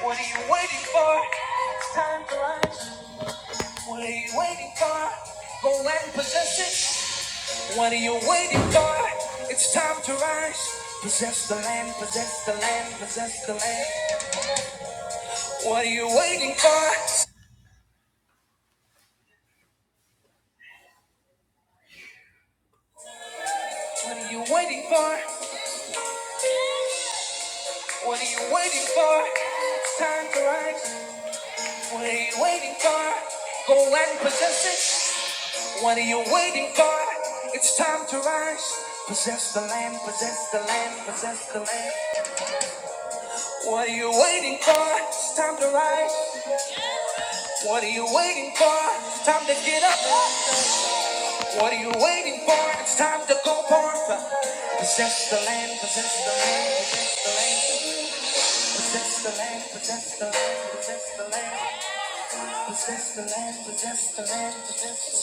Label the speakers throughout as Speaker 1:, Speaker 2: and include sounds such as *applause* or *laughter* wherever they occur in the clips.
Speaker 1: What are you waiting for? It's time to rise. What are you waiting for? Go and possess it. What are you waiting for? It's time to rise. Possess the land, possess the land, possess the land. What are you waiting for? What are you waiting for? What are you waiting for? It's time to rise. What are you waiting for? Go and possess it. What are you waiting for? It's time to rise. Possess the land, possess the land, possess the land. What are you waiting for? It's time to rise. What are you waiting for? It's time to get up. What are you waiting for? It's time to go forth. Possess the land, possess the land, possess the land. Possess the land, possess the land, possess the land. Possess the land, possess the land, possess the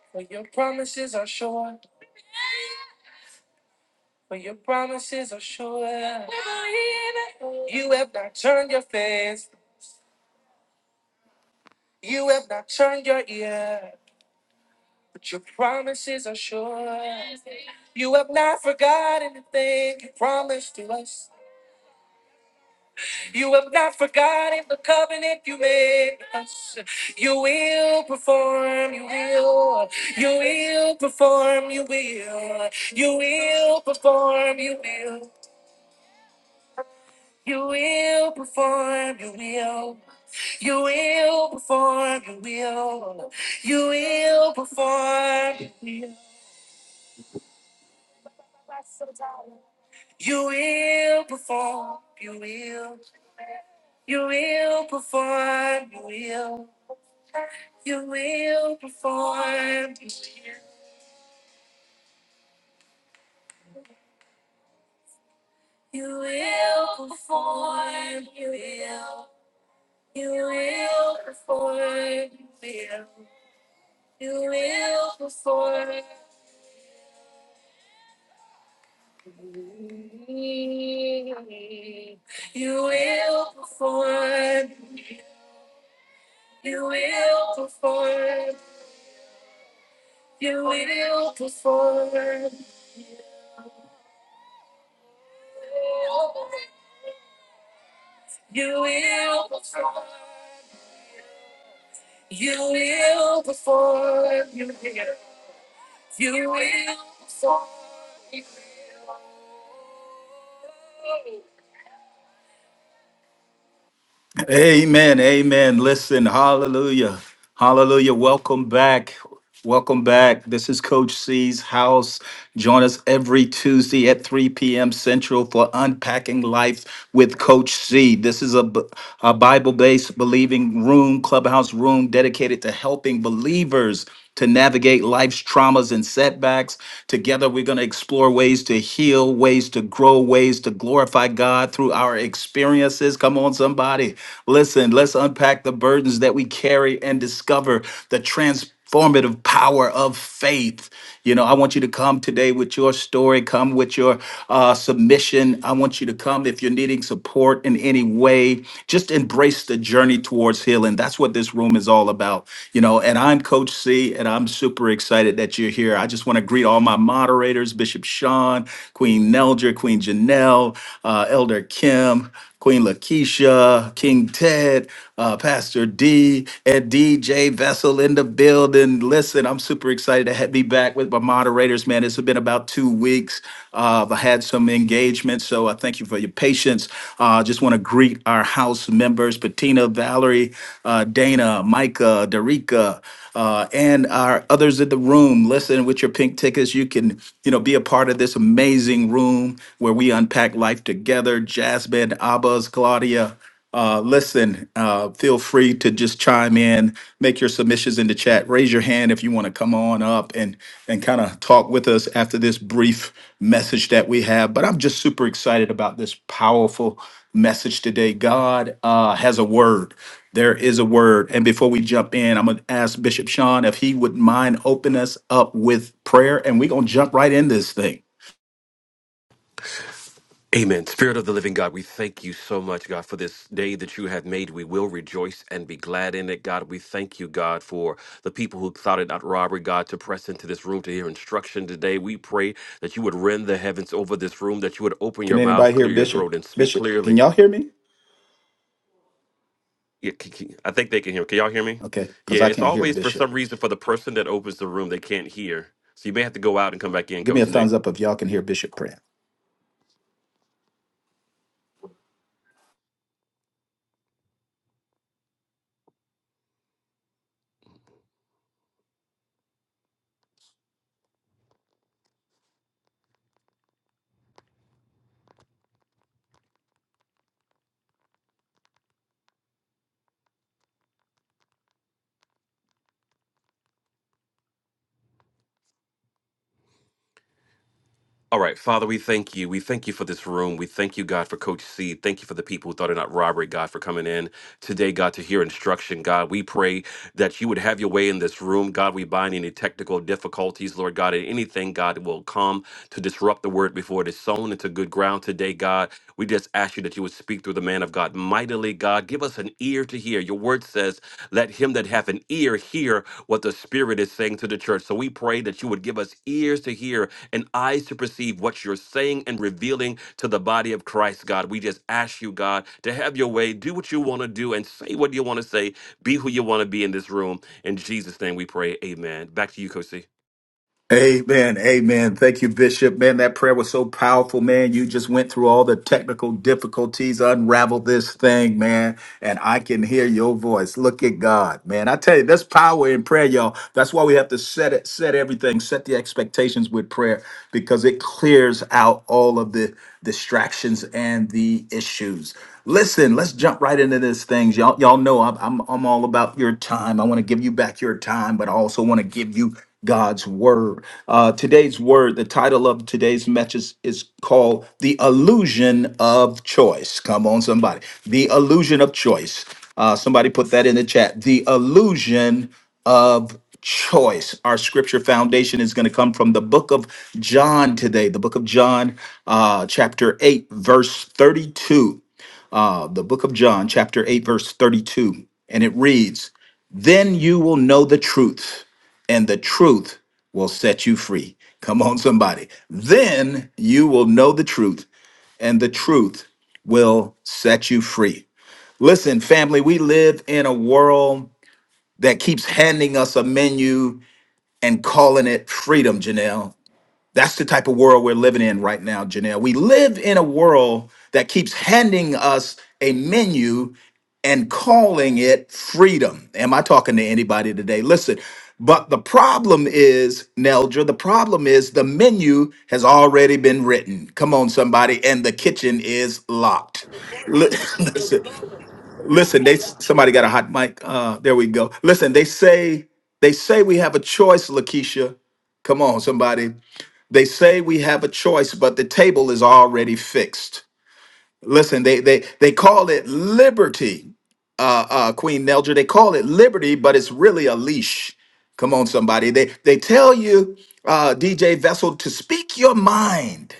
Speaker 1: land. For your promises are sure. For your promises are sure. You have not turned your face. You have not turned your ear. But your promises are sure. You have not forgotten the thing you promised to us. You have not forgotten the covenant you made with us. You will perform, you will, you will perform, you will, you will perform, you will, you will perform, you will. You will perform, you will, you will perform, you will You will perform, you will. You will perform, you will, you will perform, you will perform, you will, you will perform, you will, you will perform. You will perform, you will perform, you will perform. Amen. Amen. Listen, hallelujah. Hallelujah. Welcome back. Welcome back. This is Coach C's house. Join us every Tuesday at 3 p.m. Central for Unpacking Life with Coach C. This is a, b- a Bible based believing room, clubhouse room dedicated to helping believers to navigate life's traumas and setbacks. Together, we're going to explore ways to heal, ways to grow, ways to glorify God through our experience experience is. Come on, somebody. Listen, let's unpack the burdens that we carry and discover the transformative power of faith. You know, I want you to come today with your story, come with your uh, submission. I want you to come if you're needing support in any way. Just embrace the journey towards healing. That's what this room is all about. You know, and I'm Coach C, and I'm super excited that you're here. I just want to greet all my moderators, Bishop Sean, Queen Nelger, Queen Janelle. uh, uh, Elder Kim, Queen Lakeisha, King Ted, uh, Pastor D, and DJ Vessel in the building. Listen, I'm super excited to ha- be back with my moderators, man. It's been about two weeks. Uh, I had some engagement, so I thank you for your patience. Uh, just want to greet our house members, Patina, Valerie, uh, Dana, Micah, Derica uh, and our others in the room. Listen, with your pink tickets, you can you know be a part of this amazing room where we unpack life together. Jasmine, Abbas, Claudia. Uh, listen, uh, feel free to just chime in, make your submissions in the chat, raise your hand if you want to come on up and and kind of talk with us after this brief message that we have. But I'm just super excited about this powerful message today. God uh, has a word. There is a word. And before we jump in, I'm going to ask Bishop Sean if he would mind open us up with prayer and we're going to jump right in this thing.
Speaker 2: Amen. Spirit of the living God, we thank you so much, God, for this day that you have made. We will rejoice and be glad in it, God. We thank you, God, for the people who thought it not robbery, God, to press into this room to hear instruction today. We pray that you would rend the heavens over this room, that you would open
Speaker 1: Can
Speaker 2: your mouth,
Speaker 1: anybody hear
Speaker 2: clear your
Speaker 1: Bishop?
Speaker 2: throat, and speak
Speaker 1: Bishop, can
Speaker 2: clearly.
Speaker 1: y'all hear me?
Speaker 2: Yeah, c- c- I think they can hear. Can y'all hear me?
Speaker 1: Okay, because
Speaker 2: Yeah,
Speaker 1: I
Speaker 2: it's
Speaker 1: can't hear
Speaker 2: always for some
Speaker 1: Bishop.
Speaker 2: reason for the person that opens the room, they can't hear. So you may have to go out and come back in,
Speaker 1: Give me
Speaker 2: Coach
Speaker 1: a
Speaker 2: C.
Speaker 1: thumbs up if y'all can hear Bishop praying.
Speaker 2: All right, Father, we thank you. We thank you for this room. We thank you, God, for Coach C. Thank you for the people who thought it not robbery, God, for coming in today, God, to hear instruction. God, we pray that you would have your way in this room. God, we bind any technical difficulties, Lord God, and anything, God, that will come to disrupt the word before it is sown into good ground today, God. We just ask you that you would speak through the man of God mightily, God. Give us an ear to hear. Your word says, let him that hath an ear hear what the Spirit is saying to the church. So we pray that you would give us ears to hear and eyes to perceive what you're saying and revealing to the body of Christ, God. We just ask you, God, to have your way, do what you want to do, and say what you want to say, be who you want to be in this room. In Jesus' name we pray. Amen. Back to you, Coach C.
Speaker 1: Amen. Amen. Thank you, Bishop. Man, that prayer was so powerful, man. You just went through all the technical difficulties, unraveled this thing, man. And I can hear your voice. Look at God, man. I tell you, there's power in prayer, y'all. That's why we have to set it, set everything, set the expectations with prayer because it clears out all of the distractions and the issues. Listen, let's jump right into this things. Y'all, y'all know I'm, I'm, I'm all about your time. I want to give you back your time, but I also want to give you God's word. Uh, today's word, the title of today's message is called The Illusion of Choice. Come on, somebody. The Illusion of Choice. Uh, somebody put that in the chat. The Illusion of Choice. Our scripture foundation is going to come from the book of John today, the book of John, uh, chapter 8, verse 32 uh, the book of John, chapter 8, verse 32. And it reads, Then you will know the truth, and the truth will set you free. Come on, somebody. Then you will know the truth, and the truth will set you free. Listen, family, we live in a world that keeps handing us a menu and calling it freedom, Janelle. That's the type of world we're living in right now, Janelle. We live in a world that keeps handing us a menu and calling it freedom. Am I talking to anybody today? Listen, but the problem is, Neldra, the problem is the menu has already been written. Come on, somebody, and the kitchen is locked. Li- *laughs* Listen, listen, they somebody got a hot mic. Uh, there we go. Listen, they say they say we have a choice, Lakeisha. Come on, somebody. They say we have a choice, but the table is already fixed. Listen, they they they call it liberty, uh, uh, Queen Nelger. They call it liberty, but it's really a leash. Come on, somebody. They they tell you, uh, DJ Vessel, to speak your mind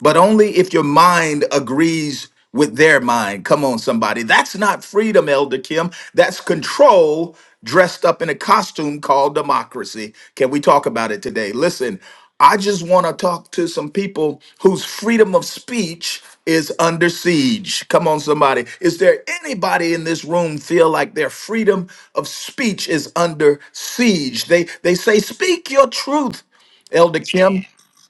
Speaker 1: but only if your mind agrees with their mind. Come on, somebody. That's not freedom, Elder Kim. That's control dressed up in a costume called democracy. Can we talk about it today? Listen, I just want to talk to some people whose freedom of speech is under siege. Come on, somebody. Is there anybody in this room feel like their freedom of speech is under siege? They they say, speak your truth, Elder Kim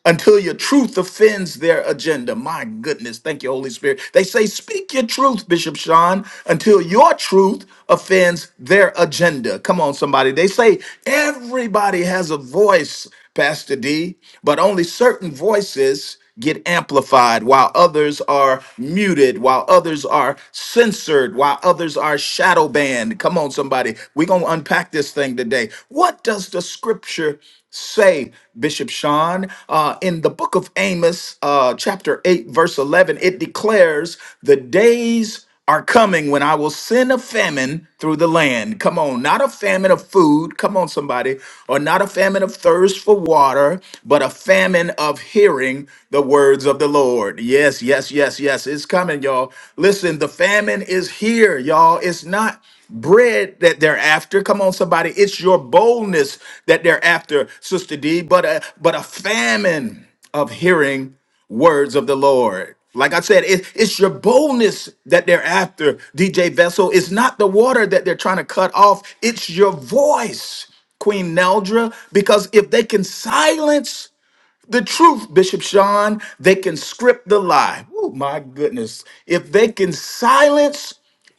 Speaker 1: until your truth offends their agenda. My goodness. Thank you, Holy Spirit. They say, Speak your truth, Bishop Sean, until your truth offends their agenda. Come on, somebody. They say, Everybody has a voice, Pastor D, but only certain voices get amplified while others are muted while others are censored while others are shadow banned come on somebody we're going to unpack this thing today what does the scripture say, Bishop Sean? Uh, in the book of Amos, uh, chapter 8, verse 11, it declares, The days are coming when I will send a famine through the land. Come on, not a famine of food, come on, somebody, or not a famine of thirst for water, but a famine of hearing the words of the Lord. Yes, yes, yes, yes, it's coming, y'all. Listen, the famine is here, y'all. It's not bread that they're after. Come on, somebody. It's your boldness that they're after, Sister D, but a, but a famine of hearing words of the Lord. Like I said, it, it's your boldness that they're after, DJ Vessel. It's not the water that they're trying to cut off, it's your voice. Queen Neldra, because if they can silence the truth, Bishop Sean. They can script the lie. Oh, my goodness. If they can silence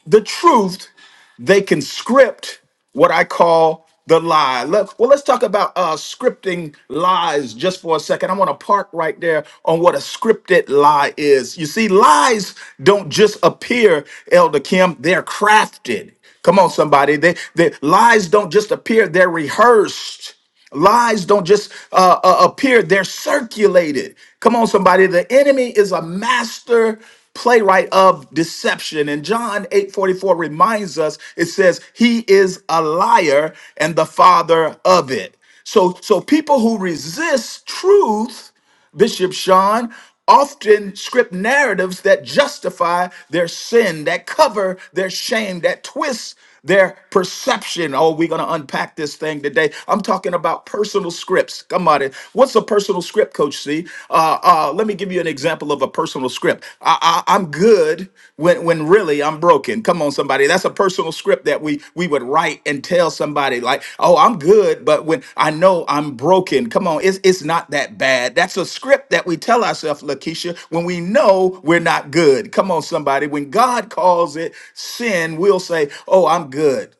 Speaker 1: the truth, they can script what I call the lie. Let- well, let's talk about uh, scripting lies just for a second. I want to park right there on what a scripted lie is. You see, lies don't just appear, Elder Kim, they're crafted. Come on, somebody. They, they lies don't just appear, they're rehearsed. Lies don't just uh, uh, appear, they're circulated. Come on, somebody. The enemy is a master playwright of deception. And John 8 44 reminds us it says, He is a liar and the father of it. So, so people who resist truth Bishop Sean, often script narratives that justify their sin, that cover their shame, that twist their perception. Oh, we're going to unpack this thing today. I'm talking about personal scripts. Come on. in. What's a personal script, Coach C? Uh, uh, let me give you an example of a personal script. I, I, I'm good good when when really I'm broken. Come on, somebody. That's a personal script that we we would write and tell somebody like, oh, I'm good, but when I know I'm broken, come on, it's it's not that bad. That's a script that we tell ourselves, Lakeisha, when we know we're not good. Come on, somebody. When God calls it sin, we'll say, oh, I'm good.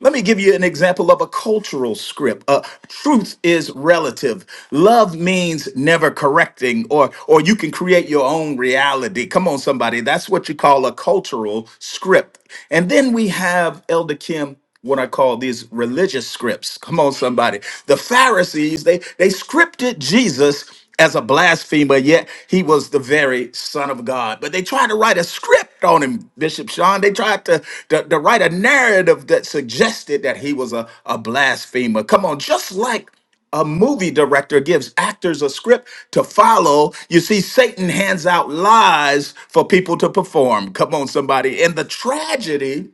Speaker 1: Let me give you an example of a cultural script. Uh, truth is relative. Love means never correcting, or or you can create your own reality. Come on, somebody. That's what you call a cultural script. And then we have Elder Kim. What I call these religious scripts. Come on, somebody. The Pharisees they they scripted Jesus as a blasphemer, yet he was the very Son of God. But they tried to write a script on him, Bishop Sean. They tried to, to, to write a narrative that suggested that he was a, a blasphemer. Come on, just like a movie director gives actors a script to follow. You see, Satan hands out lies for people to perform. Come on, somebody. And the tragedy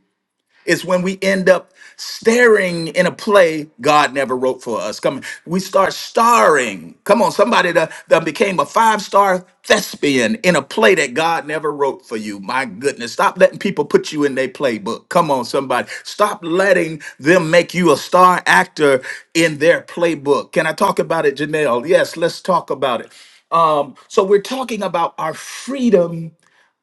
Speaker 1: it's when we end up staring in a play God never wrote for us. Come, on, we start starring. Come on, somebody that, that became a five star thespian in a play that God never wrote for you. My goodness, stop letting people put you in their playbook. Come on, somebody, stop letting them make you a star actor in their playbook. Can I talk about it, Janelle? Yes, let's talk about it. Um, so we're talking about our freedom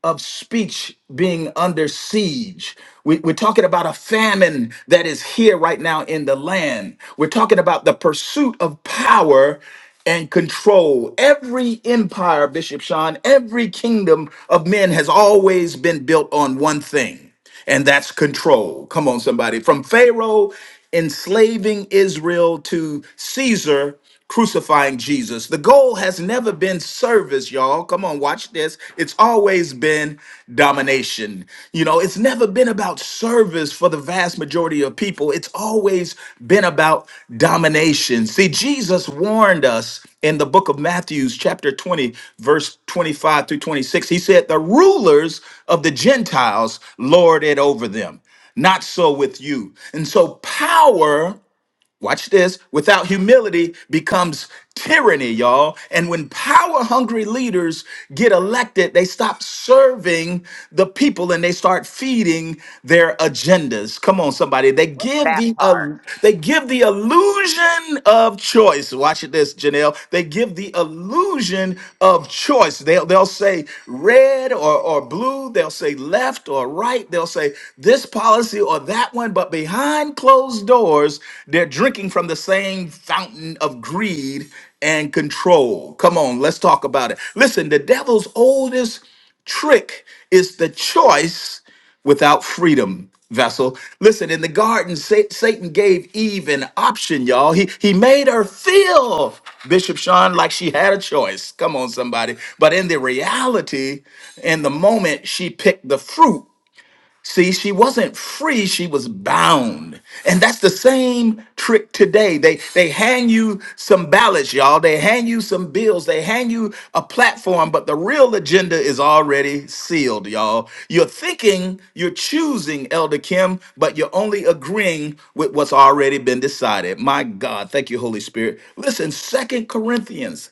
Speaker 1: of speech being under siege. We, are talking about a famine that is here right now in the land. We're talking about the pursuit of power and control. Every empire, Bishop Sean, every kingdom of men has always been built on one thing, and that's control. Come on, somebody. From Pharaoh enslaving Israel to Caesar crucifying Jesus. The goal has never been service, y'all. Come on, watch this. It's always been domination. You know, it's never been about service for the vast majority of people. It's always been about domination. See, Jesus warned us in the book of Matthew, chapter 20, verse 25 through 26. He said, The rulers of the Gentiles lord it over them. Not so with you. And so power Watch this. Without humility becomes tyranny, y'all. And when power hungry leaders get elected, they stop serving the people and they start feeding their agendas. Come on, somebody. They give the uh, they give the illusion of choice. Watch this, Janelle. They give the illusion of choice. They'll, they'll say red or, or blue, they'll say left or right, they'll say this policy or that one, but behind closed doors, they're drinking from the same fountain of greed and control. Come on, let's talk about it. Listen, the devil's oldest trick is the choice without freedom vessel. Listen, in the garden, Sa- Satan gave Eve an option, y'all. He he made her feel Bishop Sean like she had a choice. Come on, somebody. But in the reality, in the moment, she picked the fruit See, she wasn't free, she was bound. And that's the same trick today. They they hang you some ballots, y'all. They hang you some bills. They hang you a platform, but the real agenda is already sealed, y'all. You're thinking you're choosing Elder Kim, but you're only agreeing with what's already been decided. My God, thank you Holy Spirit. Listen, Second Corinthians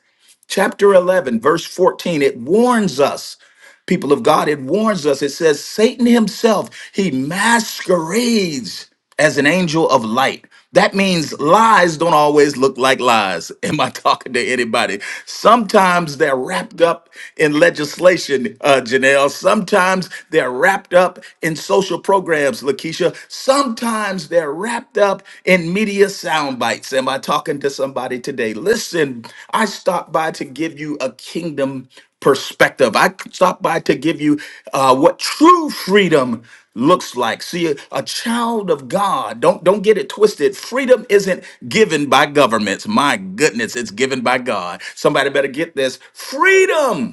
Speaker 1: chapter 11 verse 14 it warns us people of God, it warns us. It says, Satan himself, he masquerades as an angel of light. That means lies don't always look like lies. *laughs* Am I talking to anybody? Sometimes they're wrapped up in legislation, uh, Janelle. Sometimes they're wrapped up in social programs, Lakeisha. Sometimes they're wrapped up in media sound bites. Am I talking to somebody today? Listen, I stopped by to give you a kingdom perspective. I stopped by to give you uh, what true freedom looks like. See, a, a child of God, don't don't get it twisted. Freedom isn't given by governments. My goodness, it's given by God. Somebody better get this. Freedom.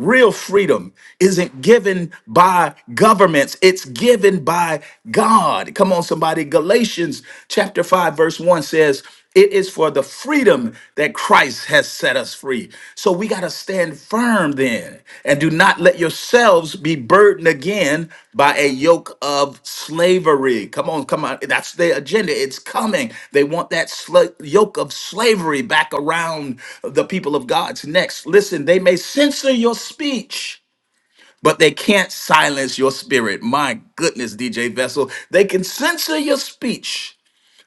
Speaker 1: Real freedom isn't given by governments, it's given by God. Come on, somebody. Galatians chapter 5, verse 1 says, It is for the freedom that Christ has set us free. So we got to stand firm then and do not let yourselves be burdened again by a yoke of slavery. Come on, come on. That's their agenda. It's coming. They want that sla- yoke of slavery back around the people of God's necks. Listen, they may censor your speech, but they can't silence your spirit. My goodness, DJ Vessel. They can censor your speech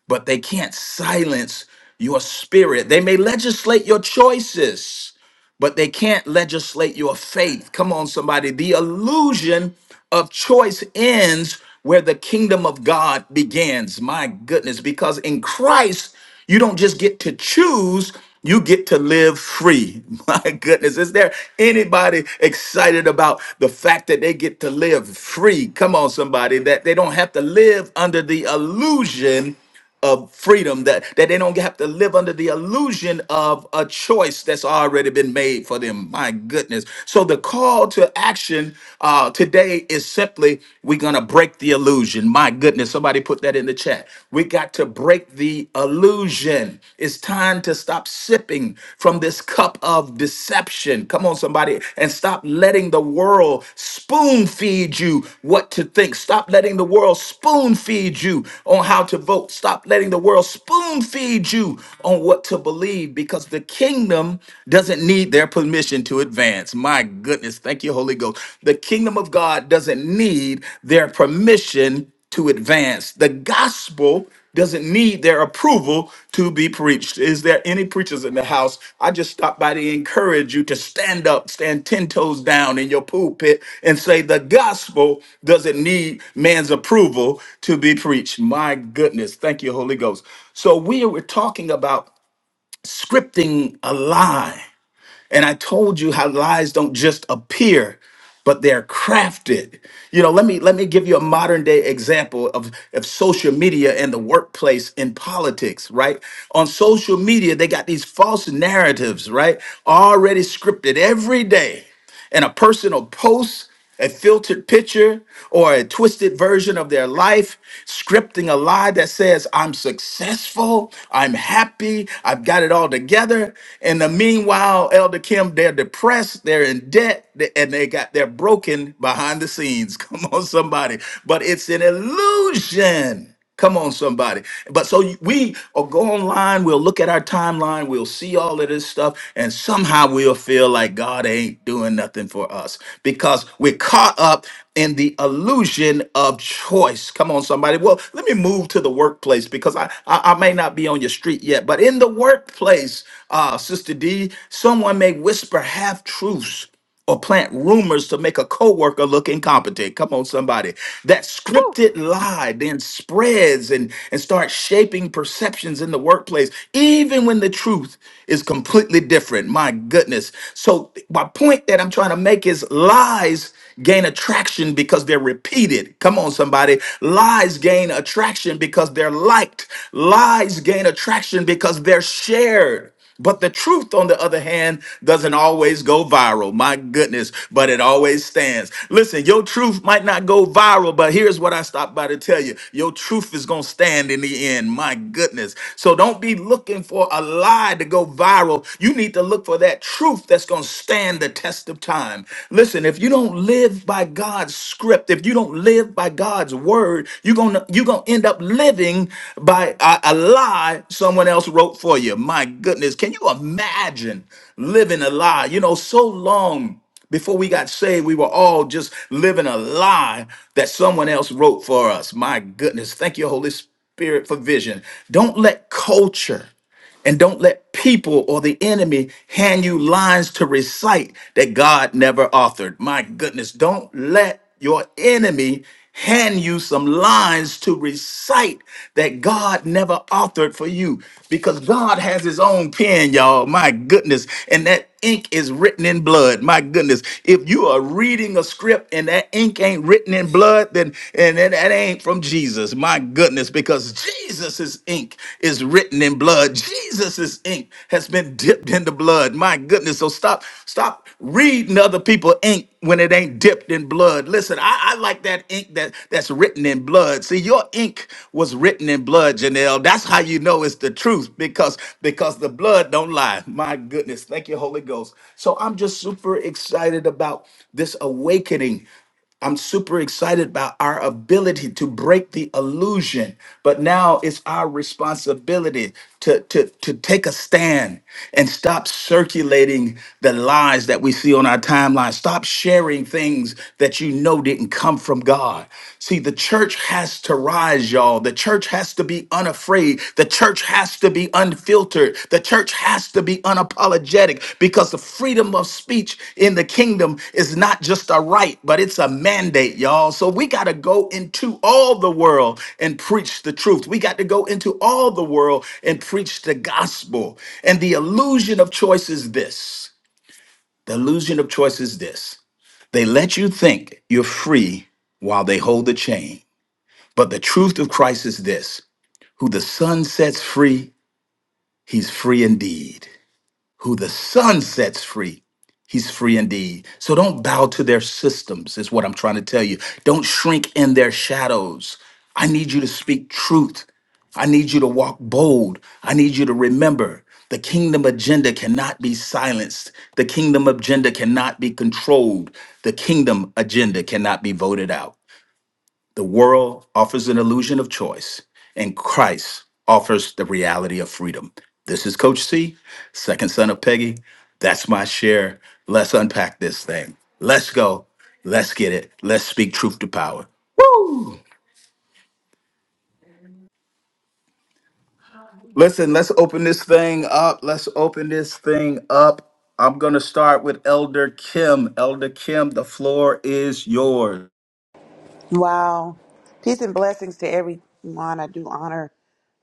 Speaker 1: but they can't silence your spirit. They may legislate your choices, but they can't legislate your faith. Come on, somebody. The illusion of choice ends where the kingdom of God begins. My goodness, because in Christ, you don't just get to choose, you get to live free. *laughs* My goodness, is there anybody excited about the fact that they get to live free? Come on, somebody, that they don't have to live under the illusion of freedom that, that they don't have to live under the illusion of a choice that's already been made for them my goodness so the call to action uh, today is simply we're going to break the illusion my goodness somebody put that in the chat we got to break the illusion it's time to stop sipping from this cup of deception perception. Come on, somebody, and stop letting the world spoon feed you what to think. Stop letting the world spoon feed you on how to vote. Stop letting the world spoon feed you on what to believe because the kingdom doesn't need their permission to advance. My goodness. Thank you, Holy Ghost. The kingdom of God doesn't need their permission to advance. The gospel doesn't need their approval to be preached. Is there any preachers in the house? I just stopped by to encourage you to stand up, stand 10 toes down in your pulpit and say, The gospel doesn't need man's approval to be preached. My goodness. Thank you, Holy Ghost. So we were talking about scripting a lie. And I told you how lies don't just appear, but they're crafted. You know, let me let me give you a modern day example of, of social media and the workplace and politics, right? On social media, they got these false narratives, right? Already scripted every day and a person will post a filtered picture or a twisted version of their life, scripting a lie that says, I'm successful, I'm happy, I've got it all together. And the meanwhile, Elder Kim, they're depressed, they're in debt, th- and they got they're broken behind the scenes. *laughs* Come on, somebody. But it's an illusion. Come on, somebody. But so we will go online, we'll look at our timeline, we'll see all of this stuff, and somehow we'll feel like God ain't doing nothing for us because we're caught up in the illusion of choice. Come on, somebody. Well, let me move to the workplace because I, I, I may not be on your street yet, but in the workplace, uh, Sister D, someone may whisper half truths or plant rumors to make a coworker look incompetent. Come on, somebody. That
Speaker 3: Whew.
Speaker 1: scripted lie then spreads and, and starts shaping perceptions in the workplace, even when the truth is completely different. My goodness. So my point that I'm trying to make is lies gain attraction because they're repeated. Come on, somebody. Lies gain attraction because they're liked. Lies gain attraction because they're shared earth. But the truth, on the other hand, doesn't always go viral. My goodness, but it always stands. Listen, your truth might not go viral, but here's what I stopped by to tell you your truth is going to stand in the end. My goodness. So don't be looking for a lie to go viral. You need to look for that truth that's going to stand the test of time. Listen, if you don't live by God's script, if you don't live by God's word, word, you're gonna you're gonna end up living by a, a lie someone else wrote for you. My goodness, can you imagine living a lie? You know, so long before we got saved, we were all just living a lie that someone else wrote for us. My goodness, thank you, Holy Spirit, for vision. Don't let culture. And don't let people or the enemy hand you lines to recite that God never authored. My goodness, don't let your enemy hand you some lines to recite that God never authored for you because God has his own pen, y'all. My goodness. And that ink is written in blood. My goodness. If you are reading a script and that ink ain't written in blood, then and then that ain't from Jesus. My goodness, because Jesus's ink is written in blood. Jesus's ink has been dipped in the blood. My goodness. So stop, stop reading other other people ink when it ain't dipped in blood. Listen, I, I like that ink that, that's written in blood. See, your ink was written in blood, Janelle. That's how you know it's the truth because because the blood don't lie. My goodness, thank you, Holy Ghost. So I'm just super excited about this awakening I'm super excited about our ability to break the illusion, but now it's our responsibility to, to, to take a stand and stop circulating the lies that we see on our timeline. Stop sharing things that you know didn't come from God. See, the church has to rise, y'all. The church has to be unafraid afraid. The church has to be unfiltered. The church has to be unapologetic because the freedom of speech in the kingdom is not just a right, but it's a mandate, y'all. So we got to go into all the world and preach the truth. We got to go into all the world and preach the gospel. And the illusion of choice is this the illusion of choice is this they let you think you're free while they hold the chain. But the truth of Christ is this who the Son sets free he's free indeed. Who the Son sets free, he's free indeed. So don't bow to their systems, is what I'm trying to tell you. Don't shrink in their shadows. I need you to speak truth. I need you to walk bold. I need you to remember the kingdom agenda cannot be silenced. The kingdom agenda cannot be controlled. The kingdom agenda cannot be voted out. The world offers an illusion of choice, and Christ offers the reality of freedom. This is Coach C, second son of Peggy. That's my share. Let's unpack this thing. Let's go. Let's get it. Let's speak truth to power. Listen, let's open this thing up. Let's open this thing up. I'm going to start with Elder Kim. Elder Kim, the floor is yours.
Speaker 4: Wow. Peace and blessings to everyone. I do honor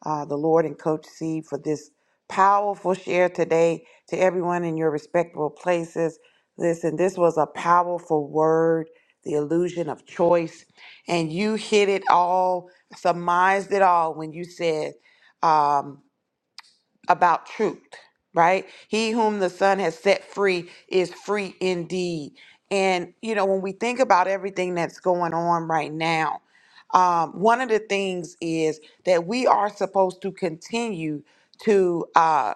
Speaker 4: uh, the Lord and Coach C for this powerful share today to everyone in your respectable places. Listen, this was a powerful word, the illusion of choice. And you hit it all, surmised it all when you said, um, about truth, right? He whom the Son has set free is free indeed. And, you know, when we think about everything that's going on right now, um, one of the things is that we are supposed to continue to uh,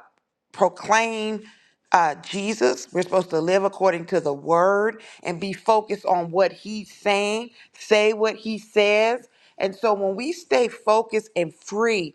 Speaker 4: proclaim uh, Jesus. We're supposed to live according to the word and be focused on what he's saying, say what he says. And so when we stay focused and free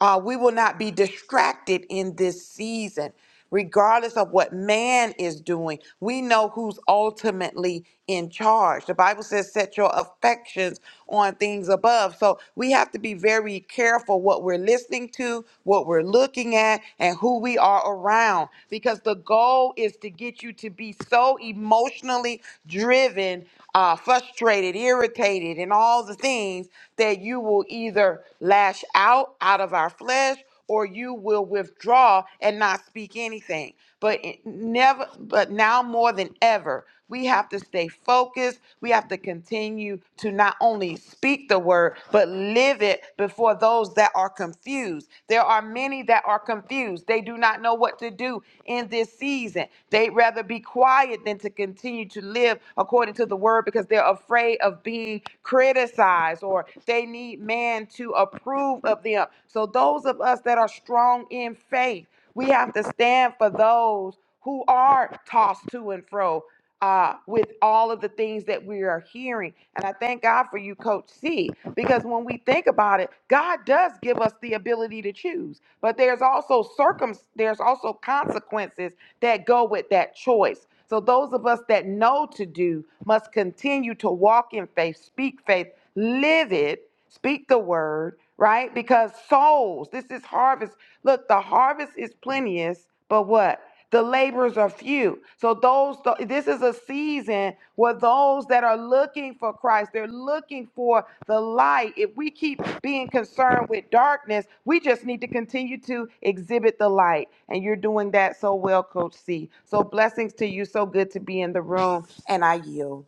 Speaker 4: uh, we will not be distracted in this season, regardless of what man is doing. We know who's ultimately in charge. The Bible says, set your affections on things above. So we have to be very careful what we're listening to, what we're looking at, and who we are around, because the goal is to get you to be so emotionally driven, uh, frustrated, irritated, and all the things that you will either lash out out of our flesh or you will withdraw and not speak anything but it never but now more than ever we have to stay focused we have to continue to not only speak the word but live it before those that are confused there are many that are confused they do not know what to do in this season they'd rather be quiet than to continue to live according to the word because they're afraid of being criticized or they need man to approve of them. So those of us that are strong in faith, we have to stand for those who are tossed to and fro uh, with all of the things that we are hearing. And I thank God for you, Coach C, because when we think about it, God does give us the ability to choose, but there's also circum there's also consequences that go with that choice. So those of us that know to do must continue to walk in faith, speak faith, live it, speak the word, right? Because souls, this is harvest. Look, the harvest is plenteous, but what? The laborers are few. So those, this is a season season were those that are looking for Christ. They're looking for the light. If we keep being concerned with darkness, we just need to continue to exhibit the light. And you're doing that so well, Coach C. So blessings to you. So good to be in the room. And I yield.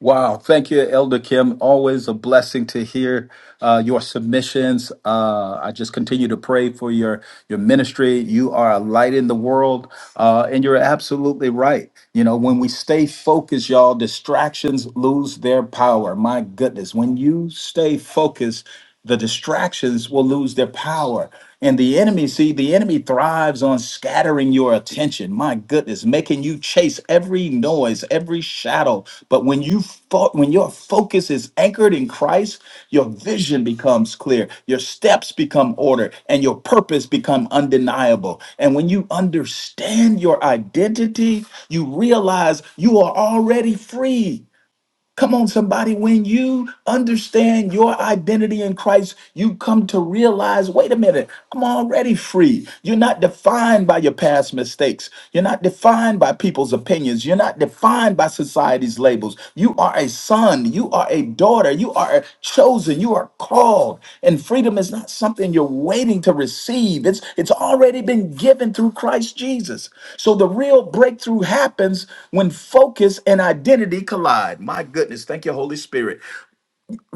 Speaker 1: Wow. Thank you, Elder Kim. Always a blessing to hear uh, your submissions. Uh, I just continue to pray for your, your ministry. You are a light in the world, uh, and you're absolutely right. You know, when we stay focused, y'all, distractions lose their power. My goodness. When you stay focused, the distractions will lose their power. And the enemy, see, the enemy thrives on scattering your attention. My goodness, making you chase every noise, every shadow. But when you fo- when your focus is anchored in Christ, your vision becomes clear, your steps become ordered, and your purpose become undeniable. And when you understand your identity, you realize you are already free. Come on, somebody, when you understand your identity in Christ, you come to realize wait a minute, I'm already free. You're not defined by your past mistakes. You're not defined by people's opinions. You're not defined by society's labels. You are a son. You are a daughter. You are chosen. You are called. And freedom is not something you're waiting to receive. It's it's already been given through Christ Jesus. So the real breakthrough happens when focus and identity collide. My goodness, thank you, Holy Spirit.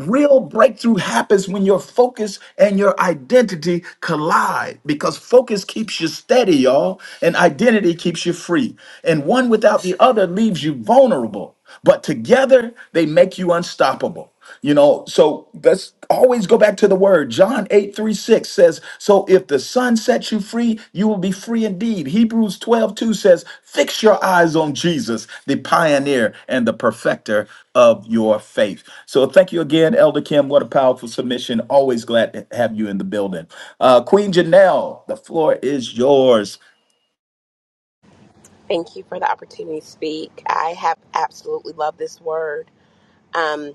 Speaker 1: Real breakthrough happens when your focus and your identity collide because focus keeps you steady, y'all, and identity keeps you free. And one without the other leaves you vulnerable, but together they make you unstoppable. You know, so let's always go back to the word. John eight three six. 6 says, So if the Son sets you free, you will be free indeed. Hebrews 12 2 says, Fix your eyes on Jesus, the pioneer and the perfecter of your faith. So thank you again, Elder Kim. What a powerful submission. Always glad to have you in the building. Uh, Queen Janelle, the floor is yours.
Speaker 3: Thank you for the opportunity to speak. I have absolutely loved this word. Um,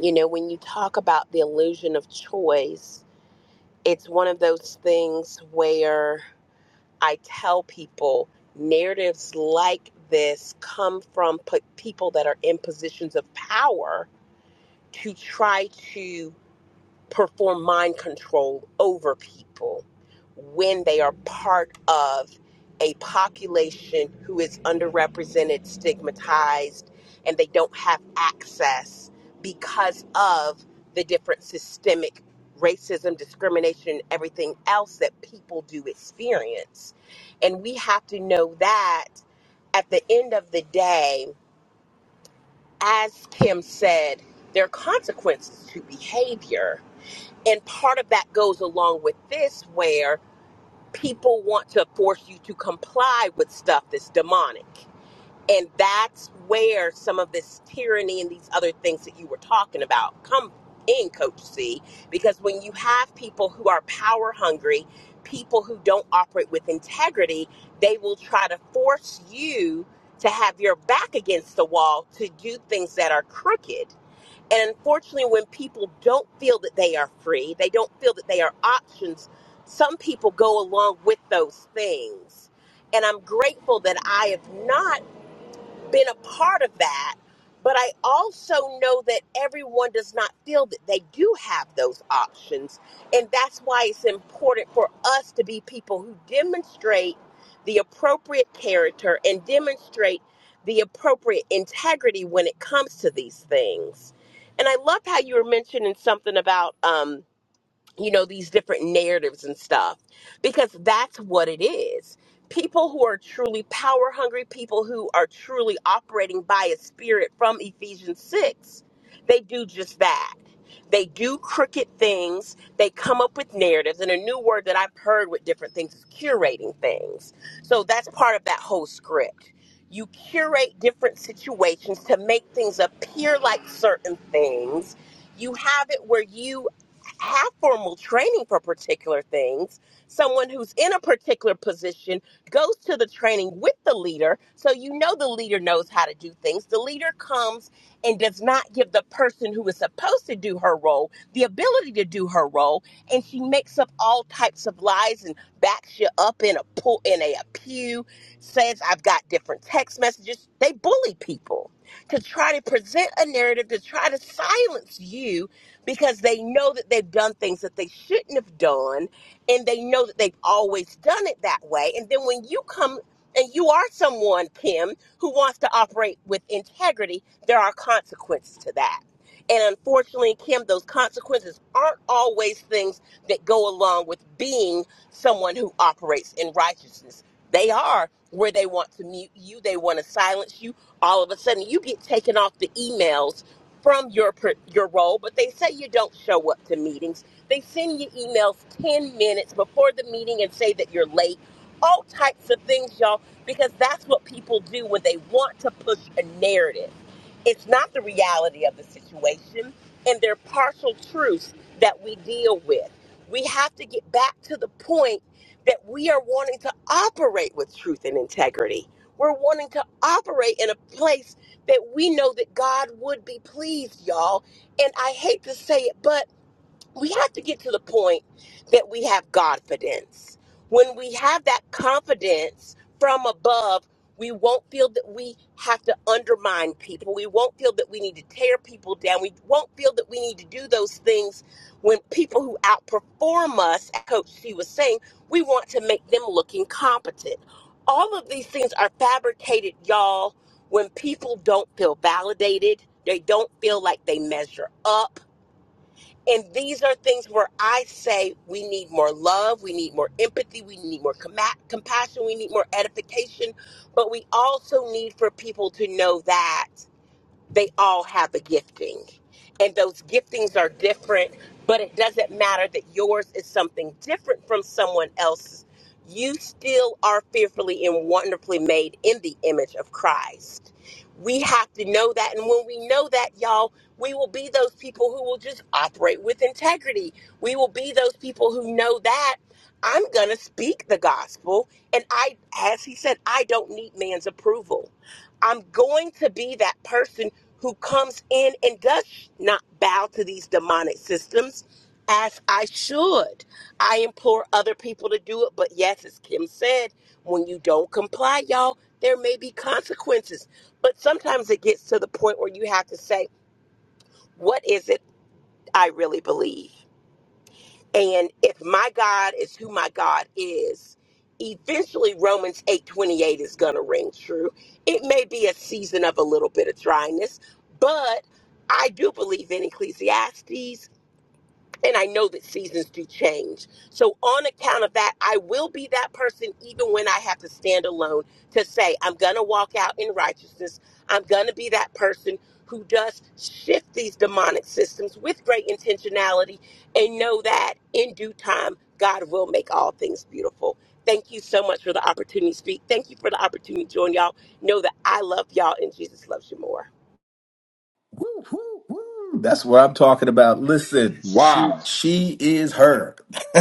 Speaker 3: you know, when you talk about the illusion of choice, it's one of those things where I tell people narratives like this come from p- people that are in positions of power to try to perform mind control over people when they are part of a population who is underrepresented, stigmatized, and they don't have access because of the different systemic racism, discrimination, everything else that people do experience. And we have to know that at the end of the day, as Kim said, there are consequences to behavior and part of that goes along with this, where people want to force you to comply with stuff that's demonic. And that's where some of this tyranny and these other things that you were talking about come in, Coach C, because when you have people who are power hungry, people who don't operate with integrity, they will try to force you to have your back against the wall to do things that are crooked and unfortunately, when people don't feel that they are free, they don't feel that they are options, some people go along with those things. And I'm grateful that I have not been a part of that, but I also know that everyone does not feel that they do have those options. And that's why it's important for us to be people who demonstrate the appropriate character and demonstrate the appropriate integrity when it comes to these things. And I love how you were mentioning something about. Um, you know, these different narratives and stuff, because that's what it is. People who are truly power hungry, people who are truly operating by a spirit from Ephesians 6, they do just that. They do crooked things. They come up with narratives. And a new word that I've heard with different things is curating things. So that's part of that whole script. You curate different situations to make things appear like certain things you have it where you have formal training for particular things. Someone who's in a particular position goes to the training with the leader, so you know the leader knows how to do things. The leader comes and does not give the person who is supposed to do her role the ability to do her role, and she makes up all types of lies and backs you up in a pull in a, a pew, says I've got different text messages. They bully people to try to present a narrative to try to silence you because they know that they've done things that they shouldn't have done and they know that they've always done it that way. And then when you come and you are someone, Kim, who wants to operate with integrity, there are consequences to that. And unfortunately, Kim, those consequences aren't always things that go along with being someone who operates in righteousness. They are where they want to mute you, they want to silence you. All of a sudden, you get taken off the emails from your per- your role, but they say you don't show up to meetings. They send you emails 10 minutes before the meeting and say that you're late. All types of things, y'all, because that's what people do when they want to push a narrative. It's not the reality of the situation, and they're partial truths that we deal with. We have to get back to the point that we are wanting to operate with truth and integrity. We're wanting to operate in a place that we know that God would be pleased, y'all. And I hate to say it, but we have to get to the point that we have confidence. When we have that confidence from above, we won't feel that we have to undermine people. We won't feel that we need to tear people down. We won't feel that we need to do those things when people who outperform us, as Coach C was saying, we want to make them look incompetent. All of these things are fabricated, y'all, when people don't feel validated. They don't feel like they measure up and these are things where I say we need more love, we need more empathy, we need more com- compassion, we need more edification, but we also need for people to know that they all have a gifting. And those giftings are different, but it doesn't matter that yours is something different from someone else's. You still are fearfully and wonderfully made in the image of Christ. We have to know that. And when we know that, y'all, we will be those people who will just operate with integrity. We will be those people who know that I'm going to speak the gospel. And I, as he said, I don't need man's approval. I'm going to be that person who comes in and does not bow to these demonic systems as I should. I implore other people to do it, but yes, as Kim said, when you don't comply, y'all, there may be consequences. But sometimes it gets to the point where you have to say, what is it I really believe? And if my God is who my God is, eventually Romans 8:28 is going to ring true. It may be a season of a little bit of dryness, but I do believe in Ecclesiastes. And I know that seasons do change. So, on account of that, I will be that person even when I have to stand alone to say, I'm going to walk out in righteousness. I'm going to be that person who does shift these demonic systems with great intentionality and know that in due time, God will make all things beautiful. Thank you so much for the opportunity to speak. Thank you for the opportunity to join y'all. Know that I love y'all and Jesus loves you more.
Speaker 1: Woo, woo, woo. That's what I'm talking about. Listen, she
Speaker 5: Wow.
Speaker 1: she is her. *laughs*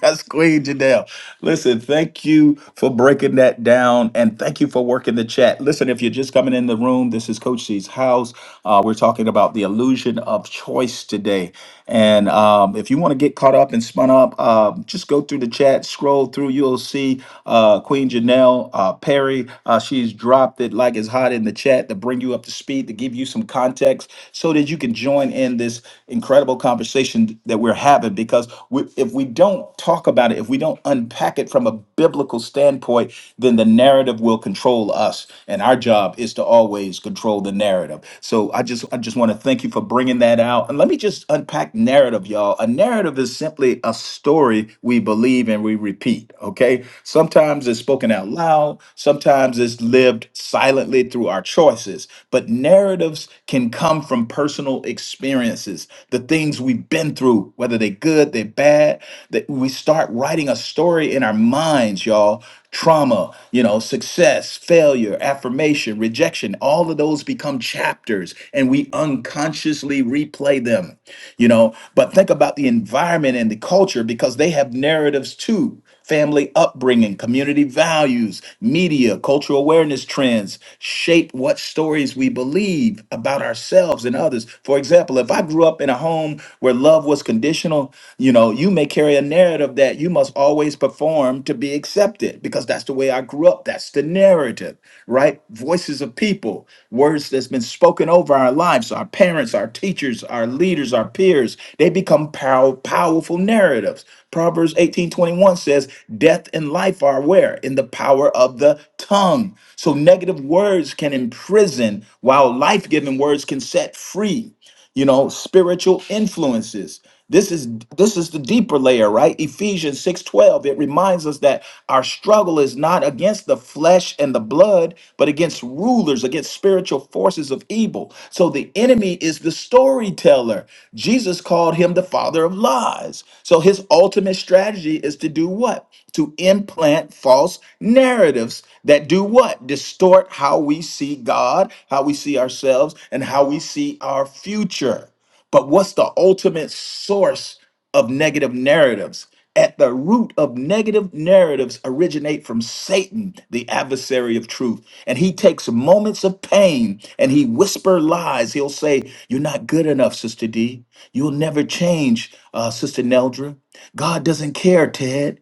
Speaker 1: That's Queen Janelle. Listen, thank you for breaking that down, and thank you for working the chat. Listen, if you're just coming in the room, this is Coach C's house. Uh, we're talking about the illusion of choice today, and um, if you want to get caught up and spun up, uh, just go through the chat, scroll through. You'll see uh, Queen Janelle uh, Perry. Uh, she's dropped it like it's hot in the chat to bring you up to speed, to give you some context so that you can join in this incredible conversation that we're having. Because we, if we don't talk about it, if we don't unpack it from a biblical standpoint, then the narrative will control us. And our job is to always control the narrative. So I just, I just want to thank you for bringing that out. And let me just unpack narrative, y'all. A narrative is simply a story we believe believe and we repeat, okay? Sometimes it's spoken out loud, sometimes it's lived silently through our choices, but narratives can come from personal experiences, the things we've been through, whether they're good, they're bad, that we start writing a story in our minds, y'all. Trauma, you know, success, failure, affirmation, rejection, all of those become chapters and we unconsciously replay them you know but think about the environment and the culture because they have narratives too family upbringing community values media cultural awareness trends shape what stories we believe about ourselves and others for example if i grew up in a home where love was conditional you know you may carry a narrative that you must always perform to be accepted because that's the way the way I grew up. That's the narrative, right? Voices of people, words that's been spoken over our lives, our parents, our teachers, our leaders, our peers. They become pow- powerful narratives. Proverbs 18:21 says, "Death and life are where in the power of the tongue." So negative words can imprison while life-giving words can set free you know spiritual influences this is this is the deeper layer right ephesians 6:12 it reminds us that our struggle is not against the flesh and the blood but against rulers against spiritual forces of evil so the enemy is the story storyteller. Jesus called him the father of lies. So his ultimate strategy is to do what? To implant false narratives that do what? Distort how we see God, how we see ourselves, and how we see our future. But what's the ultimate source of negative narratives? At the root of negative narratives originate from Satan, the adversary of truth. And he takes moments of pain and he whisper lies. He'll say, You're not good enough, Sister D. You'll never change, uh, Sister Neldra. God doesn't care, Ted.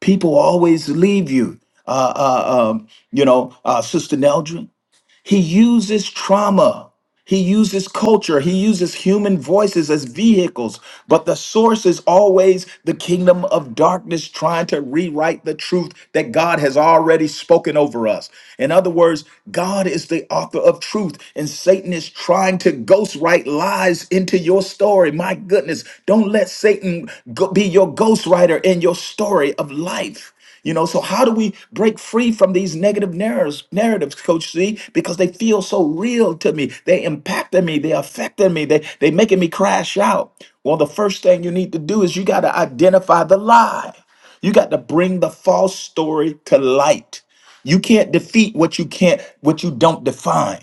Speaker 1: People always leave you. Uh, uh, um, you know, uh, Sister Neldra. He uses trauma. He uses culture. He uses human voices as vehicles, but the source is always the kingdom of darkness trying to rewrite the truth that God has already spoken over us. In other words, God is the author of truth, and Satan is trying to ghostwrite lies into your story. My goodness, don't let Satan go- be your ghostwriter in your story of life. You know, so how do we break free from these negative narratives, narratives, Coach C? Because they feel so real to me. They impacting me. They affecting me. They they making me crash out. Well, the first thing you need to do is you got to identify the lie. You got to bring the false story to light. You can't defeat what you can't, what you don't define.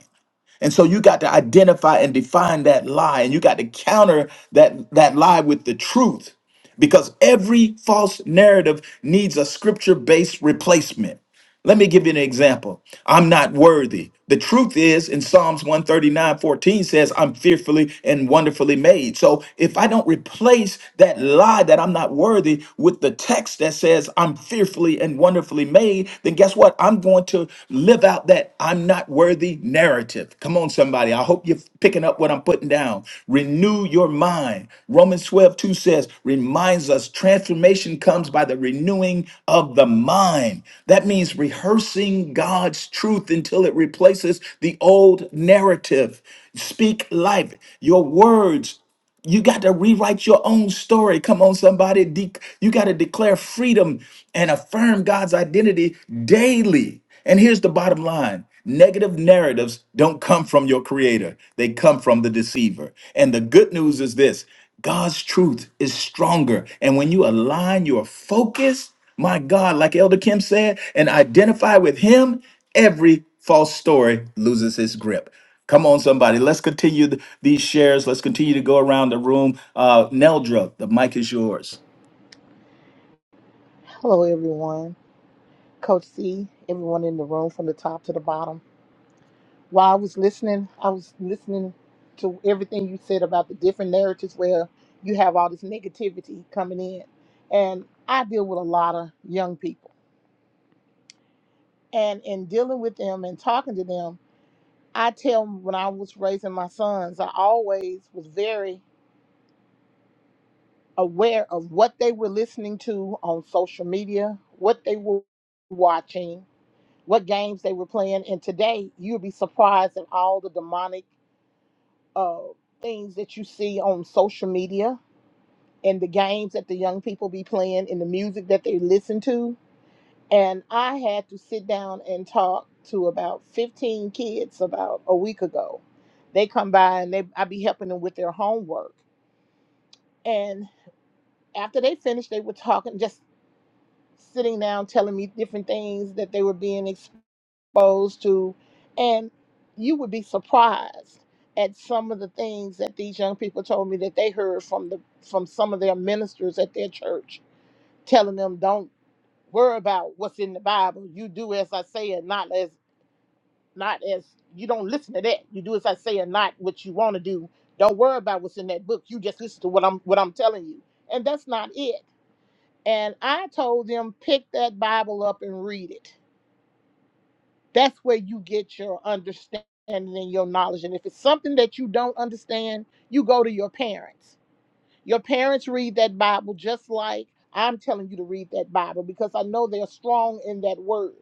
Speaker 1: And so you got to identify and define that lie, and you got to counter that, that lie with the truth because every false narrative needs a scripture based replacement. Let me give you an example. I'm not worthy. The truth is, in Psalms 139:14 says, I'm fearfully and wonderfully made. So if I don't replace that lie that I'm not worthy with the text that says, I'm fearfully and wonderfully made, then guess what? I'm going to live out that I'm not worthy narrative perspective. Come on, somebody. I hope you're picking up what I'm putting down. Renew your mind. Romans 12 2 says, reminds us transformation comes by the renewing of the mind. That means rehearsing God's truth until it replaces the old narrative. Speak life. Your words you got to rewrite your own story. Come on, somebody. De- you got to declare freedom and affirm God's identity daily. And here's the bottom line negative narratives don't come from your creator, they come from the deceiver. And the good news is this God's truth is stronger. And when you align your focus, my God, like Elder Kim said, and identify with Him, every false story loses its grip. Come on, somebody. Let's continue th- these shares. Let's continue to go around the room. Uh, Neldra, the mic is yours.
Speaker 6: Hello, everyone. Coach C, everyone in the room from the top to the bottom. While I was listening, I was listening to everything you said about the different narratives where you have all this negativity coming in. And I deal with a lot of young people. And in dealing with them and talking to them, I tell them when I was raising my sons, I always was very aware of what they were listening to on social media, what they were watching, what games they were playing. And today, you'll be surprised at all the demonic uh, things that you see on social media and the games that the young people be playing and the music that they listen to. And I had to sit down and talk to about 15 kids about a week ago. They come by and they I be helping them with their homework. And after they finished, they were talking, just sitting down telling me different things that they were being exposed exposed to and you would be surprised at some of the things that these young people told me that they heard from the from some of their ministers at their church telling them don't worry about what's in the bible you do as i say and not as not as you don't listen to that you do as i say and not what you want to do don't worry about what's in that book you just listen to what i'm what i'm telling you and that's not it and i told them pick that bible up and read it That's where you get your understanding and your knowledge. And if it's something that you don't understand, you go to your parents. Your parents read that Bible just like I'm telling you to read that Bible because I know they're strong in that word.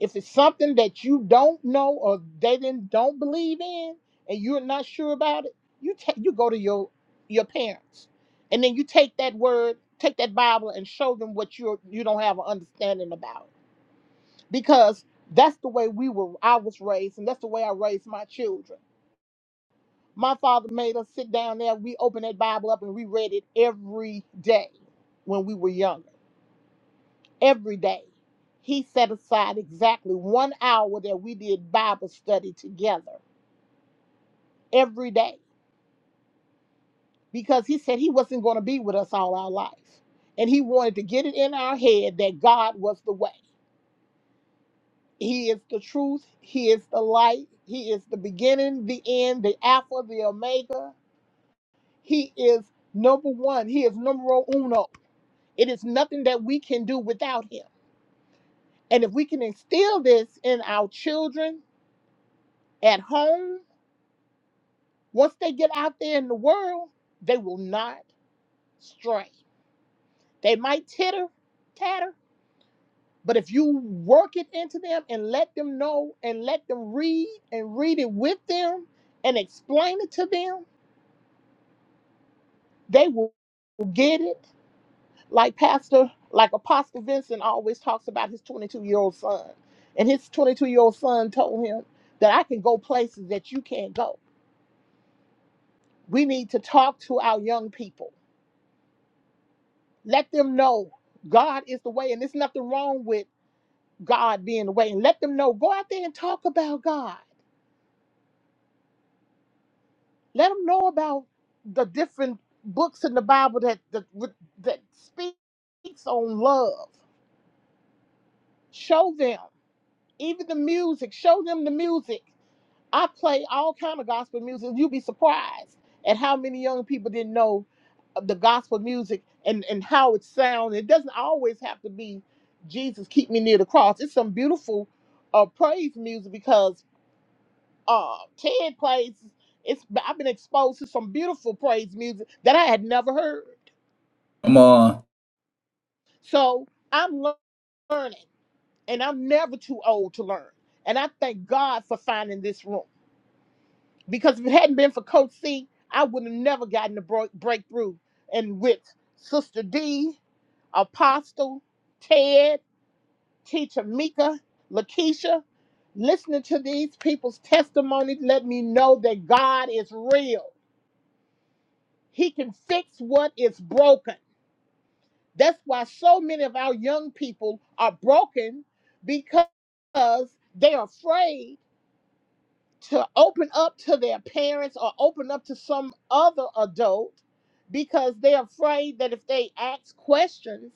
Speaker 6: If it's something that you don't know or they didn't don't believe in and you're not sure about it, you ta- you go to your your parents. And then you take that word, take that Bible and show them what you you don't have an understanding about because that's the way we were I was raised and that's the way I raised my children. My father made us sit down there, we opened that Bible up and we read it every day when we were younger. Every day. He set aside exactly one hour that we did Bible study together every day because he said he wasn't going to be with us all our life. And he wanted to get it in our head that God was the way. He is the truth. He is the light. He is the beginning, the end, the Alpha, the Omega. He is number one. He is numero uno. It is nothing that we can do without him. And if we can instill this in our children at home, once they get out there in the world, they will not stray. They might titter, tatter, but if you work it into them and let them know and let them read and read it with them and explain it to them, they will get it. like pastor like apostle vincent always talks about his 22 year old son and his 22 year old son told him that i can go places that you can't go we need to talk to our young people let them know god is the way and there's nothing wrong with god being the way and let them know go out there and talk about god let them know about the different books in the bible that that, that speaks on love show them even the music show them the music I play all kind of gospel music. You'd be surprised at how many young people didn't know the gospel music and and how it sounds. It doesn't always have to be Jesus keep me near the cross. It's some beautiful uh, praise music because uh, Ted plays. It's I've been exposed to some beautiful praise music that I had never heard.
Speaker 1: Come on.
Speaker 6: So I'm learning, and I'm never too old to learn. And I thank God for finding this room. because if it hadn't been for Coach C, I would have never gotten the bro- breakthrough. And with Sister D, Apostle, Ted, Teacher Mika, Lakeisha, listening to these people's testimonies let me know that God is real. He can fix what is broken. That's why so many of our young people are broken because they're afraid to open up to their parents or open up to some other adult because they're afraid that if they ask questions,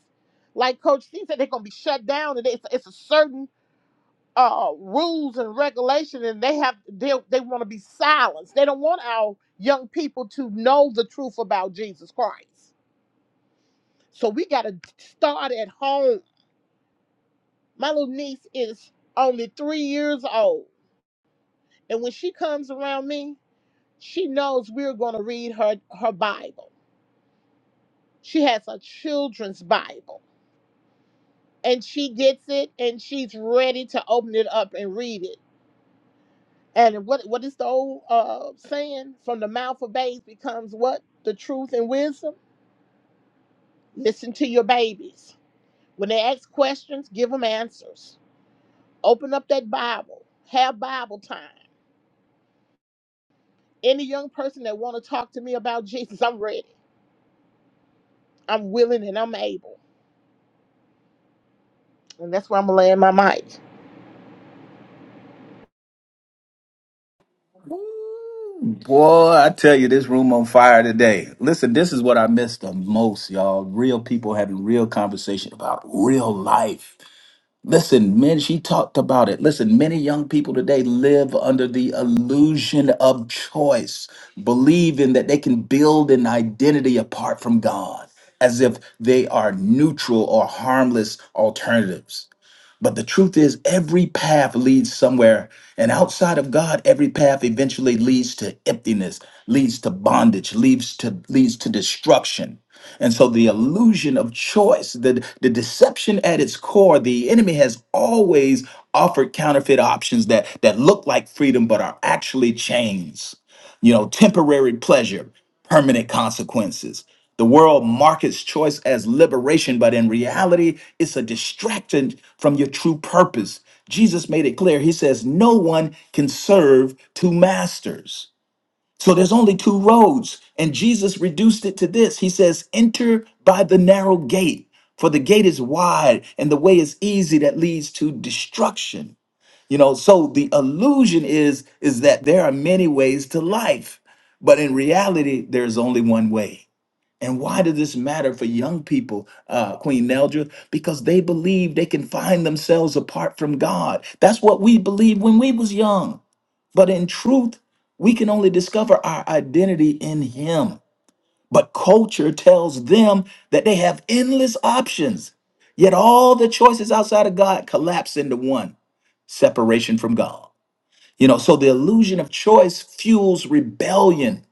Speaker 6: like Coach C said, they're gonna be shut down, and it's, it's a certain uh, rules and regulation, and they have they they want to be silenced. They don't want our young people to know the truth about Jesus Christ. So we got to start at home. My little niece is only three years old, and when she comes around me, she knows we're going to read her her bible she has a children's bible and she gets it and she's ready to open it up and read it and what what is the old uh saying from the mouth of babes becomes what the truth and wisdom listen to your babies when they ask questions give them answers open up that bible have bible time any young person that want to talk to me about jesus i'm ready i'm willing and i'm able and that's where i'm laying my mic
Speaker 1: Ooh, Boy, I tell you, this room on fire today. Listen, this is what I miss the most, y'all. Real people having real conversation about real life. Listen, men, she talked about it. Listen, many young people today live under the illusion of choice, believing that they can build an identity apart from God, as if they are neutral or harmless alternatives. But the truth is, every path leads somewhere. And outside of God, every path eventually leads to emptiness, leads to bondage, leads to leads to destruction. And so the illusion of choice, the, the deception at its core, the enemy has always offered counterfeit options that that look like freedom but are actually chains. You know, temporary pleasure, permanent consequences. The world markets choice as liberation, but in reality, it's a distraction from your true purpose. Jesus made it clear. He says, No one can serve two masters. So there's only two roads. And Jesus reduced it to this He says, Enter by the narrow gate, for the gate is wide and the way is easy that leads to destruction you know so the illusion is is that there are many ways to life but in reality there's only one way and why does this matter for young people uh, queen neldra because they believe they can find themselves apart from god that's what we believed when we was young but in truth we can only discover our identity in him but culture tells them that they have endless options yet all the choices outside of god collapse into one separation from god you know, so the illusion of choice fuels rebellion.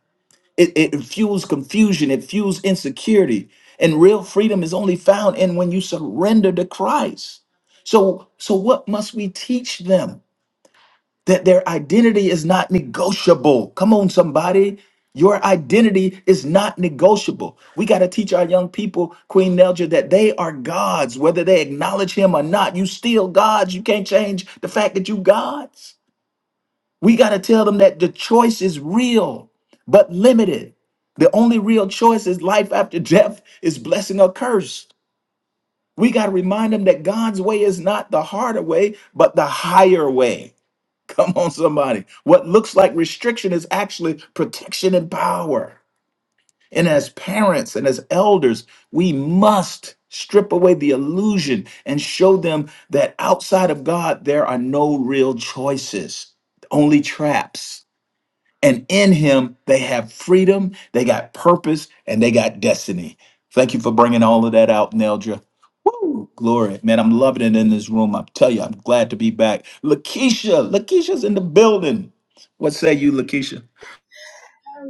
Speaker 1: It, it fuels confusion. It fuels insecurity. And real freedom is only found in when you surrender to Christ. So, so what must we teach them? That their identity is not negotiable. Come on, somebody. Your identity is not negotiable. We got to teach our young people, Queen Nelja, that they are gods, whether they acknowledge him or not. You still gods. You can't change the fact that you gods. We got to tell them that the choice is real, but limited. The only real choice is life after *laughs* death is blessing or curse. We got to remind them that God's way is not the harder way, but the higher way. *laughs* Come on, somebody. What looks like restriction is actually protection and power. And as parents and as elders, we must strip away the illusion and show them that outside of God, there are no real choices, only traps and in him, they have freedom, they got purpose, and they got destiny. Thank you for bringing all of that out, Neldra. Woo, glory. Man, I'm loving it in this room. I tell you, I'm glad to be back. Lakeisha, Lakeisha's in the building. What say you, Lakeisha?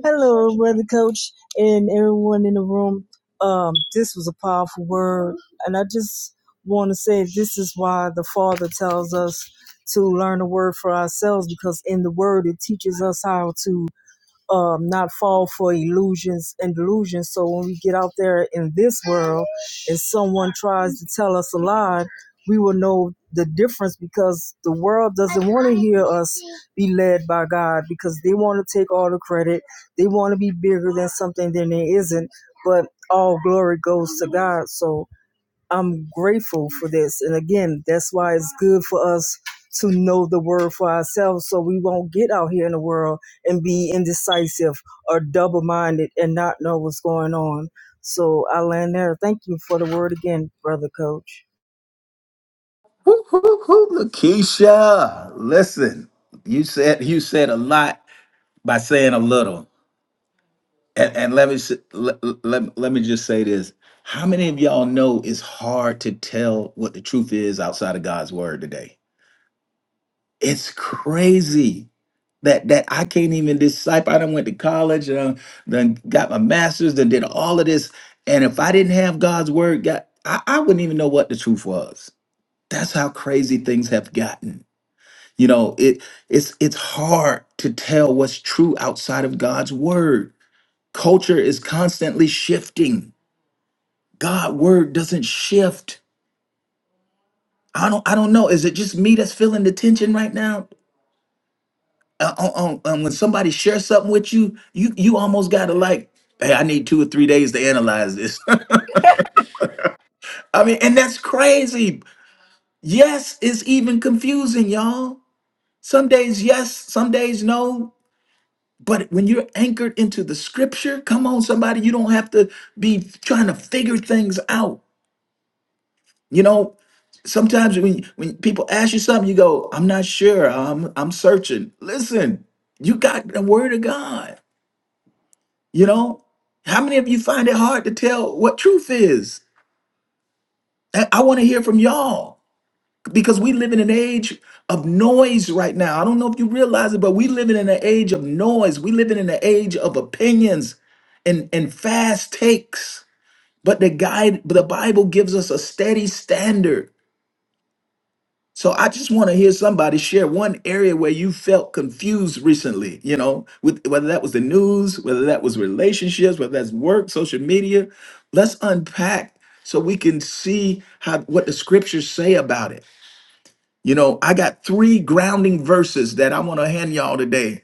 Speaker 7: Hello, brother coach, and everyone in the room. Um, this was a powerful word, and I just want to say this is why the Father tells us to learn the word for ourselves because in the word it teaches us how to um, not fall for illusions and delusions. So when we get out there in this world and someone tries to tell us a lie, we will know the difference because the world doesn't want to hear us be led by God because they want to take all the credit. They want to be bigger than something than there isn't. But all glory goes to God. So I'm grateful for this. And again, that's why it's good for us to know the word for ourselves so we won't get out here in the world and be indecisive or double minded and not know what's going on. So I land there. Thank you for the word again, brother coach.
Speaker 1: Woo, woo, woo, Lakeisha, listen, you said you said a lot by saying a little. And, and let me s- let, let, let me just say this. How many of y'all know it's hard to tell what the truth is outside of God's word today? It's crazy that that I can't even disciple. I done went to college, uh, then got my master's, then did all of this. And if I didn't have God's word, God, I, I wouldn't even know what the truth was. That's how crazy things have gotten. You know, it it's it's hard to tell what's true outside of God's word. Culture is constantly shifting. God word doesn't shift. I don't I don't know. Is it just me that's feeling the tension right now? uh, uh, uh, um, when somebody shares something with you, you you almost gotta like, hey, I need two or three days to analyze this. *laughs* I mean, and that's crazy. Yes, it's even confusing, y'all. Some days yes, some days no. But when you're anchored into the scripture, come on, somebody, you don't have to be trying to figure things out. You know, sometimes when when people ask you something, you go, I'm not sure. I'm I'm searching. Listen, you got the word of God. You know, how many of you find it hard to tell what truth is? I, I want to hear from y'all because we live in an age of noise right now. I don't know if you realize it, but we live in an age of noise. We live in an age of opinions and, and fast takes. But the guide, but the Bible gives us a steady standard. So I just want to hear somebody share one area where you felt confused recently, you know, with whether that was the news, whether that was relationships, whether that's work, social media. Let's unpack so we can see how what the scriptures say about it. You know, I got three grounding verses that I want to hand y'all today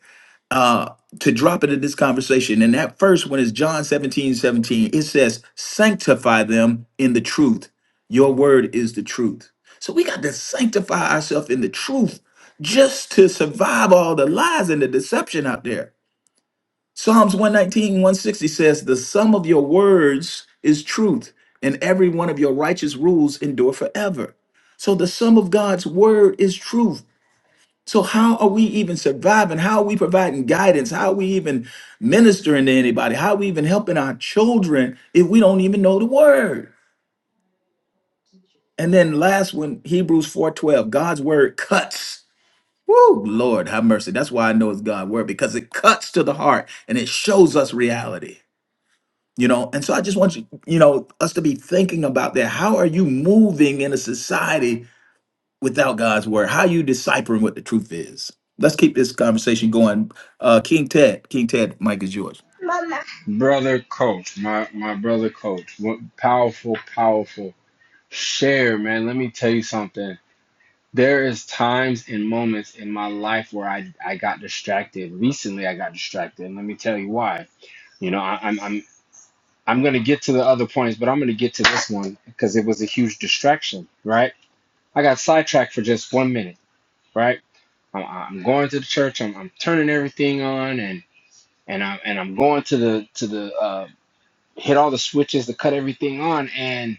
Speaker 1: uh, to drop into this conversation. And that first one is John 17 17. It says, Sanctify them in the truth. Your word is the truth. So we got to sanctify ourselves in the truth just to survive all the lies and the deception out there. Psalms one nineteen one sixty says, The sum of your words is truth, and every one of your righteous rules endure forever. So the sum of God's word is truth. So how are we even surviving? How are we providing guidance? How are we even ministering to anybody? How are we even helping our children if we don't even know the word? And then last one, Hebrews 4:12, God's word cuts. Woo, Lord, have mercy. That's why I know it's God's word because it cuts to the heart and it shows us reality. You know, and so I just want you, you know, us to be thinking about that. How are you moving in a society without God's word? How you deciphering what the truth is? Let's keep this conversation going. Uh, King Ted, King Ted, Mike is yours.
Speaker 5: Mama. Brother Coach, my, my brother Coach, what powerful, powerful share, man. Let me tell you something. There is times and moments in my life where I, I got distracted. Recently, I got distracted. And let me tell you why. You know, I, I'm, I'm, I'm going to get to the other points, but I'm going to get to this one because it was a huge distraction, right? I got sidetracked for just one minute, right? I'm, I'm going to the church. I'm, I'm turning everything on and, and I'm, and I'm going to the, to the, uh, hit all the switches to cut everything on and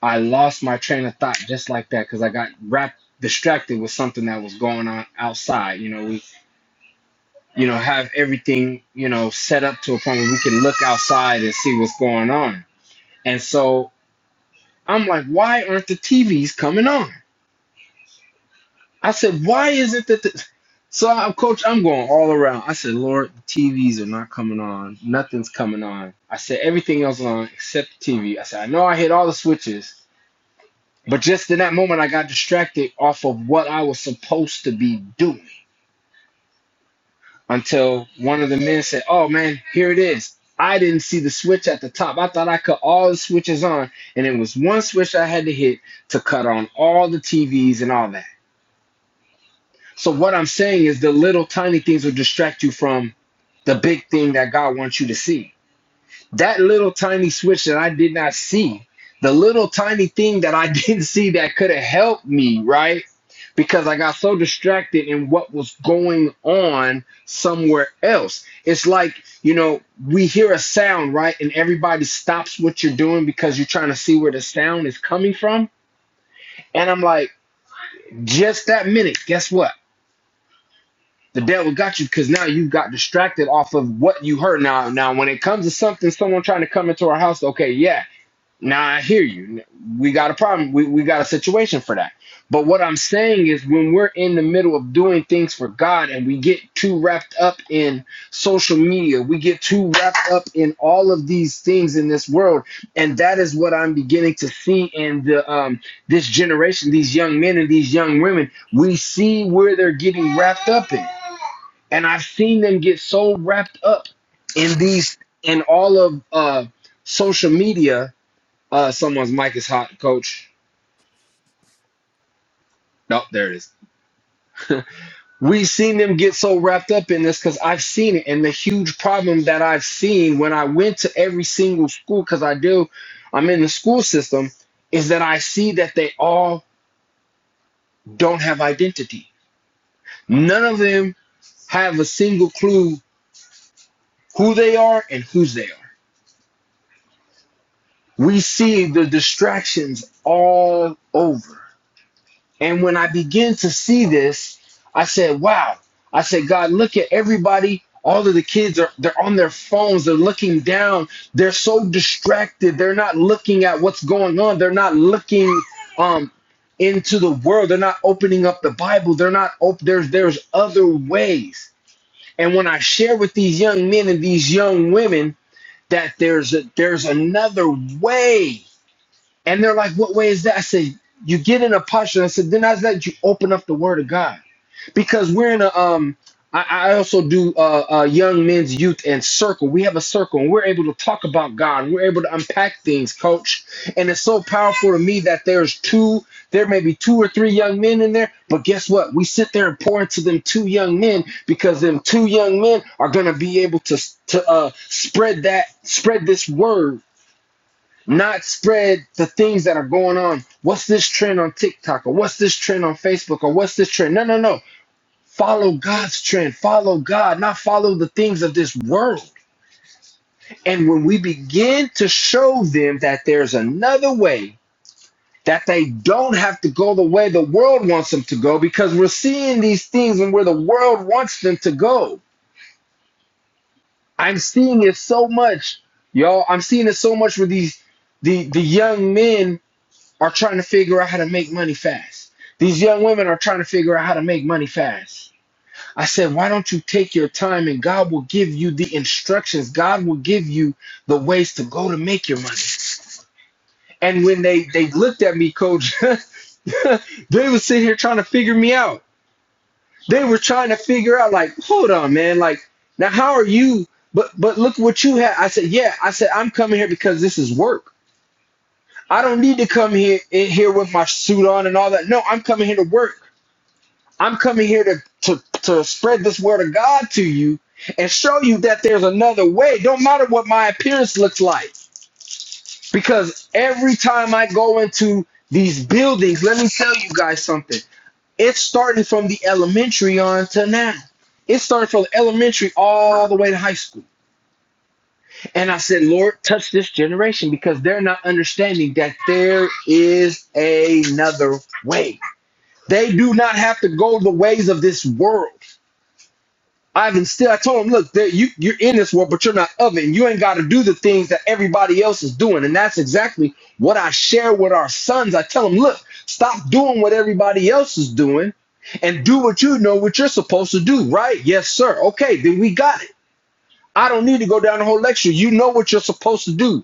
Speaker 5: I lost my train of thought just like that because I got wrapped distracted with something that was going on outside. You know, we you know have everything, you know, set up to a point where we can look outside and see what's going on. And so I'm like, why aren't the TVs coming on? I said, why is it that the so I'm coach, I'm going all around. I said, Lord, the TVs are not coming on. Nothing's coming on. I said everything else is on except the TV. I said, I know I hit all the switches But just in that moment, I got distracted off of what I was supposed to be doing until one of the men said, Oh man, here it is. I didn't see the switch at the top. I thought I could all the switches on, and it was one switch I had to hit to cut on all the TVs and all that. So, what I'm saying is the little tiny things will distract you from the big thing that God wants you to see. that little tiny switch that I did not see, the little tiny thing that I *laughs* didn't see that could have helped me, right? Because I got so distracted in what was going on somewhere else. It's like, you know, we hear a sound, right? And everybody stops what you're doing because you're trying to see where the sound is coming from. And I'm like, just that minute, guess what? The devil got you because now you got distracted off of what you heard. Now, now when it comes to something, someone trying to come into our house, okay, yeah Now I hear you. We got a problem. We, we got a situation for that. But what I'm saying is when we're in the middle of doing things for God and we get too wrapped up in social media, we get too wrapped up in all of these things in this world. And that is what I'm beginning to see in the um this generation, these young men and these young women. We see where they're getting wrapped up in. And I've seen them get so wrapped up in these in all of uh social media uh, someone's mic is hot, coach. No, there it is. *laughs* We've seen them get so wrapped up in this because I've seen it. And the huge problem that I've seen when I went to every single school, because I do, I'm in the school system, is that I see that they all don't have identity. None of them have a single clue who they are and whose they are. We see the distractions all over. And when I began to see this, I said, wow. I said, God, look at everybody. All of the kids are they're on their phones, they're looking down, they're so distracted, they're not looking at what's going on, they're not looking um into the world, they're not opening up the Bible, they're not op- there's there's other ways. And when I share with these young men and these young women that there's a, there's another way and they're like, what way is that? I said, you get in a posture. I said, then I let you open up the word of God. Because we're in a um I, I also do uh, uh young men's youth and circle. We have a circle and we're able to talk about God. We're able to unpack things, coach. And it's so powerful to me that there's two, there may be two or three young men in there, but guess what? We sit there and pour into them two young men because them two young men are gonna be able to to uh spread that, spread this word not spread the things that are going on. What's this trend on TikTok or what's this trend on Facebook or what's this trend? No, no, no. Follow God's trend. Follow God, not follow the things of this world. And when we begin to show them that there's another way, that they don't have to go the way the world wants them to go, because we're seeing these things and where the world wants them to go. I'm seeing it so much, y'all. I'm seeing it so much with these the the young men are trying to figure out how to make money fast. These young women are trying to figure out how to make money fast. I said, why don't you take your time and God will give you the instructions. God will give you the ways to go to make your money. And when they they looked at me, coach, *laughs* they were sitting here trying to figure me out. They were trying to figure out, like, hold on, man, like, now how are you? But but look what you had. I said, yeah. I said, I'm coming here because this is work. I don't need to come here in here with my suit on and all that. No, I'm coming here to work. I'm coming here to to to spread this word of God to you and show you that there's another way. Don't matter what my appearance looks like. Because every time I go into these buildings, let me tell you guys something. It's starting from the elementary on to now. It's starting from elementary all the way to high school. And I said, Lord, touch this generation because they're not understanding that there is another way. They do not have to go the ways of this world. I've instilled, I told them, look, that you, you're in this world, but you're not of it. And you ain't got to do the things that everybody else is doing. And that's exactly what I share with our sons. I tell them, look, stop doing what everybody else is doing and do what you know what you're supposed to do, right? Yes, sir. Okay, then we got it. I don't need to go down the whole lecture. You know what you're supposed to do.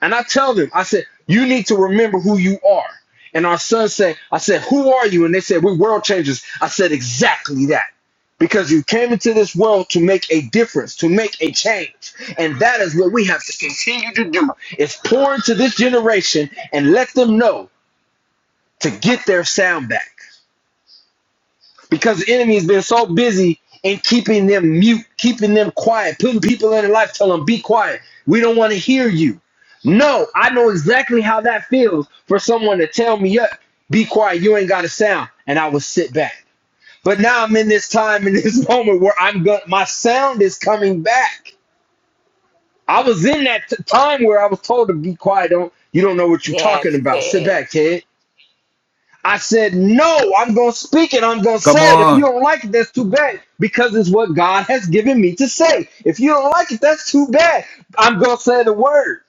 Speaker 5: And I tell them, I said, you need to remember who you are. And our son said, I said, who are you? And they said, we're world changers. I said, exactly that. Because you came into this world to make a difference, to make a change. And that is what we have to continue to do is pour into this generation and let them know to get their sound back because the enemy's been so busy in keeping them mute, keeping them quiet, putting people in their life, telling them, be quiet. We don't want to hear you. No, I know exactly how that feels for someone to tell me "Yeah, be quiet, you ain't got a sound. And I will sit back. But now I'm in this time, in this *laughs* moment where I'm going, my sound is coming back. I was in that t- time where I was told to be quiet. Don't you don't know what you're talking
Speaker 3: Yes,
Speaker 5: about. Sit
Speaker 3: good.
Speaker 5: back, Ted. I said, no, I'm going to speak it. I'm going to say it. If you don't like it, that's too bad because it's what God has given me to say. If you don't like it, that's too bad. I'm going to say the word.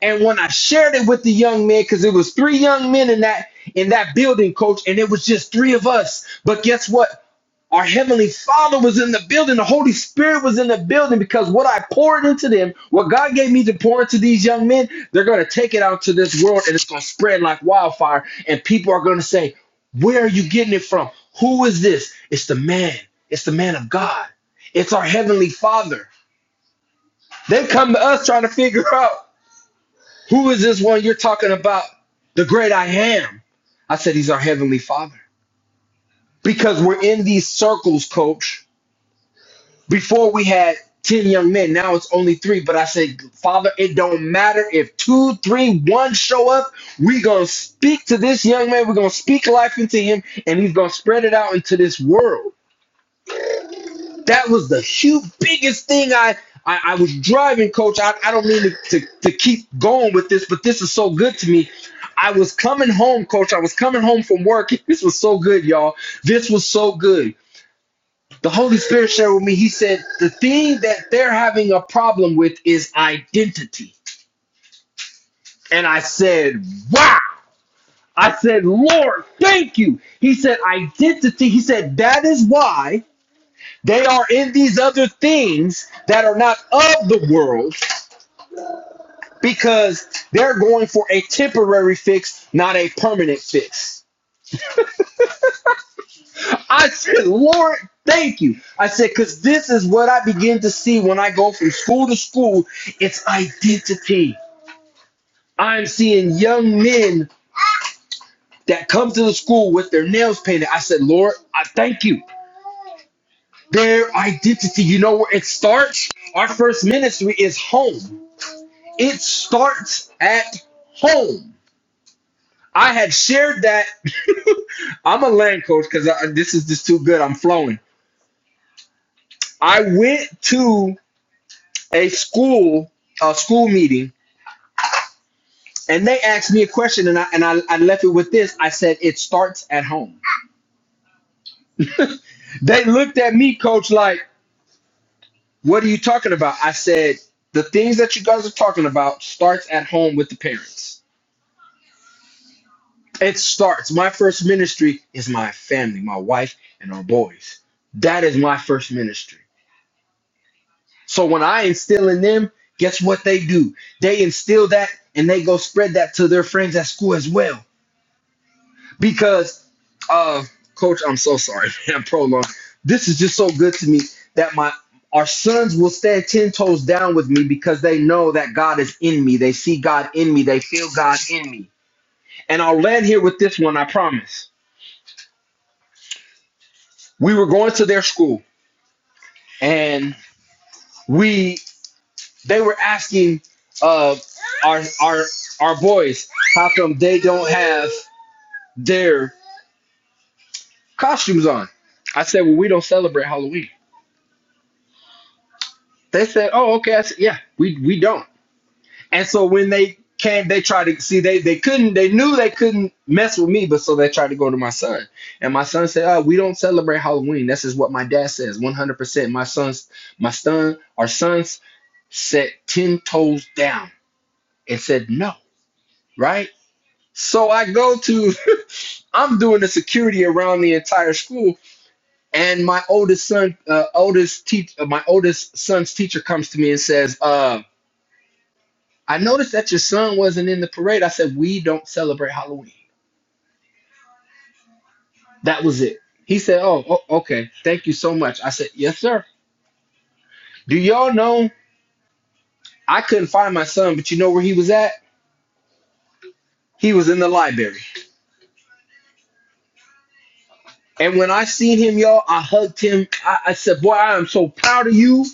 Speaker 5: And when I shared it with the young men, because it was three young men in that in that building, coach, and it was just three of us. But guess what? Our Heavenly Father was in the building. The Holy Spirit was in the building because what I poured into them, what God gave me to pour into these young men, they're going to take it out to this world and it's going to spread like wildfire. And people are going to say, Where are you getting it from? Who is this? It's the man. It's the man of God. It's our Heavenly Father. They come to us trying to figure out who is this one you're talking about, the great I am. I said, He's our Heavenly Father. Because we're in these circles, coach Before we had 10 young men, now it's only three. But I said, Father, it don't matter if two, three, one show up. we going to speak to this young man. We're going to speak life into him, and he's going to spread it out into this world. That was the huge, biggest thing I. I, I was driving, coach. I, I don't mean to, to, to keep going with this, but this is so good to me. I was coming home, coach. I was coming home from work. *laughs* This was so good, y'all. This was so good the Holy Spirit shared with me, He said, the thing that they're having a problem with is identity. And I said, wow. I said, Lord, thank you. He said, identity. He said, that is why they are in these other things that are not of the world because they're going for a temporary fix, not a permanent fix. I said, Lord, thank you. I said, because this is what I begin to see when I go from school to school it's identity. I'm seeing young men that come to the school with their nails painted. I said, Lord, I thank you. Their identity, you know where it starts? Our first ministry is home. It starts at home. I had shared that. *laughs* I'm a land coach because this is just too good. I'm flowing. I went to a school, a school meeting, and they asked me a question, and I and I, I left it with this. I said, "It starts at home." They looked at me, coach, like. What are you talking about? I said, the things that you guys are talking about starts at home with the parents. It starts. My first ministry is my family, my wife, and our boys. That is my first ministry. So when I instill in them, guess what they do? They instill that and they go spread that to their friends at school as well. because of coach. I'm so sorry, *laughs* man. Prolong. This is just so good to me that my our sons will stand ten toes down with me because they know that God is in me. They see God in me. They feel God in me. And I'll land here with this one. I promise. We were going to their school, and we they were asking uh, our our our boys how come they don't have their costumes on. I said, well, we don't celebrate Halloween. They said, "Oh, okay." I said, "Yeah, we we don't." And so when they came, they tried to see they they couldn't. They knew they couldn't mess with me, but so they tried to go to my son. And my son said, "Oh, we don't celebrate Halloween. This is what my dad says. One hundred percent. My sons, my son, our sons set ten toes down and said no, right?" So I go to, *laughs* I'm doing the security around the entire school, and my oldest son, uh, oldest teach, uh, my oldest son's teacher comes to me and says, uh, I noticed that your son wasn't in the parade. I said, We don't celebrate Halloween. That was it. He said, Oh, o- okay. Thank you so much. I said, Yes, sir. Do y'all know I couldn't find my son, but you know where he was at? He was in the library. And when I seen him, y'all, I hugged him. I, I said, Boy, I am so proud of you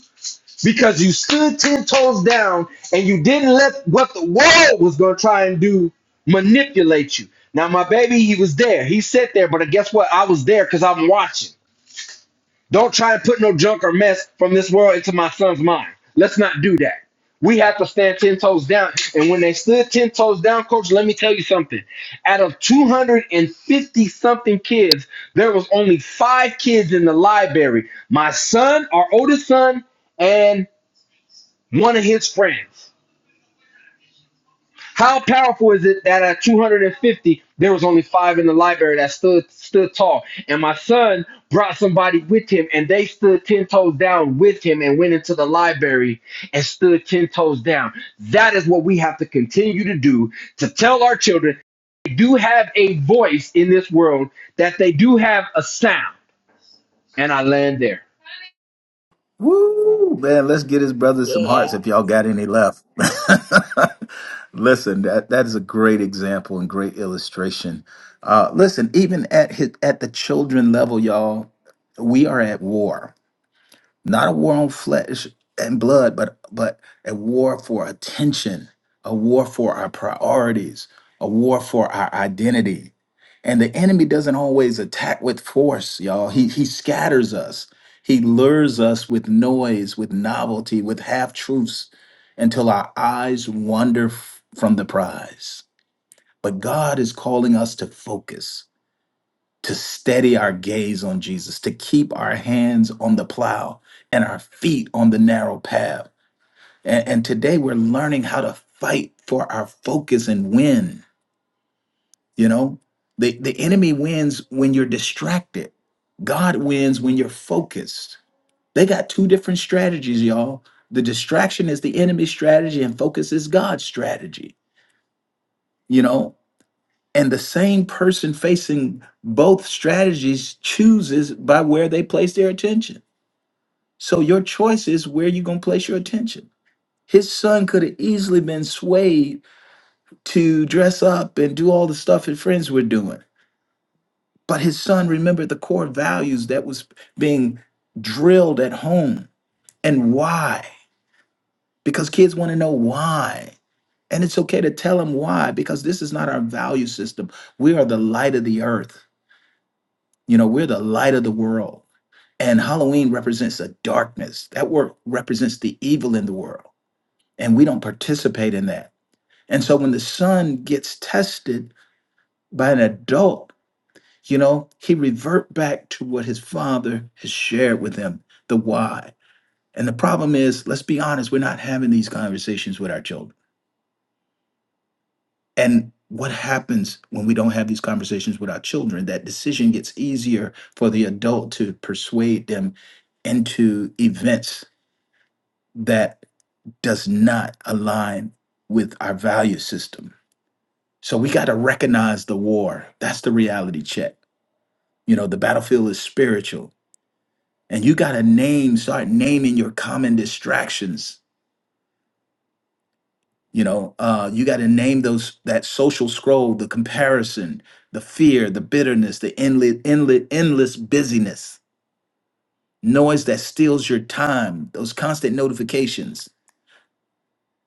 Speaker 5: because you stood 10 toes down and you didn't let what the world was going to try and do manipulate you. Now, my baby, he was there. He sat there, but guess what? I was there because I'm watching. Don't try to put no junk or mess from this world into my son's mind. Let's not do that. We have to stand 10 toes down. And when they stood 10 toes down, coach, let me tell you something. Out of 250 something kids, there was only five kids in the library my son, our oldest son, and one of his friends. How powerful is it that at 250 there was only five in the library that stood stood tall, and my son brought somebody with him, and they stood ten toes down with him and went into the library and stood ten toes down. That is what we have to continue to do to tell our children they do have a voice in this world, that they do have a sound, and I land there.
Speaker 1: Woo, man, let's get his brothers some hearts
Speaker 3: Yeah.
Speaker 1: if y'all got any left. *laughs* listen, that, that is a great example and great illustration. Uh, listen, even at his, at the children level, y'all, we are at war. not a war on flesh and blood, but but a war for attention, a war for our priorities, a war for our identity. And the enemy doesn't always attack with force, y'all. He he scatters us. He lures us with noise, with novelty, with half truths until our eyes wander f- from the prize. But God is calling us to focus to steady our gaze on Jesus, to keep our hands on the plow and our feet on the narrow path. And, and today we're learning how to fight for our focus and win. You know, the, the enemy wins when you're distracted, God wins when you're focused. They got two different strategies, y'all. The distraction is the enemy's strategy, and focus is God's strategy. You know, And the same person facing both strategies chooses by where they place their attention. So your choice is where you're going to place your attention. His son could have easily been swayed to dress up and do all the stuff his friends were doing. But his son remembered the core values that was being drilled at home and why. Because kids want to know why. And it's okay to tell them why, because this is not our value system. We are the light of the earth. You know, we're the light of the world And Halloween represents a darkness. That word represents the evil in the world. And we don't participate in that. And so when the son gets tested by an adult, you know, he revert back to what his father has shared with him, the why. And the problem is, let's be honest, we're not having these conversations with our children. And what happens when we don't have these conversations with our children? That decision gets easier for the adult to persuade them into events that does not align with our value system. So we got to recognize the war. That's the reality check. You know, the battlefield is spiritual. And you got to name, start naming your common distractions. You know, uh, you got to name those that social scroll, the comparison, the fear, the bitterness, the endless, endless, endless busyness, noise that steals your time, those constant notifications,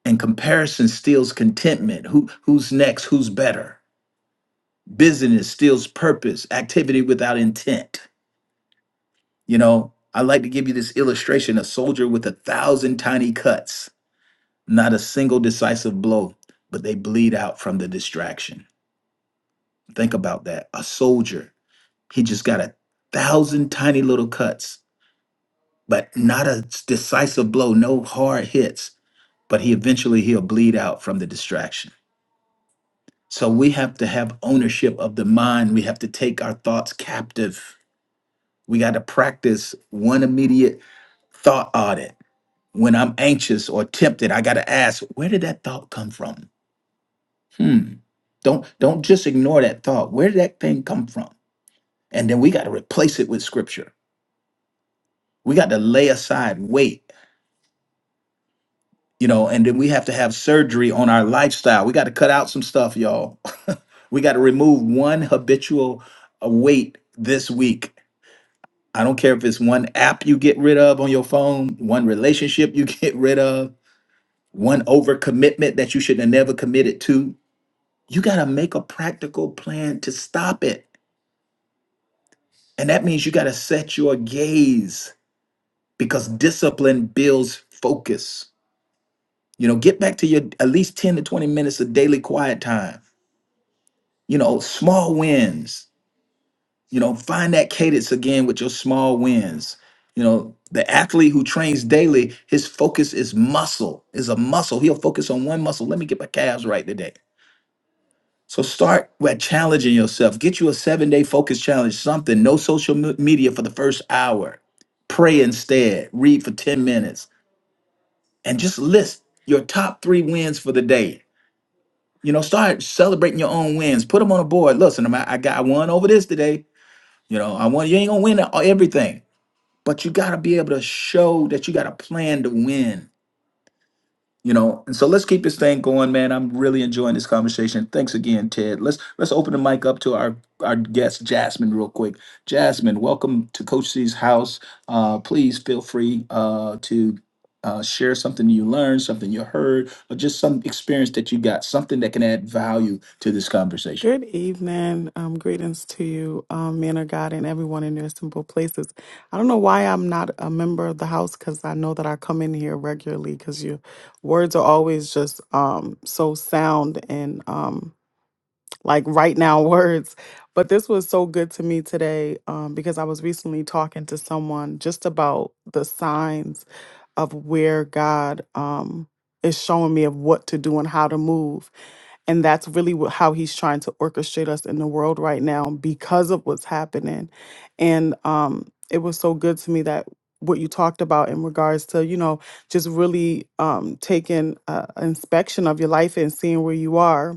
Speaker 1: and comparison steals contentment. Who, who's next? Who's better? Busyness steals purpose, activity without intent. You know, I like to give you this illustration a soldier with a thousand tiny cuts, not a single decisive blow, but they bleed out from the distraction. Think about that. A soldier, he just got a thousand tiny little cuts, but not a decisive blow, no hard hits, but he eventually he'll bleed out from the distraction. So we have to have ownership of the mind. We have to take our thoughts captive We got to practice one immediate thought audit. When I'm anxious or tempted, I got to ask, where did that thought come from? Hmm. Don't don't just ignore that thought. Where did that thing come from? And then we got to replace it with scripture. We got to lay aside weight, you know, and then we have to have surgery on our lifestyle. We got to cut out some stuff, y'all. *laughs* we got to remove one habitual uh, weight this week. I don't care if it's one app you get rid of on your phone, one relationship you *laughs* get rid of, one overcommitment that you should have never committed to. You got to make a practical plan to stop it. And that means you got to set your gaze because discipline builds focus. You know, get back to your at least 10 to 20 minutes of daily quiet time. You know, small wins. You know, find that cadence again with your small wins. You know, the athlete who trains daily, his focus is muscle, is a muscle. He'll focus on one muscle. Let me get my calves right today. So start with challenging yourself. Get you a seven day focus challenge, something. No social me- media for the first hour. Pray instead. Read for 10 minutes. And just list your top three wins for the day. You know, start celebrating your own wins. Put them on a board. Listen, I'm- I got I won over this today. You know, I won. You ain't gonna win e- everything, but you gotta be able to show that you got a plan to win. you know and so let's keep this thing going man i'm really enjoying this conversation thanks again ted let's let's open the mic up to our our guest jasmine real quick jasmine welcome to coach c's house uh, please feel free uh, to uh, share something you learned something you heard or just some experience that you got something that can add value to this conversation
Speaker 8: Good evening. Um, greetings to you, um, men of God, and everyone in their simple places. I don't know why I'm not a member of the house because I know that I come in here regularly because your words are always just um, so sound and um, like right now *laughs* words. But this was so good to me today um, because I was recently talking to someone just about the signs of where God um, is showing me of what to do and how to move and that's really wh- how he's trying to orchestrate us in the world right now because of what's happening. And um, it was so good to me that what you talked about in regards to, you know, just really um, taking uh, inspection of your life and seeing where you are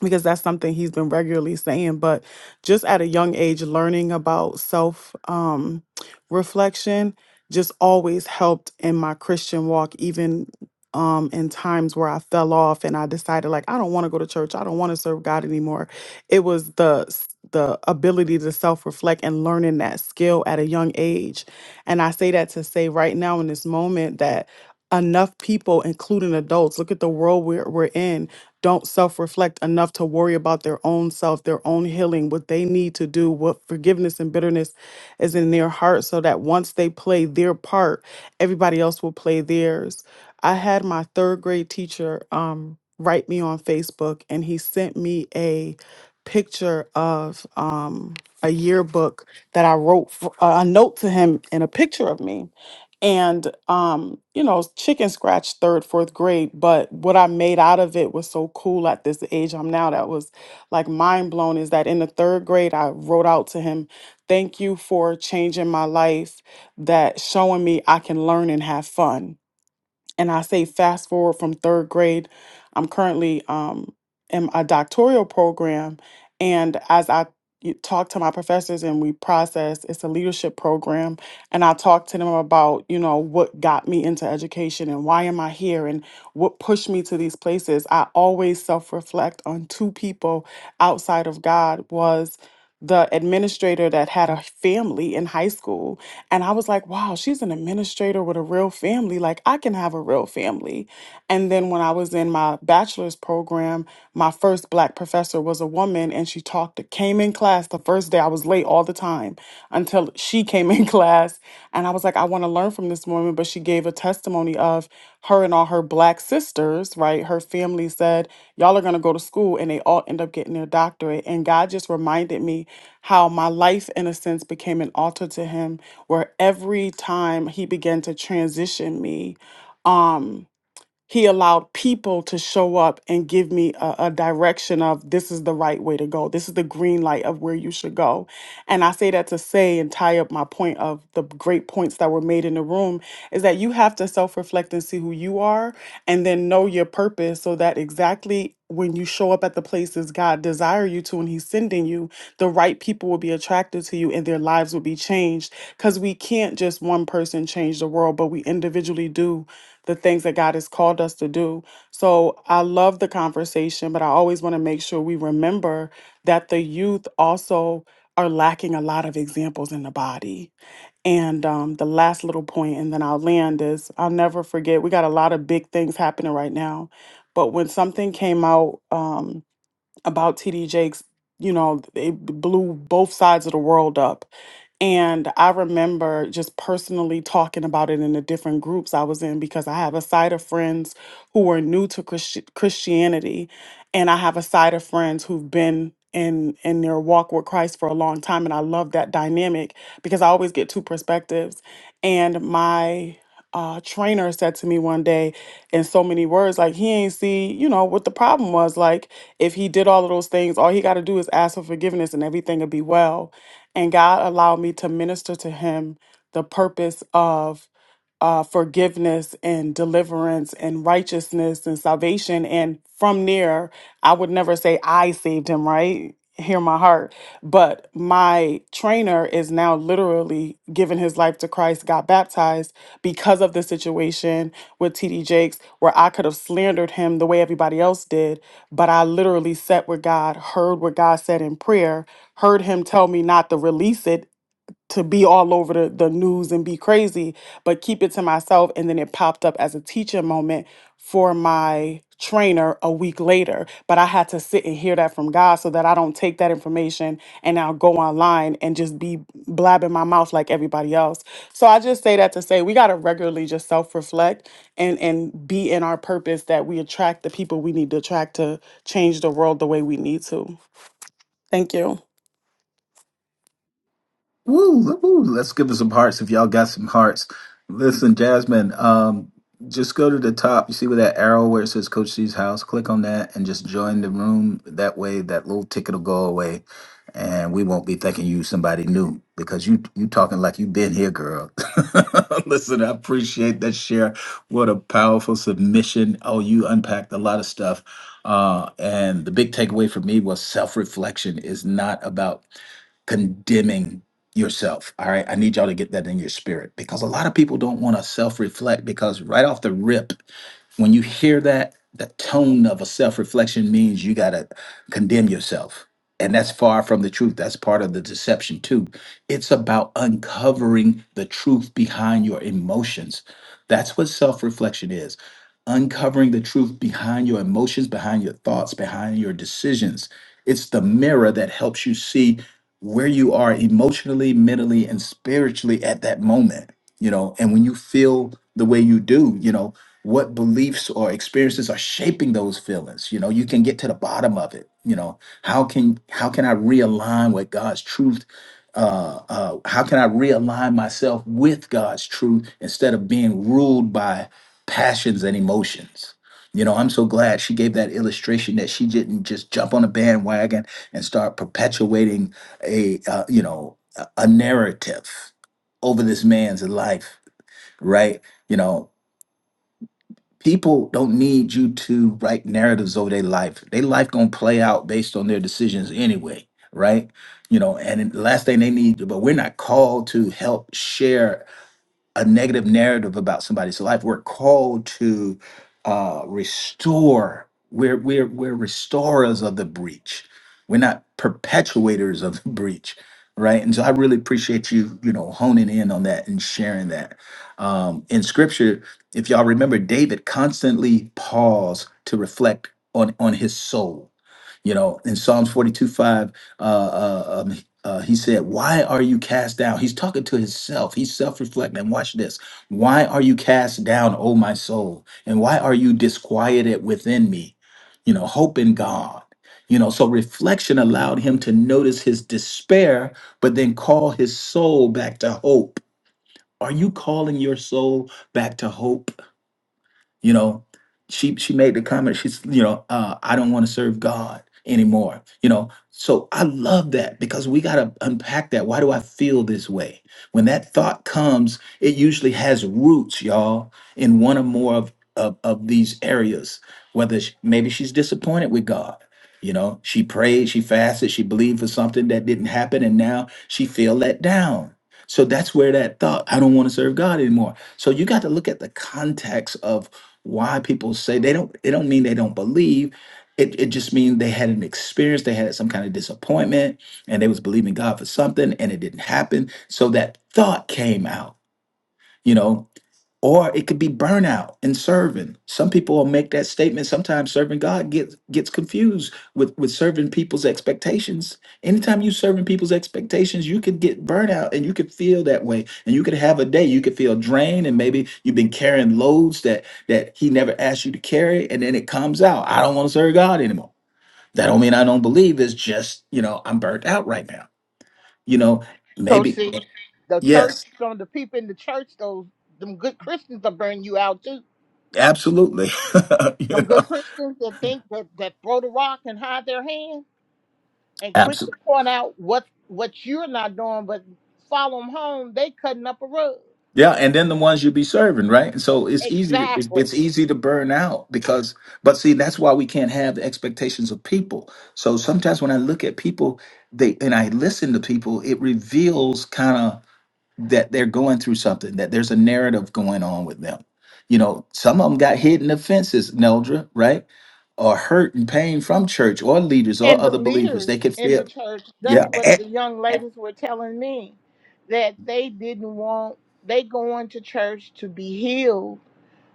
Speaker 8: because that's something he's been regularly saying but just at a young age learning about self um reflection just always helped in my christian walk even um in times where i fell off and i decided like i don't want to go to church i don't want to serve god anymore it was the s- the ability to self reflect and learning that skill at a young age and i say that to say right now in this moment that enough people including adults look at the world we're, we're in don't self reflect enough to worry about their own self, their own healing, what they need to do, what forgiveness and bitterness is in their heart, so that once they play their part, everybody else will play theirs. I had my third grade teacher um, write me on Facebook, and he sent me a picture of um, a yearbook that I wrote, for, a note to him, and a picture of me and um you know chicken scratch third fourth grade but what i made out of it was so cool at this age i'm now that was like mind blown is that in the third grade i wrote out to him thank you for changing my life that showing me i can learn and have fun and I say fast forward from third grade, I'm currently um, in a doctoral program, and as I y- talk to my professors and we process, it's a leadership program, and I talk to them about you know what got me into education and why am I here and what pushed me to these places. I always self reflect on two people outside of God was the administrator that had a family in high school. And I was like, wow, she's an administrator with a real family. Like, I can have a real family. And then when I was in my bachelor's program, my first black professor was a woman and she talked, came in class the first day. I was late all the time until she came in *laughs* class. And I was like, I want to learn from this woman. But she gave a testimony of her and all her black sisters, right? Her family said, Y'all are going to go to school. And they all end up getting their doctorate. And God just reminded me how my life, in a sense, became an altar to him, where every time he began to transition me, um, he allowed people to show up and give me a, a direction of this is the right way to go. This is the green light of where you should go. And I say that to say and tie up my point of the great points that were made in the room is that you have to self reflect and see who you are and then know your purpose so that exactly when you show up at the places God desire you to and he's sending you the right people will be attracted to you and their lives will be changed cuz we can't just one person change the world but we individually do the things that God has called us to do. So I love the conversation but I always want to make sure we remember that the youth also are lacking a lot of examples in the body and um, the last little point, and then I'll land is I'll never forget. We got a lot of big things happening right now, but when something came out um, about TD Jakes, you know, it blew both sides of the world up and I remember just personally talking about it in the different groups I was in because I have a side of friends who were new to Christi- Christianity, and I have a side of friends who've been in in their walk with Christ for a long time. And I love that dynamic because I always get two perspectives. And my uh, trainer said to me one day in so many words, like he ain't see, you know, what the problem was. Like if he did all of those things, all he got to do is ask for forgiveness, and everything will be well and God allowed me to minister to him the purpose of uh, forgiveness and deliverance and righteousness and salvation. And from there, I would never say I saved him, right? Hear my heart. But my trainer is now literally giving his life to Christ, got baptized because of the situation with TD Jakes, where I could have slandered him the way everybody else did but I literally sat with God, heard what God said in prayer, heard Him tell me not to release it to be all over the, the news and be crazy, but keep it to myself. And then it popped up as a teacher moment for my trainer a week later. But I had to sit and hear that from God so that I don't take that information and now go online and just be blabbing my mouth like everybody else. So I just say that to say we gotta regularly just self-reflect and and be in our purpose that we attract the people we need to attract to change the world the way we need to. Thank you.
Speaker 1: Woo, woo, let's give it some hearts if y'all got some hearts. Listen, Jasmine, um, just go to the top. You see with that arrow where it says Coach C's house? Click on that and just join the room. That way, that little ticket will go away, and we won't be thinking you somebody new because you you talking like you've been here, girl. *laughs* Listen, I appreciate that share. What a powerful submission. Oh, you unpacked a lot of stuff. Uh, and the big takeaway for me was self reflection is not about condemning yourself. All right. I need y'all to get that in your spirit because a lot of people don't want to self reflect because right off the rip, when you hear that, the tone of a self reflection means you got to condemn yourself. And that's far from the truth. That's part of the deception, too. It's about uncovering the truth behind your emotions. That's what self reflection is uncovering the truth behind your emotions, behind your thoughts, behind your decisions. It's the mirror that helps you see where you are emotionally, mentally, and spiritually at that moment, you know, and when you feel the way you do, you know, what beliefs or experiences are shaping those feelings you know you can get to the bottom of it you know how can how can i realign with god's truth uh, uh how can i realign myself with god's truth instead of being ruled by passions and emotions you know i'm so glad she gave that illustration that she didn't just jump on a bandwagon and start perpetuating a uh, you know a a narrative over this man's life right you know people don't need you to write narratives over their life their life gonna play out based on their decisions anyway right you know and then the last thing they need but we're not called to help share a negative narrative about somebody's life. We're called to uh, restore. We're we're we're restorers of the breach. We're not perpetuators of the breach, right? And so I really appreciate you, you know, honing in on that and sharing that. Um, in Scripture, if y'all remember, David constantly paused to reflect on on his soul. You know, in Psalms 42, 5, uh, uh, um, uh, he said, Why are you cast down? He's talking to himself. He's self reflecting. Watch this. Why are you cast down, O my soul? And why are you disquieted within me? You know, hope in God. You know, so reflection allowed him to notice his despair, but then call his soul back to hope. Are you calling your soul back to hope? you know she she made the comment she's you know uh, i don't want to serve god anymore you know so i love that because we got to unpack that why do i feel this way when that thought comes it usually has roots y'all in one or more of of, of these areas whether sh maybe she's disappointed with god you know she prayed she fasted she believed for something that didn't happen and now she feel let down so that's where that thought i don't want to serve god anymore so you got to look at the context of why people say they don't it don't mean they don't believe it, it just means they had an experience they had some kind of disappointment and they was believing god for something and it didn't happen so that thought came out you know or it could be burnout in serving some people will make that statement sometimes serving god gets gets confused with with serving people's expectations anytime you serving people's expectations you could get burnout and you could feel that way and you could have a day you could feel drained and maybe you've been carrying loads that that he never asked you to carry and then it comes out i don't want to serve god anymore that don't mean i don't believe it's just you know i'm burnt out right now you know
Speaker 6: Coach
Speaker 1: maybe
Speaker 6: C, the church,
Speaker 1: yes
Speaker 6: some of the people in the church, those them good Christians will burn you out too.
Speaker 1: absolutely *laughs* you
Speaker 6: Them
Speaker 1: know
Speaker 6: good Christians that think that, that throw the rock and hide their hand and
Speaker 1: absolutely
Speaker 6: quick to point out what what you're not doing, but follow them home. They cutting up a rug.
Speaker 1: Yeah, and then the ones you be serving, right? And so it's easy to it's
Speaker 6: Exactly.
Speaker 1: it's easy to burn out because but see that's why we can't have the expectations of people. So sometimes when I look at people, they and I listen to people, it reveals kind of that they're going through something, that there's a narrative going on with them. You know, some of them got hidden offenses, Neldra, right? Or hurt and pain from church or leaders or
Speaker 6: And the
Speaker 1: other believers.
Speaker 6: leaders
Speaker 1: They could
Speaker 6: in the
Speaker 1: feel
Speaker 6: church, that's
Speaker 1: yeah.
Speaker 6: what the young ladies were telling me, that they didn't want they going to church to be healed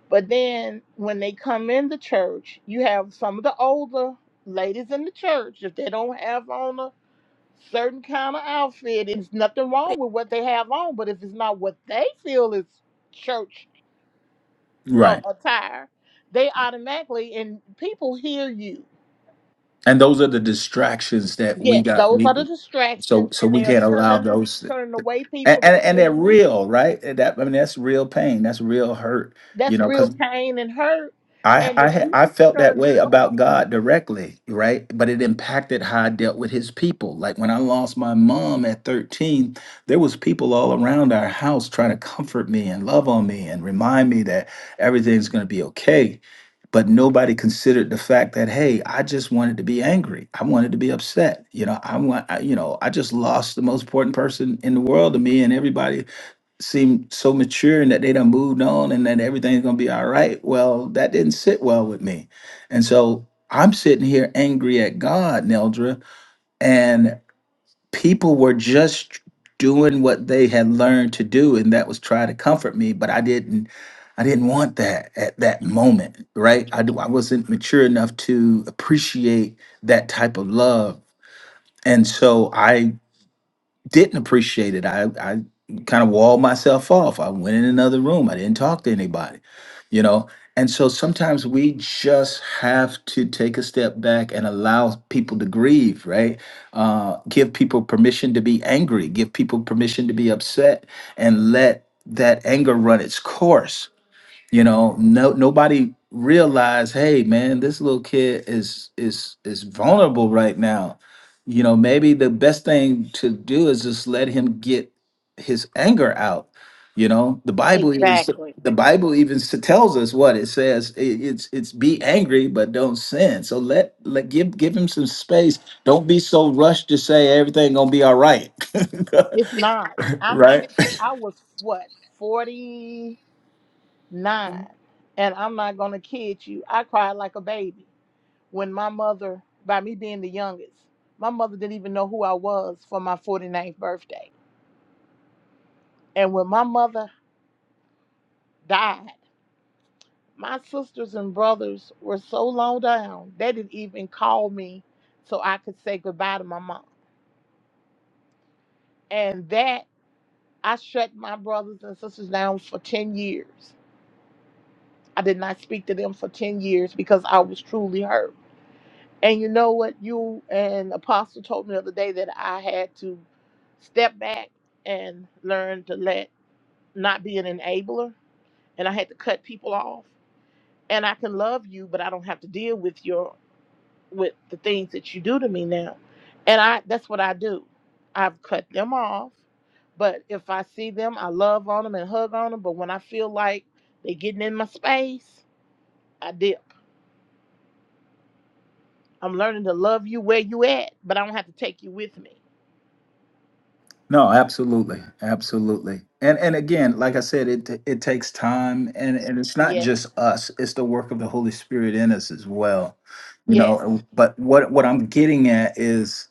Speaker 6: But then when they come in the church, you have some of the older ladies in the church. If they don't have on a certain kind of outfit, it's nothing wrong with what they have on. But if it's not what they feel is church uh,
Speaker 1: Right.
Speaker 6: attire, they automatically and people hear you.
Speaker 1: And those are the distractions that we
Speaker 6: Yes,
Speaker 1: got.
Speaker 6: those are
Speaker 1: We
Speaker 6: the
Speaker 1: So
Speaker 6: distractions,
Speaker 1: so
Speaker 6: and
Speaker 1: we
Speaker 6: they are
Speaker 1: can't allow
Speaker 6: turning the,
Speaker 1: those th-
Speaker 6: turning
Speaker 1: th-
Speaker 6: away
Speaker 1: and,
Speaker 6: people that
Speaker 1: and and they're
Speaker 6: really need.
Speaker 1: real, right? And That I mean that's real pain, that's real hurt, you
Speaker 6: That's
Speaker 1: know,
Speaker 6: real
Speaker 1: cuz
Speaker 6: pain and hurt.
Speaker 1: I,
Speaker 6: And
Speaker 1: I
Speaker 6: if
Speaker 1: ha-
Speaker 6: you
Speaker 1: I felt that
Speaker 6: turn them
Speaker 1: way about
Speaker 6: away,
Speaker 1: God directly, right? But it impacted how I dealt with His people. Like when I lost my mom at thirteen, there was people all around our house trying to comfort me and love on me and remind me that everything's going to be okay. But nobody considered the fact that hey, I just wanted to be angry. I wanted to be upset. You know, I want. I, you know, I just lost the most important person in the world to me, and everybody seem so mature and that they done moved on and that everything's gonna be all right. Well, that didn't sit well with me. And so I'm sitting here angry at God, Neldra, and people were just doing what they had learned to do, and that was try to comfort me, but I didn't I didn't want that at that moment, right? I do I wasn't mature enough to appreciate that type of love. And so I didn't appreciate it. I, I kind of walled myself off. I went in another room. I didn't talk to anybody, you know? And so sometimes we just have to take a step back and allow people to grieve, right? Uh, give people permission to be angry, give people permission to be upset, and let that anger run its course you know no nobody realized hey man this little kid is is is vulnerable right now you know maybe the best thing to do is just let him get his anger out you know the bible even s-
Speaker 6: exactly.
Speaker 1: the bible even s- tells us what it says It- it's it's be angry but don't sin so let let give give him some space don't be so rushed to say everything gonna be all right
Speaker 6: It's not.
Speaker 1: *laughs*
Speaker 6: I'm.
Speaker 1: right
Speaker 6: fif- I was what forty nine, and I'm not gonna kid you. I cried like a baby when my mother, by me being the youngest, my mother didn't even know who I was for my forty ninth birthday. And when my mother died, my sisters and brothers were so low down they didn't even call me so I could say goodbye to my mom. And that I shut my brothers and sisters down for ten years I did not speak to them for 10 years because I was truly hurt. And you know what? You and Apostle told me the other day that I had to step back and learn to let not be an enabler and I had to cut people off. And I can love you, but I don't have to deal with your with the things that you do to me now. And I that's what I do. I've cut them off. But if I see them, I love on them and hug on them. But when I feel like they're getting in my space, I dip. I'm learning to love you where you at, but I don't have to take you with me.
Speaker 1: No, absolutely, absolutely. And and again, like I said, it t- it takes time, and and it's not
Speaker 6: Yes.
Speaker 1: just us; it's the work of the Holy Spirit in us as well. You know,
Speaker 6: Yes.
Speaker 1: and- but what what I'm getting at is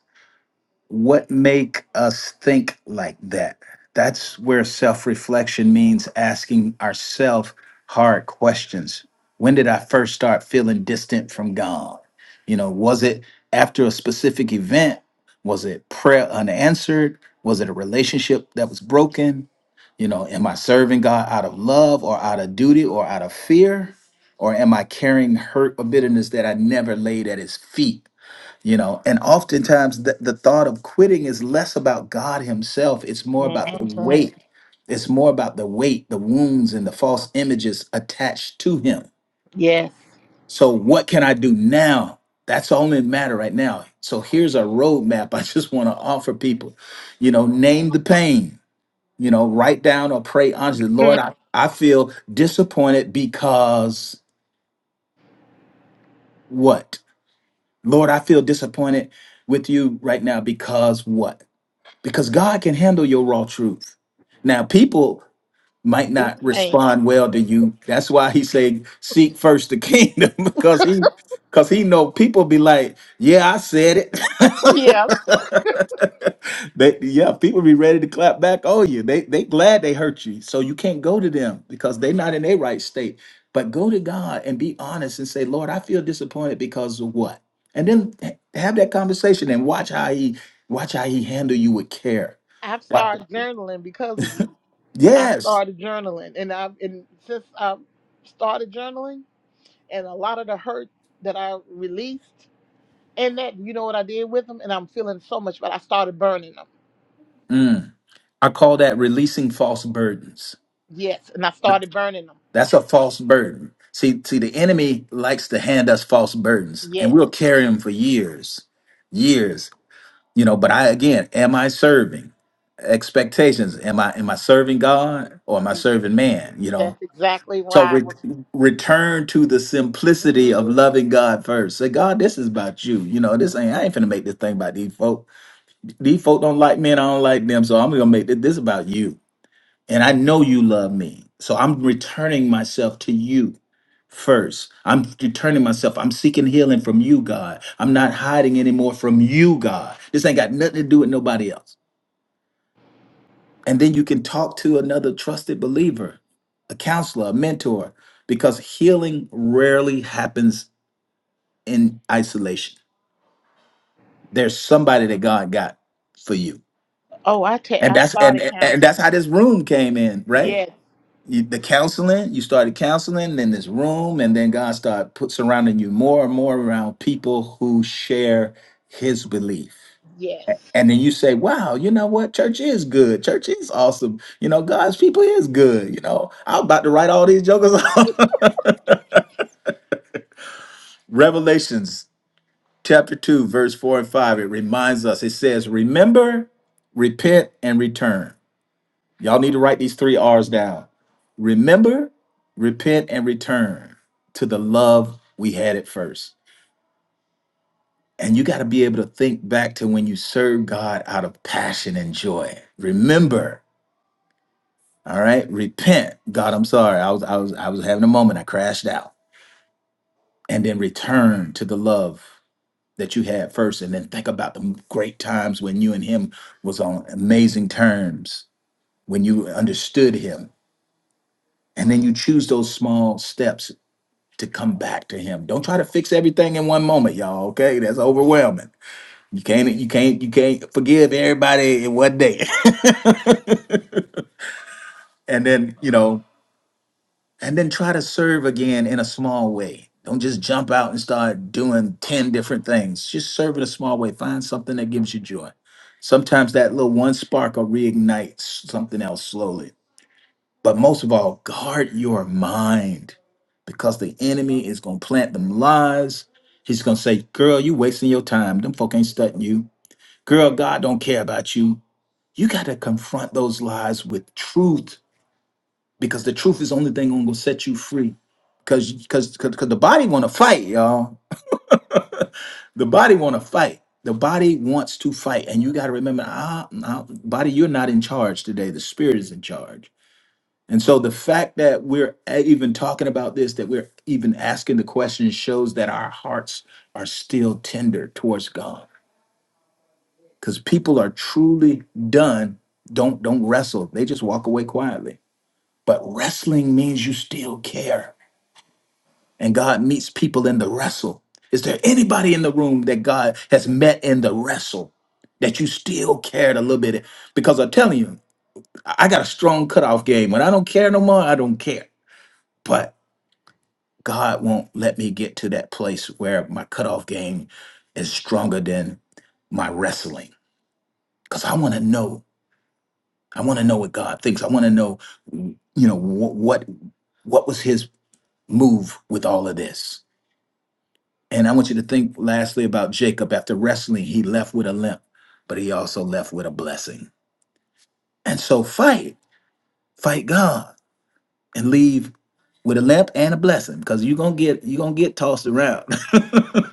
Speaker 1: what make us think like that that's where self-reflection means asking ourselves hard questions when did i first start feeling distant from god you know was it after a specific event was it prayer unanswered was it a relationship that was broken you know am i serving god out of love or out of duty or out of fear or am i carrying hurt or bitterness that i never laid at his feet you know and oftentimes the, the thought of quitting is less about god himself it's more about the
Speaker 6: Mhm.
Speaker 1: weight it's more about the weight the wounds and the false images attached to him
Speaker 6: Yes.
Speaker 1: so what can i do now that's all that matter right now so here's a roadmap *laughs* i just want to offer people you know name the pain you know write down or pray honestly lord
Speaker 6: Mm.
Speaker 1: i, I feel disappointed because what lord i feel disappointed with you right now because what because God can handle your raw truth. Now, people might not
Speaker 6: People ain't.
Speaker 1: respond well to you. That's why he said, "Seek first the kingdom," *laughs* because he, because he know people be like, "Yeah, I said it."
Speaker 6: Yeah.
Speaker 1: *laughs* they, yeah, people be ready to clap back on you. They, they glad they hurt you, so you can't go to them because they not in their right state. But go to God and be honest and say, "Lord, I feel disappointed because of what," and then ha- have that conversation and watch how he, watch how he handle you with care.
Speaker 6: I've
Speaker 1: Wa-
Speaker 6: started journaling because of you. I
Speaker 1: Yes.
Speaker 6: started journaling and I've and since i started journaling and a lot of the hurt that I released and that you know what I did with them and I'm feeling so much but I started burning them.
Speaker 1: Mm. I call that releasing false burdens.
Speaker 6: Yes. And I started burning them.
Speaker 1: That's a false burden. See, see, the enemy likes to hand us false burdens, and
Speaker 6: Yes.
Speaker 1: we'll carry them for years, years. You know, but I again, am I serving expectations? Am I am I serving God or am I
Speaker 6: You,
Speaker 1: serving man? You know,
Speaker 6: that's exactly
Speaker 1: so
Speaker 6: why
Speaker 1: re-
Speaker 6: I was
Speaker 1: return to the simplicity of
Speaker 6: Mhm.
Speaker 1: loving God first. Say, God, this is about you. You know, this ain't I ain't finna make this thing about these folk. These folk don't like me, and I don't like them, so I'm gonna make this, this about you and I know you love me. So I'm returning myself to you first. I'm returning myself. I'm seeking healing from you, God. I'm not hiding anymore from you, God. This ain't got nothing to do with nobody else. And then you can talk to another trusted believer, a counselor, a mentor, because healing rarely happens in isolation. There's somebody that God got for you.
Speaker 6: Oh, I take.
Speaker 1: And
Speaker 6: I've
Speaker 1: that's and,
Speaker 6: started
Speaker 1: and and
Speaker 6: counseling.
Speaker 1: that's how this room came in, right?
Speaker 6: Yes.
Speaker 1: you, the counseling you started counseling in this room and then god started put, surrounding you more and more around people who share his belief
Speaker 6: Yes.
Speaker 1: and then you say wow you know what church is good church is awesome you know god's people is good you know i'm about to write all these jokers *laughs* off revelations chapter 2 verse 4 and 5 it reminds us it says remember repent and return Y'all need to write these three R's down. Remember, repent, and return to the love we had at first. And you got to be able to think back to when you served God out of passion and joy. Remember, all right? Repent. God, I'm sorry. I was I was I was having a moment. I crashed out. And then return to the love that you had first and then think about the great times when you and him was on amazing terms, when you understood him. And then you choose those small steps to come back to him. Don't try to fix everything in one moment, y'all. Okay, that's overwhelming. You can't, you can't, you can't forgive everybody in one day, *laughs* and then you know, and then try to serve again in a small way. Don't just jump out and start doing ten different things. Just serve in a small way. Find something that gives you joy. Sometimes that little one spark will reignite something else slowly But most of all, guard your mind because the enemy is going to plant them lies. He's going to say, Girl, you wasting your time. Them folk ain't studying you. Girl, God don't care about you. You got to confront those lies with truth because the truth is the only thing going to set you free. Because because because the body want to fight, y'all. The body want to fight. The body wants to fight, and you got to remember, ah, ah, body, you're not in charge today. The spirit is in charge. And so the fact that we're a- even talking about this, that we're even asking the question shows that our hearts are still tender towards God. Because people are truly done, don't don't wrestle. They just walk away quietly. But wrestling means you still care. And God meets people in the wrestle. Is there anybody in the room that God has met in the wrestle that you still cared a little bit? Because I'm telling you, I I got a strong cutoff game. When I don't care no more, I don't care God won't let me get to that place where my cutoff game is stronger than my wrestling because I want to know. I want to know what God thinks. I want to know, you know, wh- what what was His move with all of this. And I want you to think lastly about Jacob. After wrestling, he left with a limp, but he also left with a blessing. And so fight, fight God, and leave with a limp and a blessing because you're gonna get you're gonna get tossed around. *laughs*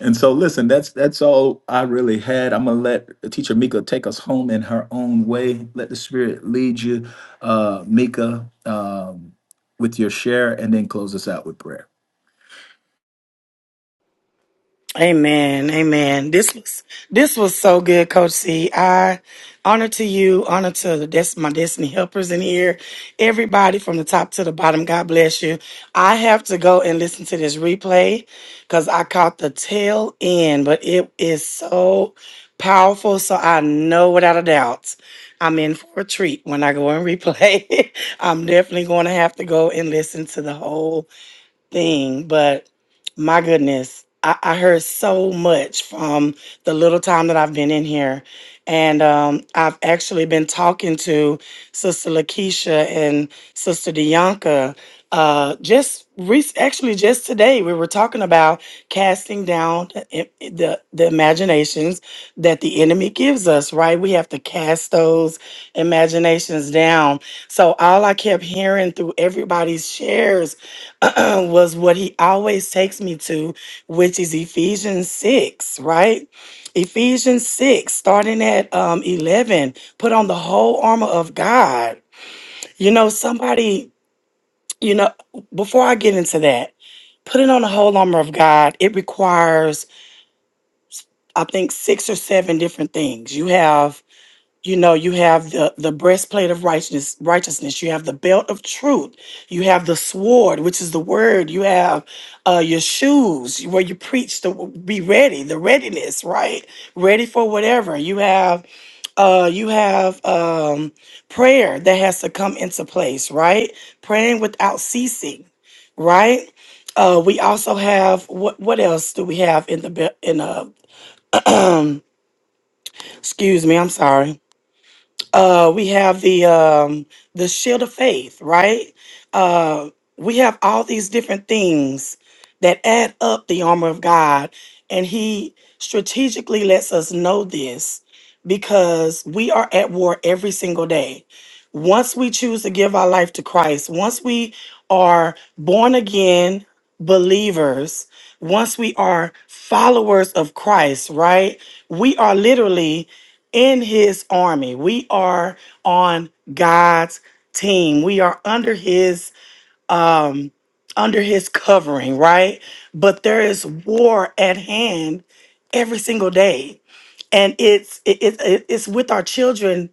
Speaker 1: And so, listen, that's that's all I really had. I'm gonna let Teacher Mika take us home in her own way. Let the Spirit lead you, uh, Mika, um, with your share, and then close us out with prayer.
Speaker 9: Amen. Amen. This was this was so good, Coach C. I honor to you, honor to the des- my destiny helpers in here. Everybody from the top to the bottom. God bless you. I have to go and listen to this replay because I caught the tail end, but it is so powerful. So I know without a doubt I'm in for a treat when I go and replay. *laughs* I'm definitely going to have to go and listen to the whole thing, but my goodness, I, I heard so much from the little time that I've been in here. And um, I've actually been talking to Sister Lakeisha and Sister Dianca uh, just re- actually just today. We were talking about casting down the, eh, eh, the, the imaginations that the enemy gives us, right? We have to cast those imaginations down. So all I kept hearing through everybody's shares *clears throat* was what he always takes me to, which is Ephesians 6, right? Ephesians 6, starting at um, 11, put on the whole armor of God. You know, somebody, you know, before I get into that, putting on the whole armor of God, it requires, I think, six or seven different things. You have you know you have the the breastplate of righteousness righteousness you have the belt of truth you have the sword which is the word you have uh your shoes where you preach to be ready the readiness right ready for whatever you have uh you have um prayer that has to come into place right praying without ceasing right uh we also have what what else do we have in the be- in a? um *clears throat* excuse me i'm sorry uh, we have the um, the shield of faith, right? Uh, we have all these different things that add up the armor of God, and He strategically lets us know this because we are at war every single day. Once we choose to give our life to Christ, once we are born again believers, once we are followers of Christ, right? We are literally in his army. We are on God's team. We are under his um under his covering, right? But there is war at hand every single day. And it's it, it, it- it's with our children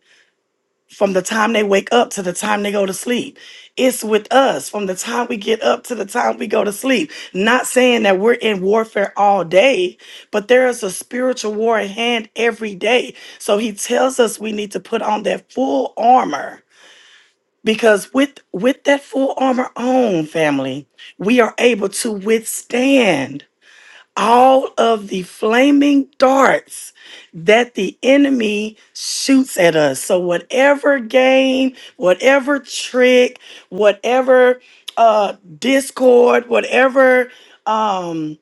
Speaker 9: from the time they wake up to the time they go to sleep. It's with us from the time we get up to the time we go to sleep. Not saying that we're in warfare all day, but there is a spiritual war at hand every day. So he tells us we need to put on that full armor because with with that full armor on, family, we are able to withstand all of the flaming darts that the enemy shoots at us. So, whatever game, whatever trick, whatever uh, discord, whatever. Um,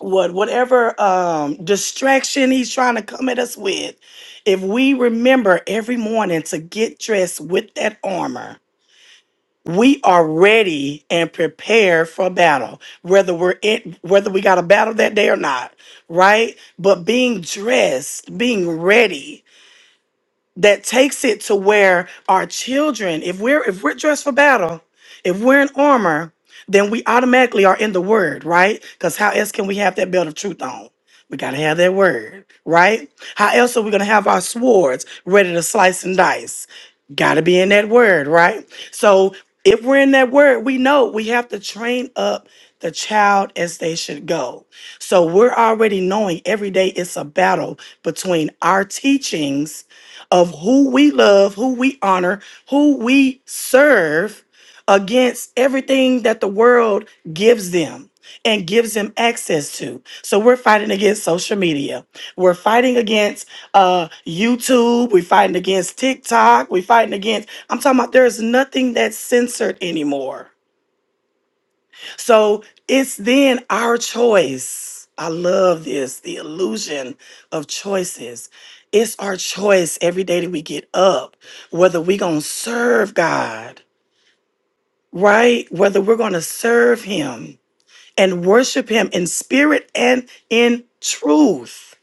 Speaker 9: what whatever um distraction he's trying to come at us with if we remember every morning to get dressed with that armor we are ready and prepared for battle whether we're in whether we got a battle that day or not right but being dressed being ready that takes it to where our children, if we're if we're dressed for battle, if we're in armor, then we automatically are in the word, right? Because how else can we have that belt of truth on? We gotta have that word, right? How else are we gonna have our swords ready to slice and dice? Gotta be in that word, right? So if we're in that word, we know we have to train up the child as they should go. So we're already knowing every day it's a battle between our teachings of who we love, who we honor, who we serve against everything that the world gives them and gives them access to. So we're fighting against social media. We're fighting against uh, YouTube. We're fighting against TikTok. We're fighting against, I'm talking about there's nothing that's censored anymore so it's then our choice. I love this the illusion of choices. It's our choice every day that we get up whether we're going to serve God, right? Whether we're going to serve Him and worship Him in spirit and in truth.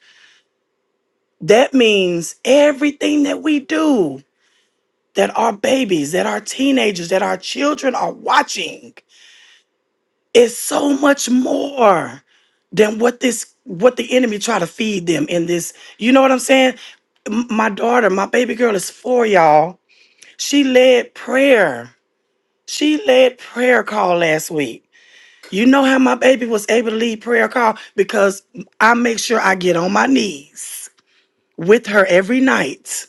Speaker 9: That means everything that we do, that our babies, that our teenagers, that our children are watching It's so much more than what this what the enemy try to feed them in this. You know what I'm saying? M- My daughter, my baby girl is four, y'all. She led prayer. She led prayer call last week. You know how my baby was able to lead prayer call because I make sure I get on my knees with her every night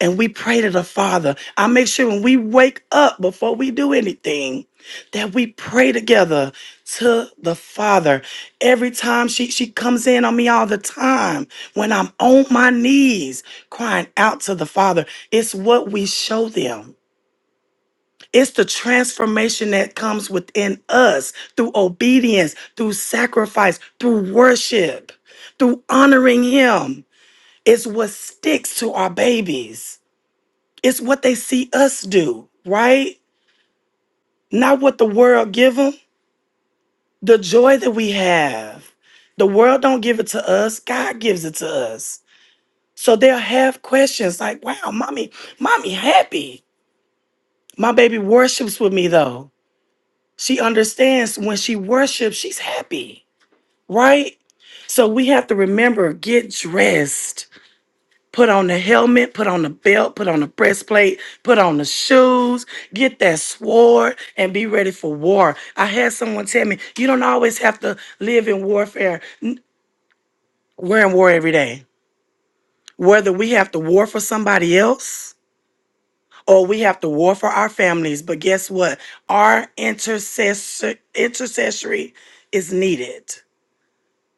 Speaker 9: and we pray to the Father. I make sure when we wake up before we do anything, that we pray together to the Father. Every time she, she comes in on me all the time, when I'm on my knees crying out to the Father, it's what we show them. It's the transformation that comes within us through obedience, through sacrifice, through worship, through honoring Him. It's what sticks to our babies. It's what they see us do, right? Not what the world give them. The joy that we have. The world don't give it to us. God gives it to us. So they'll have questions like, wow, mommy, mommy happy. My baby worships with me though. She understands when she worships, she's happy, right? So we have to remember, get dressed Put on the helmet, put on the belt, put on the breastplate, put on the shoes, get that sword, and be ready for war. I had someone tell me, you don't always have to live in warfare. N- We're in war every day. Whether we have to war for somebody else or we have to war for our families. But guess what? Our intercessor intercessory is needed,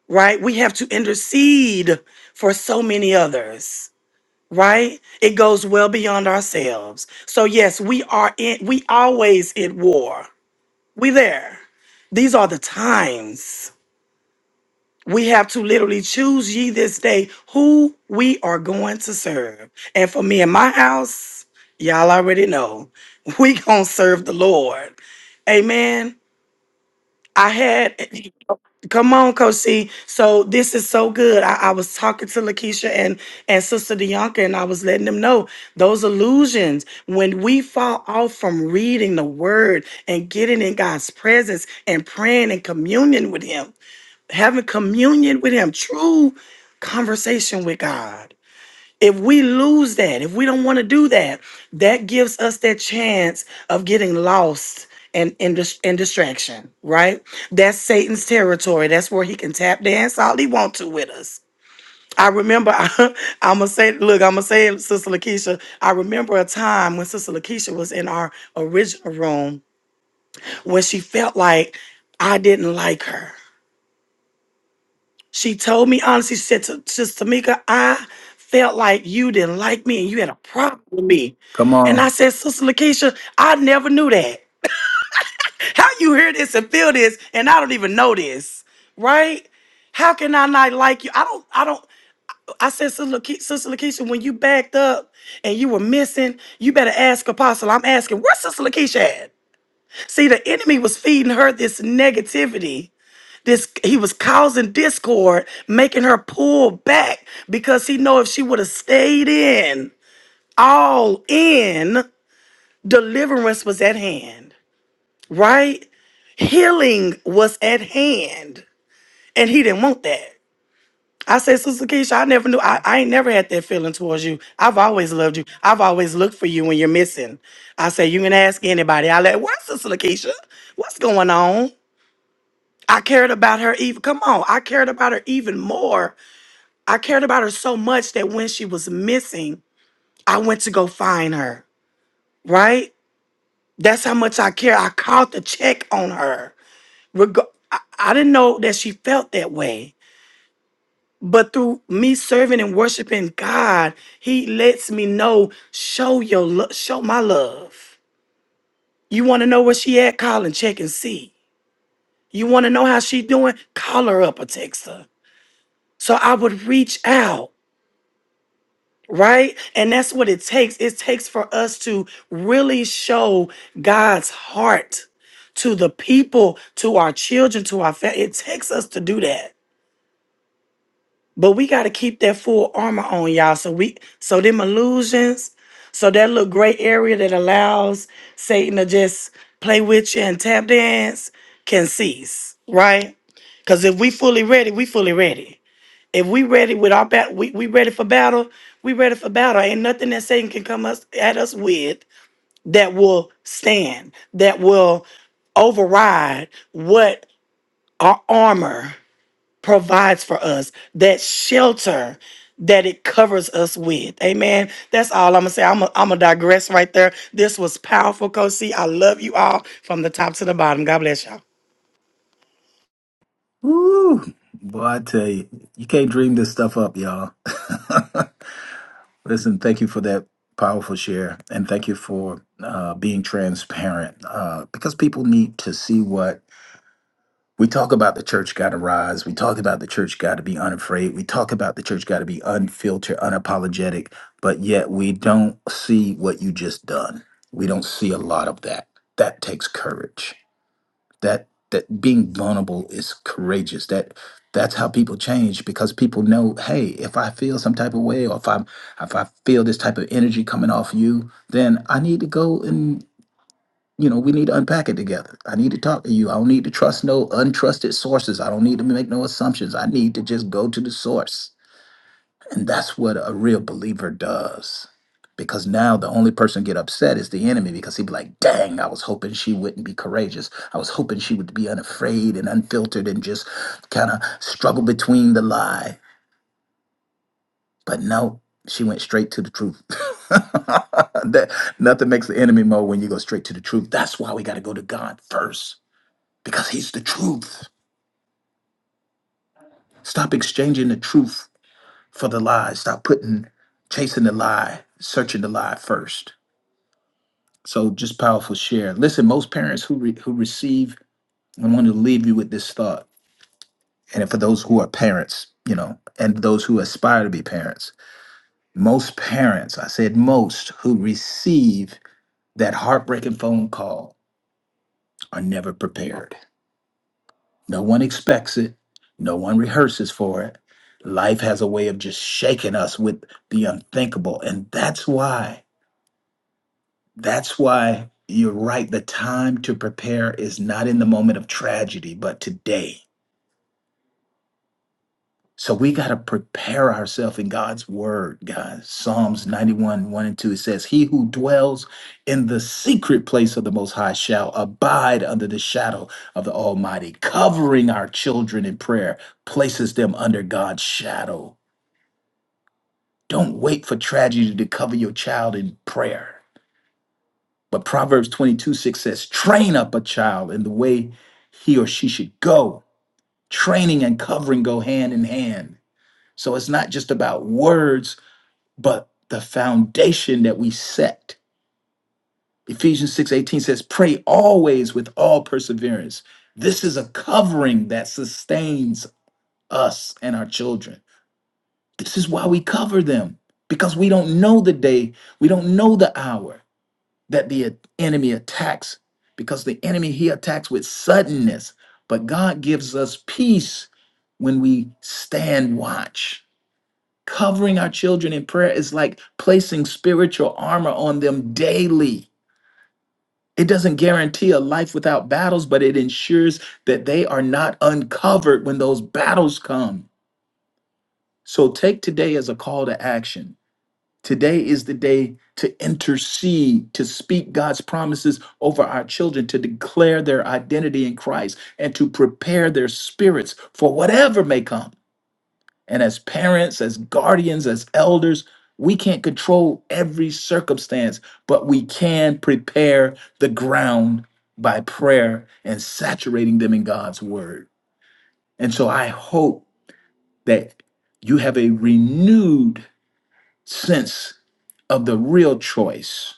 Speaker 9: right? We have to intercede for so many others. right? It goes well beyond ourselves. So yes, we are in we always at war. We there. These are the times. We have to literally choose ye this day who we are going to serve. And for me and my house, y'all already know, *laughs* we gonna serve the Lord. Amen. I had *laughs* Come on, Coach C. So this is so good. I, I was talking to Lakeisha and and Sister Dianca, and I was letting them know those illusions. When we fall off from reading the Word and getting in God's presence and praying and communion with Him, having communion with Him, true conversation with God if we lose that, if we don't want to do that, that gives us that chance of getting lost and in, dis- in distraction, right? That's Satan's territory. That's where he can tap dance all he wants to with us. I remember, *laughs* I, am going to say, look, I'm going to say it, Sister Lakeisha. I remember a time when Sister Lakeisha was in our original room when she felt like I didn't like her. She told me honestly, she said to Sister Tamika, I felt like you didn't like me and you had a problem with me.
Speaker 1: Come
Speaker 9: And
Speaker 1: on,
Speaker 9: I said, Sister Lakeisha, I never knew that. How you hear this and feel this and I don't even know this, right? How can I not like you? I don't, I don't. I said, Sister Lakeisha, Sister Lakeisha, when you backed up and you were missing, you better ask Apostle. I'm asking, where's Sister Lakeisha at? See, the enemy was feeding her this negativity this he was causing discord, making her pull back because he know if she would have stayed in, all in, deliverance was at hand, right? Healing was at hand, and he didn't want that. I said, Sister Keisha, I never knew. I, I ain't never had that feeling towards you. I've always loved you. I've always looked for you when you're missing. I said, you can ask anybody. I like, where's Sister Lakeisha? What's going on? I cared about her even. Come on, I cared about her even more I cared about her so much that when she was missing, I went to go find her, right? That's how much I care. I called the check on her. Reg- I-, I didn't know that she felt that way. But through me serving and worshiping God, He lets me know, show your love, show my love. You want to know where she at? Call and check and see. You want to know how she doing? Call her up or text her. So I would reach out. right? And that's what it takes. It takes for us to really show God's heart to the people, to our children, to our family. It takes us to do that. But we got to keep that full armor on, y'all. So we so them illusions, so that little gray area that allows Satan to just play with you and tap dance can cease, right? Because if we fully ready, we fully ready. If we ready with our battle, we, we ready for battle. We ready for battle. Ain't nothing that Satan can come us at us with that will stand, that will override what our armor provides for us, that shelter that it covers us with. Amen. That's all I'm gonna say. I'm gonna I'm gonna digress right there. This was powerful, Coach C. I love you all from the top to the bottom. God bless y'all.
Speaker 1: Woo! boy! I tell you, you can't dream this stuff up, y'all. *laughs* listen, thank you for that powerful share, and thank you for uh, being transparent uh, because people need to see what We talk about the church got to rise. We talk about the church got to be unafraid. We talk about the church got to be unfiltered, unapologetic, but yet we don't see what you just done. We don't see a lot of that. That takes courage. That that being vulnerable is courageous. That that's how people change because people know, hey, if I feel some type of way or if I'm if I feel this type of energy coming off you, then I need to go and you know, we need to unpack it together. I need to talk to you. I don't need to trust no untrusted sources. I don't need to make no assumptions. I need to just go to the source. And that's what a real believer does. Because now the only person get upset is the enemy because he'd be like, dang, I was hoping she wouldn't be courageous. I was hoping she would be unafraid and unfiltered and just kind of struggle between the lie. But no, she went straight to the truth. *laughs* that nothing makes the enemy more when you go straight to the truth. That's why we got to go to God first because he's the truth. Stop exchanging the truth for the lie. Stop putting chasing the lie, searching the lie first. So just powerful share. Listen, most parents who re- who receive, I want to leave you with this thought. And for those who are parents, you know, and those who aspire to be parents, most parents, I said most, who receive that heartbreaking phone call are never prepared. No one expects it. No one rehearses for it. Life has a way of just shaking us with the unthinkable. And that's why, that's why you're right. The time to prepare is not in the moment of tragedy, but today. So we got to prepare ourselves in God's word, guys. Psalms 91, 1 and 2, it says, He who dwells in the secret place of the Most High shall abide under the shadow of the Almighty. Covering our children in prayer places them under God's shadow. Don't wait for tragedy to cover your child in prayer. But Proverbs 22, 6 says, Train up a child in the way he or she should go. Training and covering go hand in hand. So it's not just about words but the foundation that we set. Ephesians 6:18 says, "Pray always with all perseverance." This is a covering that sustains us and our children. This is why we cover them because we don't know the day, we don't know the hour that the enemy attacks because the enemy he attacks with suddenness, but God gives us peace when we stand watch Covering our children in prayer is like placing spiritual armor on them daily. It doesn't guarantee a life without battles, but it ensures that they are not uncovered when those battles come. So take today as a call to action. Today is the day to intercede, to speak God's promises over our children, to declare their identity in Christ, and to prepare their spirits for whatever may come. And as parents, as guardians, as elders, we can't control every circumstance, but we can prepare the ground by prayer and saturating them in God's word. And so I hope that you have a renewed sense of the real choice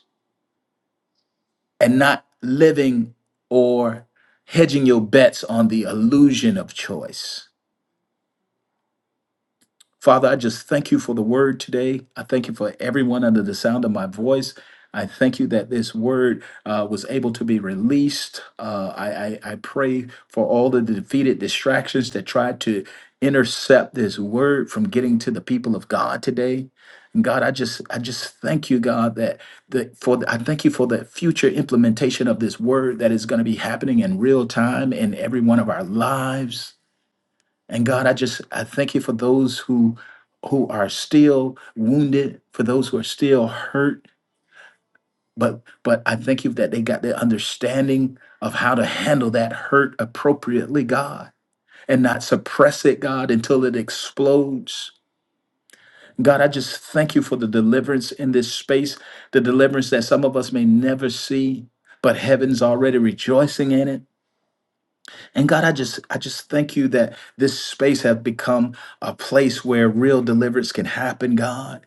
Speaker 1: and not living or hedging your bets on the illusion of choice Father, I just thank you for the word today. I thank you for everyone under the sound of my voice. I thank you that this word uh, was able to be released. Uh, I, I, I pray for all the defeated distractions that tried to intercept this word from getting to the people of God today. And God, I just I just thank you, God, that the for the, I thank you for the future implementation of this word that is going to be happening in real time in every one of our lives. And God, I just I thank you for those who who are still wounded, for those who are still hurt, but but I thank you that they got the understanding of how to handle that hurt appropriately, God, and not suppress it, God, until it explodes. God, I just thank you for the deliverance in this space, the deliverance that some of us may never see, but heaven's already rejoicing in it. And God, I just I just thank you that this space have become a place where real deliverance can happen, God,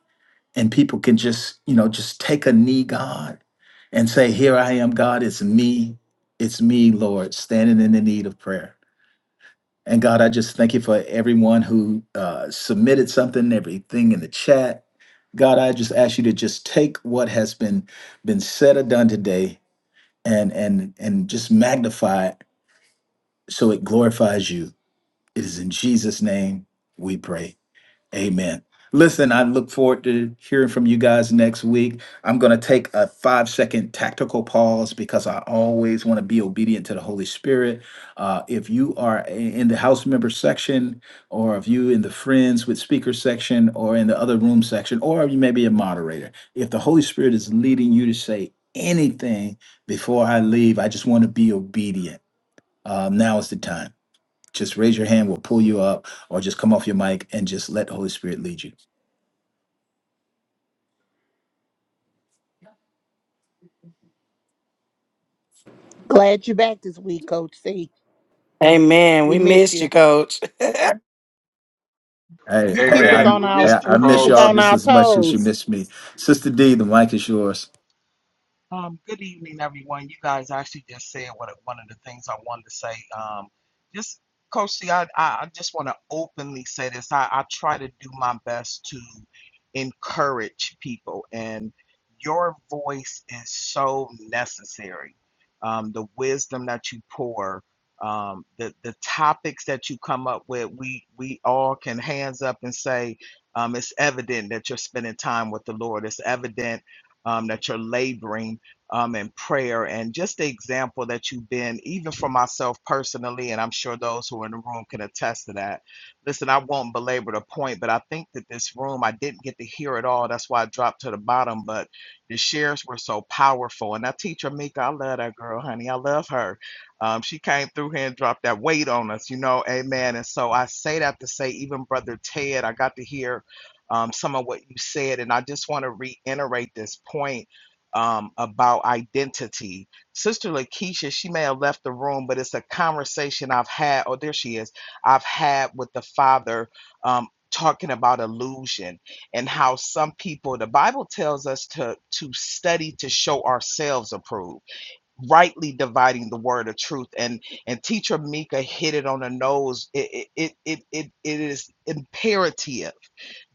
Speaker 1: and people can just, you know, just take a knee, God, and say, "Here I am, God, it's me. It's me, Lord, standing in the need of prayer." And God, I just thank you for everyone who uh, submitted something, everything in the chat. God, I just ask you to just take what has been been said or done today and and and just magnify it so it glorifies you. It is in Jesus' name we pray. Amen. Listen, I look forward to hearing from you guys next week. I'm going to take a five second tactical pause because I always want to be obedient to the Holy Spirit. Uh, if you are i- in the house member section, or if you in the friends with speaker section, or in the other room section, or you may be a moderator, if the Holy Spirit is leading you to say anything before I leave, I just want to be obedient. Um, now is the time. Just raise your hand, we'll pull you up, or just come off your mic and just let the Holy Spirit lead you.
Speaker 6: Glad you're back this week, Coach C.
Speaker 9: Amen.
Speaker 6: We
Speaker 9: We
Speaker 6: miss
Speaker 9: missed you,
Speaker 6: you.
Speaker 9: Coach. *laughs*
Speaker 1: Hey,
Speaker 6: You
Speaker 1: hey,
Speaker 6: keep
Speaker 1: i
Speaker 6: us on our
Speaker 1: I I
Speaker 6: we keep
Speaker 1: miss
Speaker 6: us
Speaker 1: y'all
Speaker 6: on
Speaker 1: just
Speaker 6: our
Speaker 1: as much as you
Speaker 6: toes.
Speaker 1: miss me. Sister D, the mic is yours.
Speaker 10: Um, good evening, everyone. You guys actually just said what one of the things I wanted to say. Um, just Coach C, I, I I just want to openly say this. I, I try to do my best to encourage people, and your voice is so necessary. Um, the wisdom that you pour, um, the the topics that you come up with, we we all can hands up and say um, it's evident that you're spending time with the Lord. It's evident um, that you're laboring um, and prayer and just the example that you've been, even for myself personally, and I'm sure those who are in the room can attest to that. Listen, I won't belabor the point, but I think that this room, I didn't get to hear it all. That's why I dropped to the bottom, but the shares were so powerful. And that teacher, Mika, I love that girl, honey. I love her. Um, she came through here and dropped that weight on us, you know, amen. And so I say that to say, even Brother Ted, I got to hear um, some of what you said, and I just want to reiterate this point um, about identity. Sister Lakeisha, she may have left the room, but it's a conversation I've had. Oh, there she is. I've had with the father um, talking about illusion and how some people. The Bible tells us to to study to show ourselves approved rightly dividing the word of truth and and teacher mika hit it on the nose it it it it, it is imperative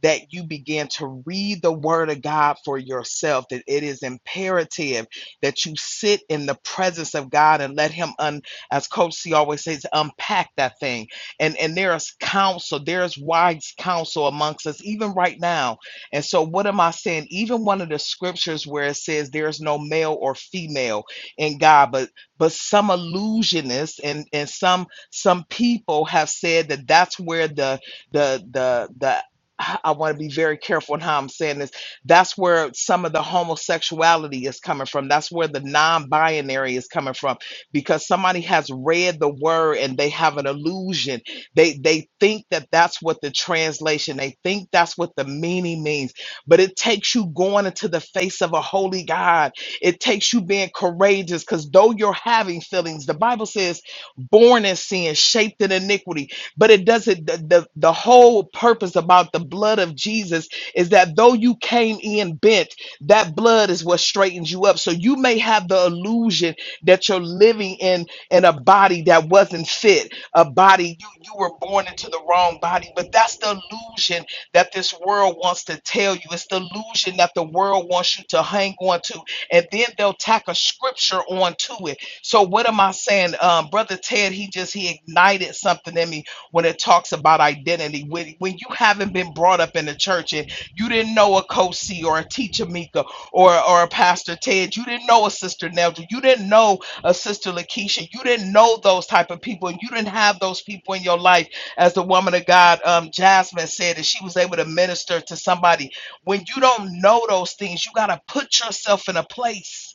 Speaker 10: that you begin to read the word of god for yourself that it is imperative that you sit in the presence of god and let him un as coach c always says unpack that thing and and there's counsel there's wise counsel amongst us even right now and so what am i saying even one of the scriptures where it says there's no male or female in God. But but some illusionists and and some some people have said that that's where the the the the I want to be very careful in how I'm saying this. That's where some of the homosexuality is coming from. That's where the non binary is coming from because somebody has read the word and they have an illusion. They, they think that that's what the translation, they think that's what the meaning means. But it takes you going into the face of a holy God it takes you being courageous because though you're having feelings, the Bible says, born in sin, shaped in iniquity. But it doesn't, the, the, the whole purpose about the blood of Jesus is that though you came in bent, that blood is what straightens you up. So you may have the illusion that you're living in, in a body that wasn't fit, a body you, you were born into the wrong body. But that's the illusion that this world wants to tell you. It's the illusion that the world wants you to hang on to and then they'll tack a scripture onto it. So what am I saying? Um, Brother Ted, he just he ignited something in me when it talks about identity. When when you haven't been brought up in the church and you didn't know a co or a teacher Mika or or a Pastor Ted, you didn't know a sister Nelda, you didn't know a sister Lakeisha, you didn't know those type of people, and you didn't have those people in your life, as the woman of God um Jasmine said, that she was able to minister to somebody when you don't know those things, you got to put yourself in a place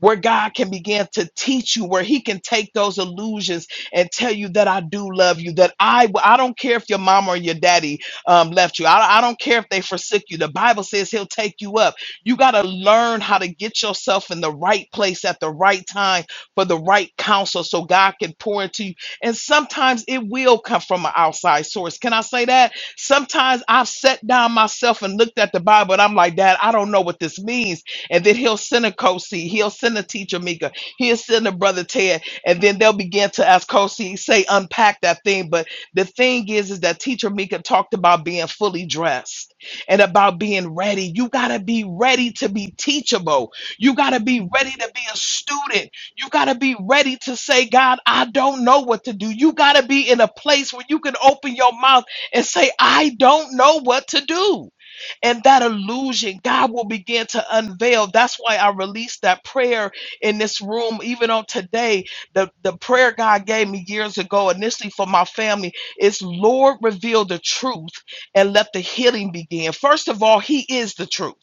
Speaker 10: where God can begin to teach you, where He can take those illusions and tell you that I do love you, that I I don't care if your mom or your daddy um, left you, I, I don't care if they forsook you. The Bible says He'll take you up. You got to learn how to get yourself in the right place at the right time for the right counsel, so God can pour into you. And sometimes it will come from an outside source. Can I say that? Sometimes I've sat down myself and looked at the Bible, and I'm like, Dad, I don't know what this means and then he'll send a Kosi, he'll send a teacher Mika, he'll send a brother Ted, and then they'll begin to ask Kosi, say unpack that thing. But the thing is, is that teacher Mika talked about being fully dressed and about being ready. You gotta be ready to be teachable. You gotta be ready to be a student. You gotta be ready to say, God, I don't know what to do. You gotta be in a place where you can open your mouth and say, I don't know what to do and that illusion God will begin to unveil. That's why I released that prayer in this room, even on today. The, the prayer God gave me years ago, initially for my family, is Lord, reveal the truth and let the healing begin. First of all, He is the truth.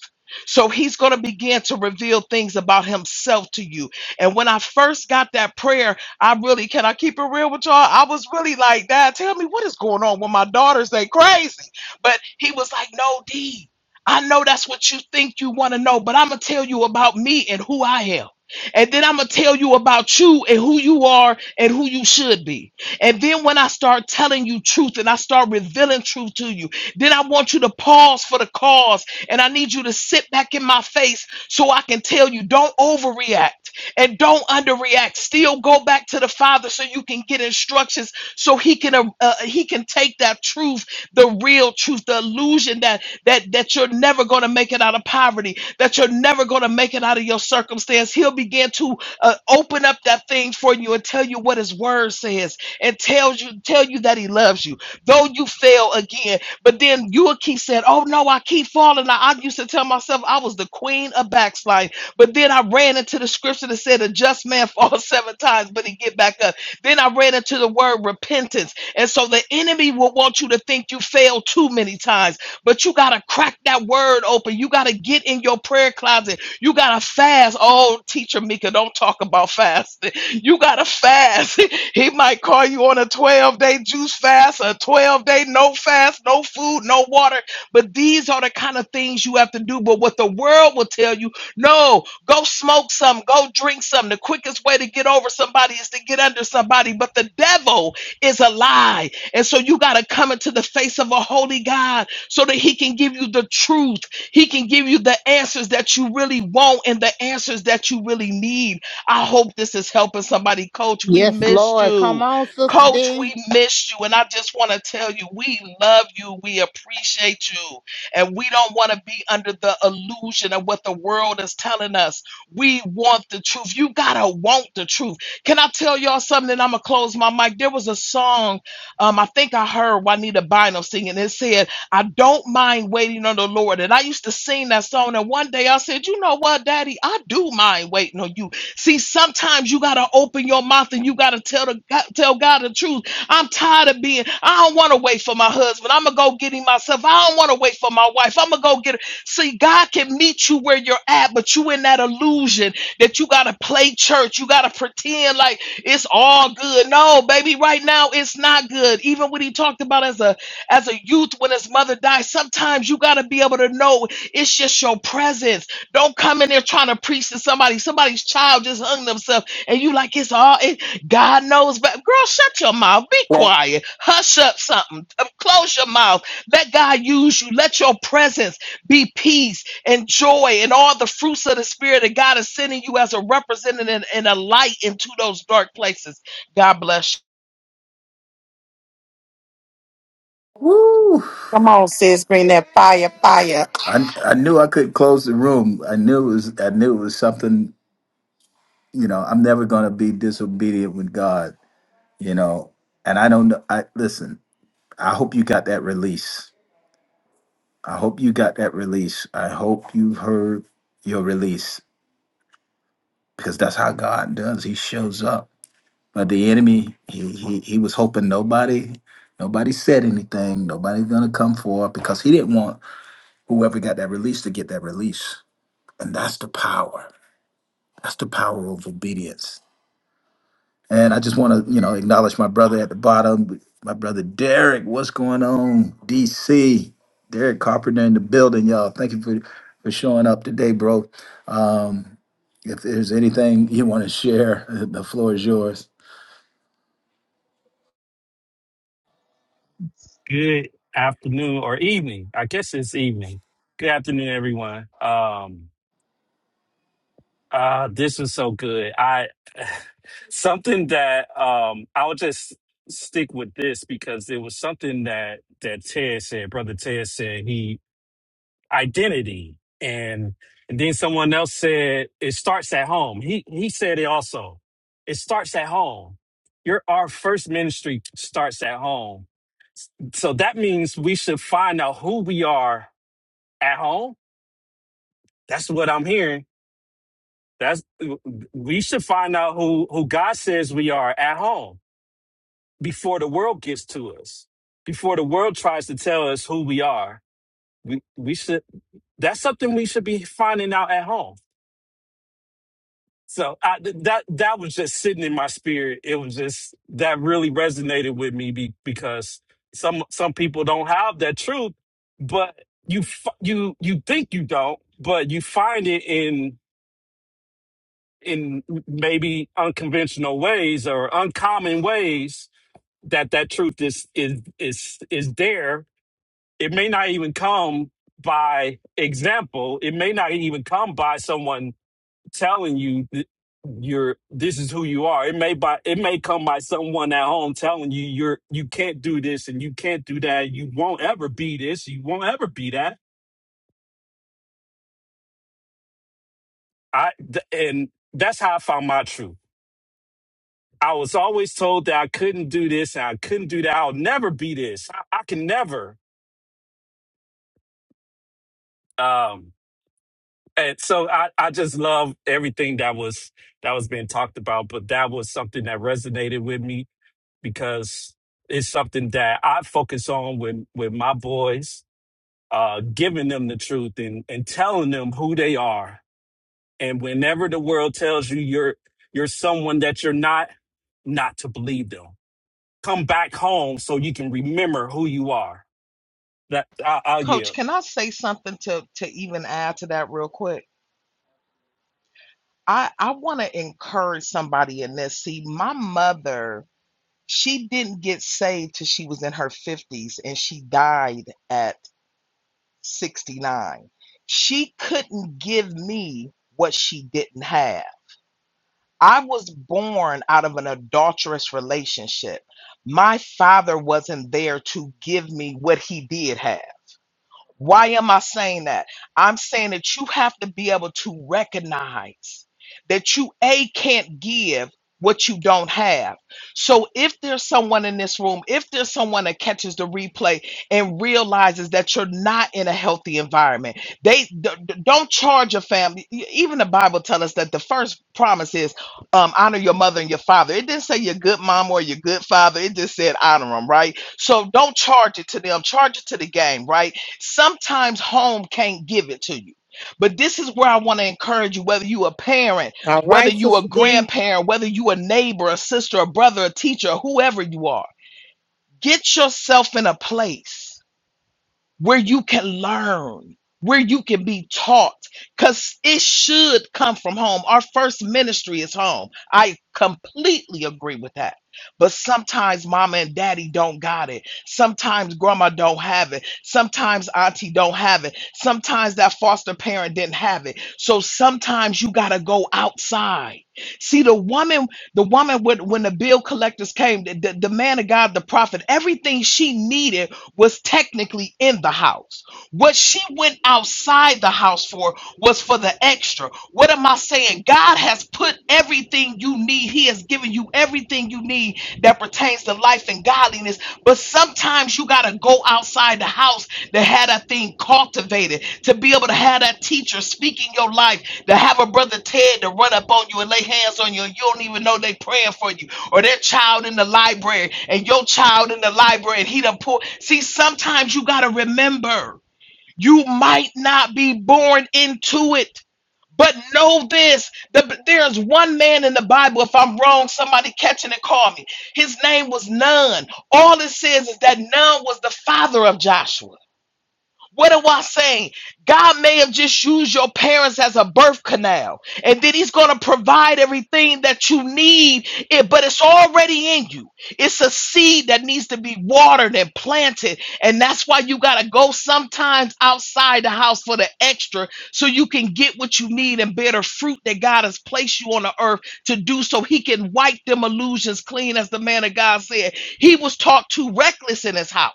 Speaker 10: So he's going to begin to reveal things about himself to you. And when I first got that prayer, I really can I keep it real with y'all? I was really like, Dad, tell me what is going on when my daughters they crazy. But he was like, No, D. I know that's what you think you want to know, but I'm going to tell you about me and who I am. And then I'm going to tell you about you and who you are and who you should be. And then when I start telling you truth and I start revealing truth to you, then I want you to pause for the cause and I need you to sit back in my face so I can tell you don't overreact and don't underreact. Still go back to the Father so you can get instructions so he can uh, uh, he can take that truth, the real truth, the illusion that that that you're never going to make it out of poverty, that you're never going to make it out of your circumstance. He'll begin to uh, open up that thing for you and tell you what His Word says, and tells you tell you that He loves you, though you fail again. But then you'll keep saying, "Oh no, I keep falling." I, I used to tell myself I was the queen of backsliding, but then I ran into the scripture that said, "A just man *laughs* falls seven times, but he get back up." Then I ran into the word repentance. And so the enemy will want you to think you failed too many times. But you got to crack that word open. You got to get in your prayer closet. You got to fast. Oh, teacher Mika, don't talk about fasting. You got to fast. *laughs* he might call you on a 12 day juice fast, a 12 day no fast, no food, no water. But these are the kind of things you have to do. But what the world will tell you, no, go smoke some, go drink some. The quickest way to get over somebody is to get under somebody. But the devil is a lie. And so you got to come into the face of a holy God so that he can give you the truth. He can give you the answers that you really want and the answers that you really need. I hope this is helping somebody. Coach, we
Speaker 6: Yes,
Speaker 10: missed
Speaker 6: Lord.
Speaker 10: you.
Speaker 6: Come on, Sister
Speaker 10: Coach, we
Speaker 6: D.
Speaker 10: missed you. And I just want to tell you, we love you. We appreciate you. And we don't want to be under the illusion of what the world is telling us. We want the truth. You got to want the truth. Can I tell y'all something? And I'm going to close my mic. There was a song um, I think I heard Juanita Bynum singing. It said, I don't mind waiting on the Lord. And I used to sing that song. And one day I said, You know what, Daddy? I do mind waiting on you. See, sometimes you got to open your mouth and you got to tell, the, tell God the truth. I'm tired of being, I don't want to wait for my husband. I'm going to go get him myself. I don't want to wait for my wife. I'm going to go get her. See, God can meet you where you're at, but you in that illusion that you got to play church. You got to pretend like it's all good. No, baby, right now it's not good. Even what he talked about as a as a youth when his mother died. Sometimes you got to be able to know it's just your presence. Don't come in there trying to preach to somebody. Somebody's child just hung themselves, and you like it's all it, God knows. But girl, shut your mouth. Be
Speaker 3: Yeah,
Speaker 10: quiet. Hush up. Something. Uh, Close your mouth. Let God use you. Let your presence be peace and joy and all the fruits of the spirit that God is sending you as a representative and a light into those dark places. God bless you.
Speaker 1: Woo!
Speaker 9: Come on, sis, bring that fire, fire.
Speaker 1: I I knew I could close the room. I knew it was I knew it was something, you know, I'm never gonna be disobedient with God, you know. And I don't know I listen, I hope you got that release. I hope you got that release. I hope you've heard your release because that's how God does. He shows up But the enemy, he, he, he was hoping nobody, nobody said anything. Nobody's gonna come forward because he didn't want whoever got that release to get that release. And that's the power. That's the power of obedience. And I just want to, you know, acknowledge my brother at the bottom, my brother Derek. What's going on, DC? Derek Carpenter in the building, y'all. Thank you for for showing up today, bro. Um, if there's anything you want to share, *laughs* the floor is yours.
Speaker 11: Good afternoon or evening. I guess it's evening. Good afternoon, everyone. Um, uh, this was so good. I *sighs* something that um, I'll just stick with this because it was something that that Ted said. Brother Ted said he identity, and, and then someone else said it starts at home. He he said it also. It starts at home. Your our first ministry starts at home so that means we should find out who we are at home. That's what I'm hearing. That's we should find out who who God says we are at home before the world gets to us. Before the world tries to tell us who we are. We we should that's something we should be finding out at home So I, th- that that was just sitting in my spirit. It was just that really resonated with me be, because some some people don't have that truth, but you f- you you think you don't, but you find it in in maybe unconventional ways or uncommon ways that that truth is is is is there. It may not even come by example. It may not even come by someone telling you that you're this is who you are. It may by it may come by someone at home telling you you're you can't do this and you can't do that. You won't ever be this. You won't ever be that. I th- and that's how I found my truth. I was always told that I couldn't do this and I couldn't do that. I'll never be this. I, I can never. Um, and so I, I just love everything that was that was being talked about. But that was something that resonated with me because it's something that I focus on with with my boys, uh, giving them the truth and and telling them who they are. And whenever the world tells you you're you're someone that you're not, not to believe them. Come back home so you can remember who you are. That I, I'll
Speaker 10: Coach,
Speaker 11: yield.
Speaker 10: can I say something to to even add to that real quick? I I want to encourage somebody in this. See, my mother, she didn't get saved till she was in her 50s and she died at 69. She couldn't give me what she didn't have. I was born out of an adulterous relationship. My father wasn't there to give me what he did have. Why am I saying that? I'm saying that you have to be able to recognize that you A can't give what you don't have. So if there's someone in this room, if there's someone that catches the replay and realizes that you're not in a healthy environment, they d- d- don't charge your family. E- e, Even the Bible tells us that the first promise is um, honor your mother and your father. It didn't say your good mom or your good father. It just said honor them, right? So don't charge it to them. Charge it to the game, right? Sometimes home can't give it to you. But this is where I want to encourage you whether you a parent,
Speaker 6: All
Speaker 10: whether
Speaker 6: right,
Speaker 10: you a
Speaker 6: Sister D.
Speaker 10: grandparent, whether you a neighbor, a sister, a brother, a teacher, whoever you are. Get yourself in a place where you can learn, where you can be taught, because it should come from home. Our first ministry is home. I completely agree with that. But sometimes mama and daddy don't got it. Sometimes grandma don't have it. Sometimes auntie don't have it. Sometimes that foster parent didn't have it. So sometimes you gotta go outside. See the woman, the woman when, when the bill collectors came, the, the the man of God, the prophet, everything she needed was technically in the house. What she went outside the house for was for the extra. What am I saying? God has put everything you need, He has given you everything you need that pertains to life and godliness. But sometimes you got to go outside the house to have that thing cultivated, to be able to have that teacher speak in your life, to have a brother Ted to run up on you and lay hands on you. and You don't even know they praying for you or that child in the library and your child in the library and he done pull. See, sometimes you gotta remember you might not be born into it. But know this, the, there's one man in the Bible, if I'm wrong, somebody catch it and call me. His name was Nun. All it says is that Nun was the father of Joshua. What am I saying? God may have just used your parents as a birth canal, and then He's going to provide everything that you need, it- but it's already in you. It's a seed that needs to be watered and planted, and that's why you got to go sometimes outside the house for the extra so you can get what you need and bear the fruit that God has placed you on the earth to do so He can wipe them illusions clean, as the man of God said. He was taught too reckless in His house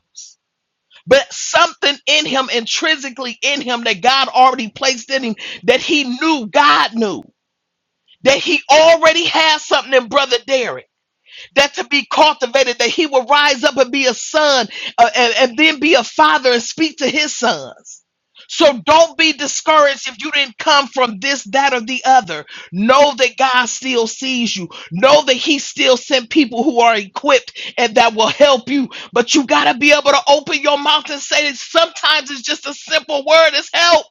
Speaker 10: but something in him, intrinsically in him, that God already placed in him, that he knew God knew, that he already had something in Brother Derek that to be cultivated, that he will rise up and be a son uh, and, and then be a father and speak to his sons. So don't be discouraged if you didn't come from this, that, or the other. Know that God still sees you. Know that he still sent people who are equipped and that will help you. But you got to be able to open your mouth and say that sometimes it's just a simple word is help.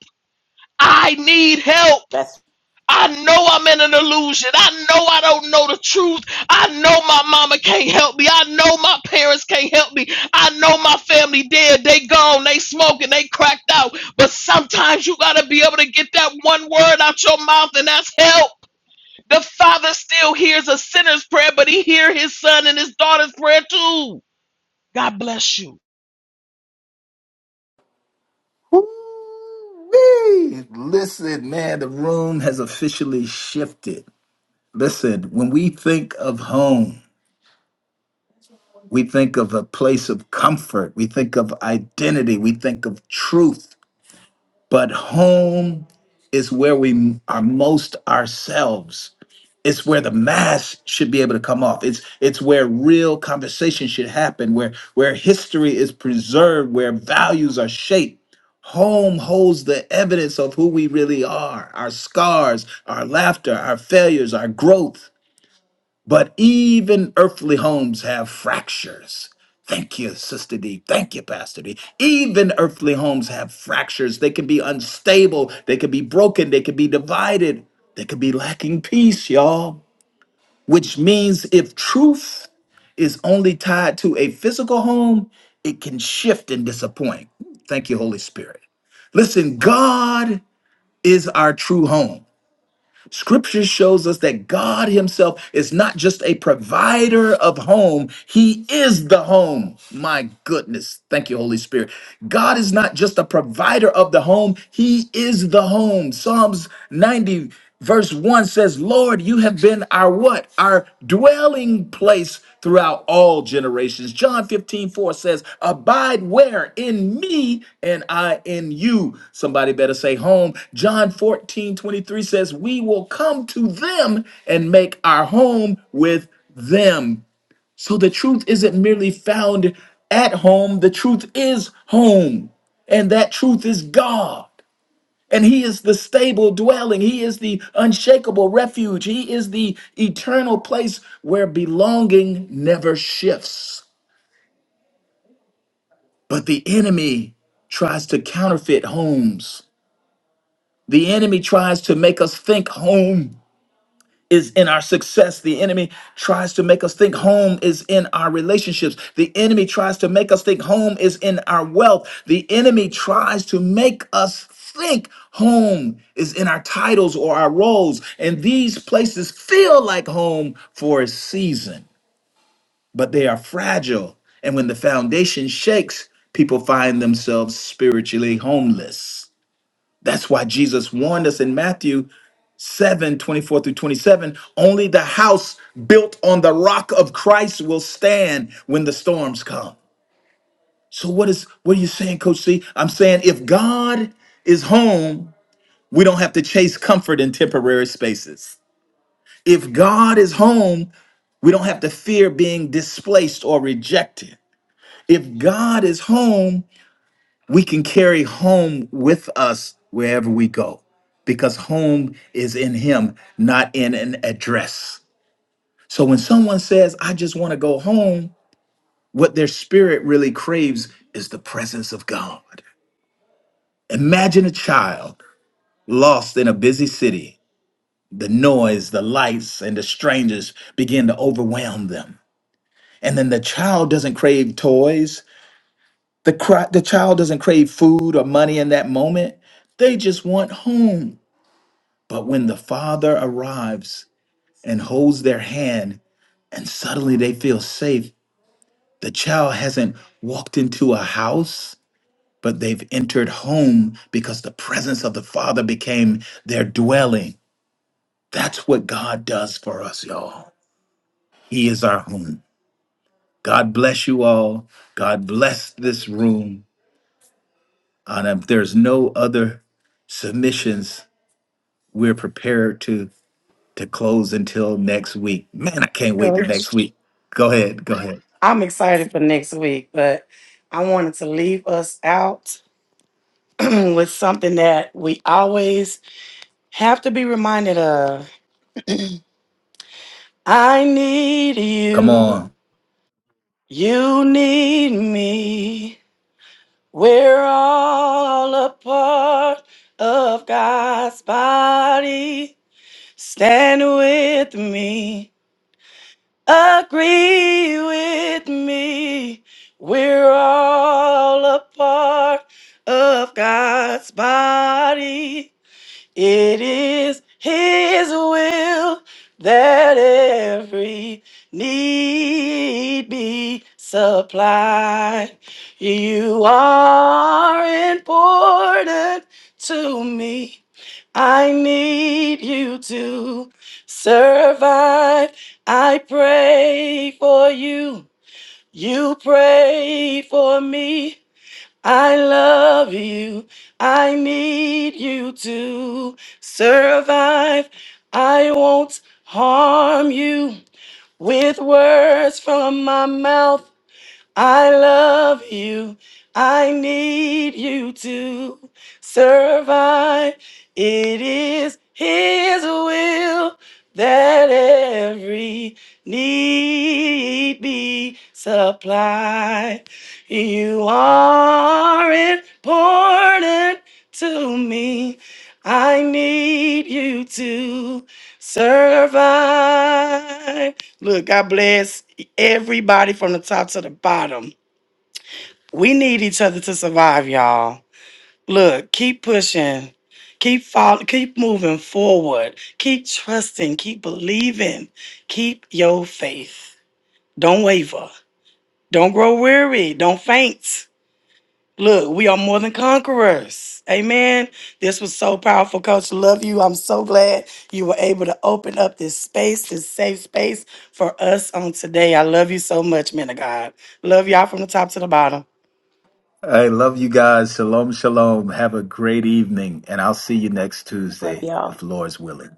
Speaker 10: I need help.
Speaker 3: That's
Speaker 10: I know I'm in an illusion. I know I don't know the truth. I know my mama can't help me. I know my parents can't help me. I know my family dead. They gone. They smoking. They cracked out. But sometimes you got to be able to get that one word out your mouth, and that's help. The Father still hears a sinner's prayer, but He hear His son and His daughter's prayer too. God bless you.
Speaker 1: Woo-wee. Listen, man, the room has officially shifted. Listen, when we think of home, we think of a place of comfort, we think of identity, we think of truth but home is where we are most ourselves it's where the mask should be able to come off it's it's where real conversation should happen where where history is preserved where values are shaped home holds the evidence of who we really are our scars our laughter our failures our growth but even earthly homes have fractures. Thank you, Sister D. Thank you, Pastor D. Even earthly homes have fractures. They can be unstable, they can be broken, they can be divided, they can be lacking peace, y'all. Which means if truth is only tied to a physical home, it can shift and disappoint. Thank you, Holy Spirit. Listen, God is our true home. Scripture shows us that God Himself is not just a provider of home, He is the home. My goodness. Thank you, Holy Spirit. God is not just a provider of the home, He is the home. Psalms 90, verse 1 says, Lord, you have been our what? Our dwelling place throughout all generations. John 15:4 says, Abide where? In me and I in you. Somebody better say home. John 14:23 says, We will come to them and make our home with them. So the truth isn't merely found at home, the truth is home. And that truth is God. And he is the stable dwelling. He is the unshakable refuge. He is the eternal place where belonging never shifts. But the enemy tries to counterfeit homes. The enemy tries to make us think home is in our success. The enemy tries to make us think home is in our relationships. The enemy tries to make us think home is in our wealth. The enemy tries to make us think home is in our titles or our roles. And these places feel like home for a season, but they are fragile. And when the foundation shakes, people find themselves spiritually homeless. That's why Jesus warned us in Matthew 7 24 through 27 only the house built on the rock of christ will stand when the storms come so what is what are you saying coach c i'm saying if god is home we don't have to chase comfort in temporary spaces if god is home we don't have to fear being displaced or rejected if god is home we can carry home with us wherever we go because home is in him not in an address So when someone says, I just want to go home, what their spirit really craves is the presence of God. Imagine a child lost in a busy city. The noise, the lights, and the strangers begin to overwhelm them. And then the child doesn't crave toys. The, cri- the child doesn't crave food or money in that moment. They just want home. But when the father arrives and holds their hand, and suddenly they feel safe The child hasn't walked into a house, but they've entered home because the presence of the Father became their dwelling. That's what God does for us, y'all. He is our home. God bless you all. God bless this room. And if there's no other submissions, we're prepared to to close until next week. Man, I can't wait to
Speaker 9: Coach.
Speaker 1: next week. Go ahead. Go ahead.
Speaker 9: I'm excited for next week, but I wanted to leave us out *clears throat* with something that we always have to be reminded of. I need
Speaker 1: Come on.
Speaker 9: you. You need me. We're all a part of God's body. Stand with me. Agree with me. We're all a part of God's body. It is His will that every need be supplied. You are important to me. I need you to survive. I pray for you. You pray for me. I love you. I need you to survive. I won't harm you with words from my mouth. I love you. I need you to survive. It is His will that every need be supplied. You are important to me. I need you to survive. Look, God bless everybody from the top to the bottom. We need each other to survive, y'all. Look, keep pushing. Keep follow, keep moving forward. Keep trusting, keep believing. Keep your faith. Don't waver. Don't grow weary. Don't faint. Look, we are more than conquerors. Amen. This was so powerful, Coach. Love you. I'm so glad you were able to open up this space, this safe space for us on today. I love you so much, men of God. Love y'all from the top to the bottom.
Speaker 1: I love you guys. Shalom, shalom. Have a great evening, and I'll see you next
Speaker 3: love
Speaker 1: Tuesday
Speaker 3: y'all.
Speaker 1: if Lord's willing.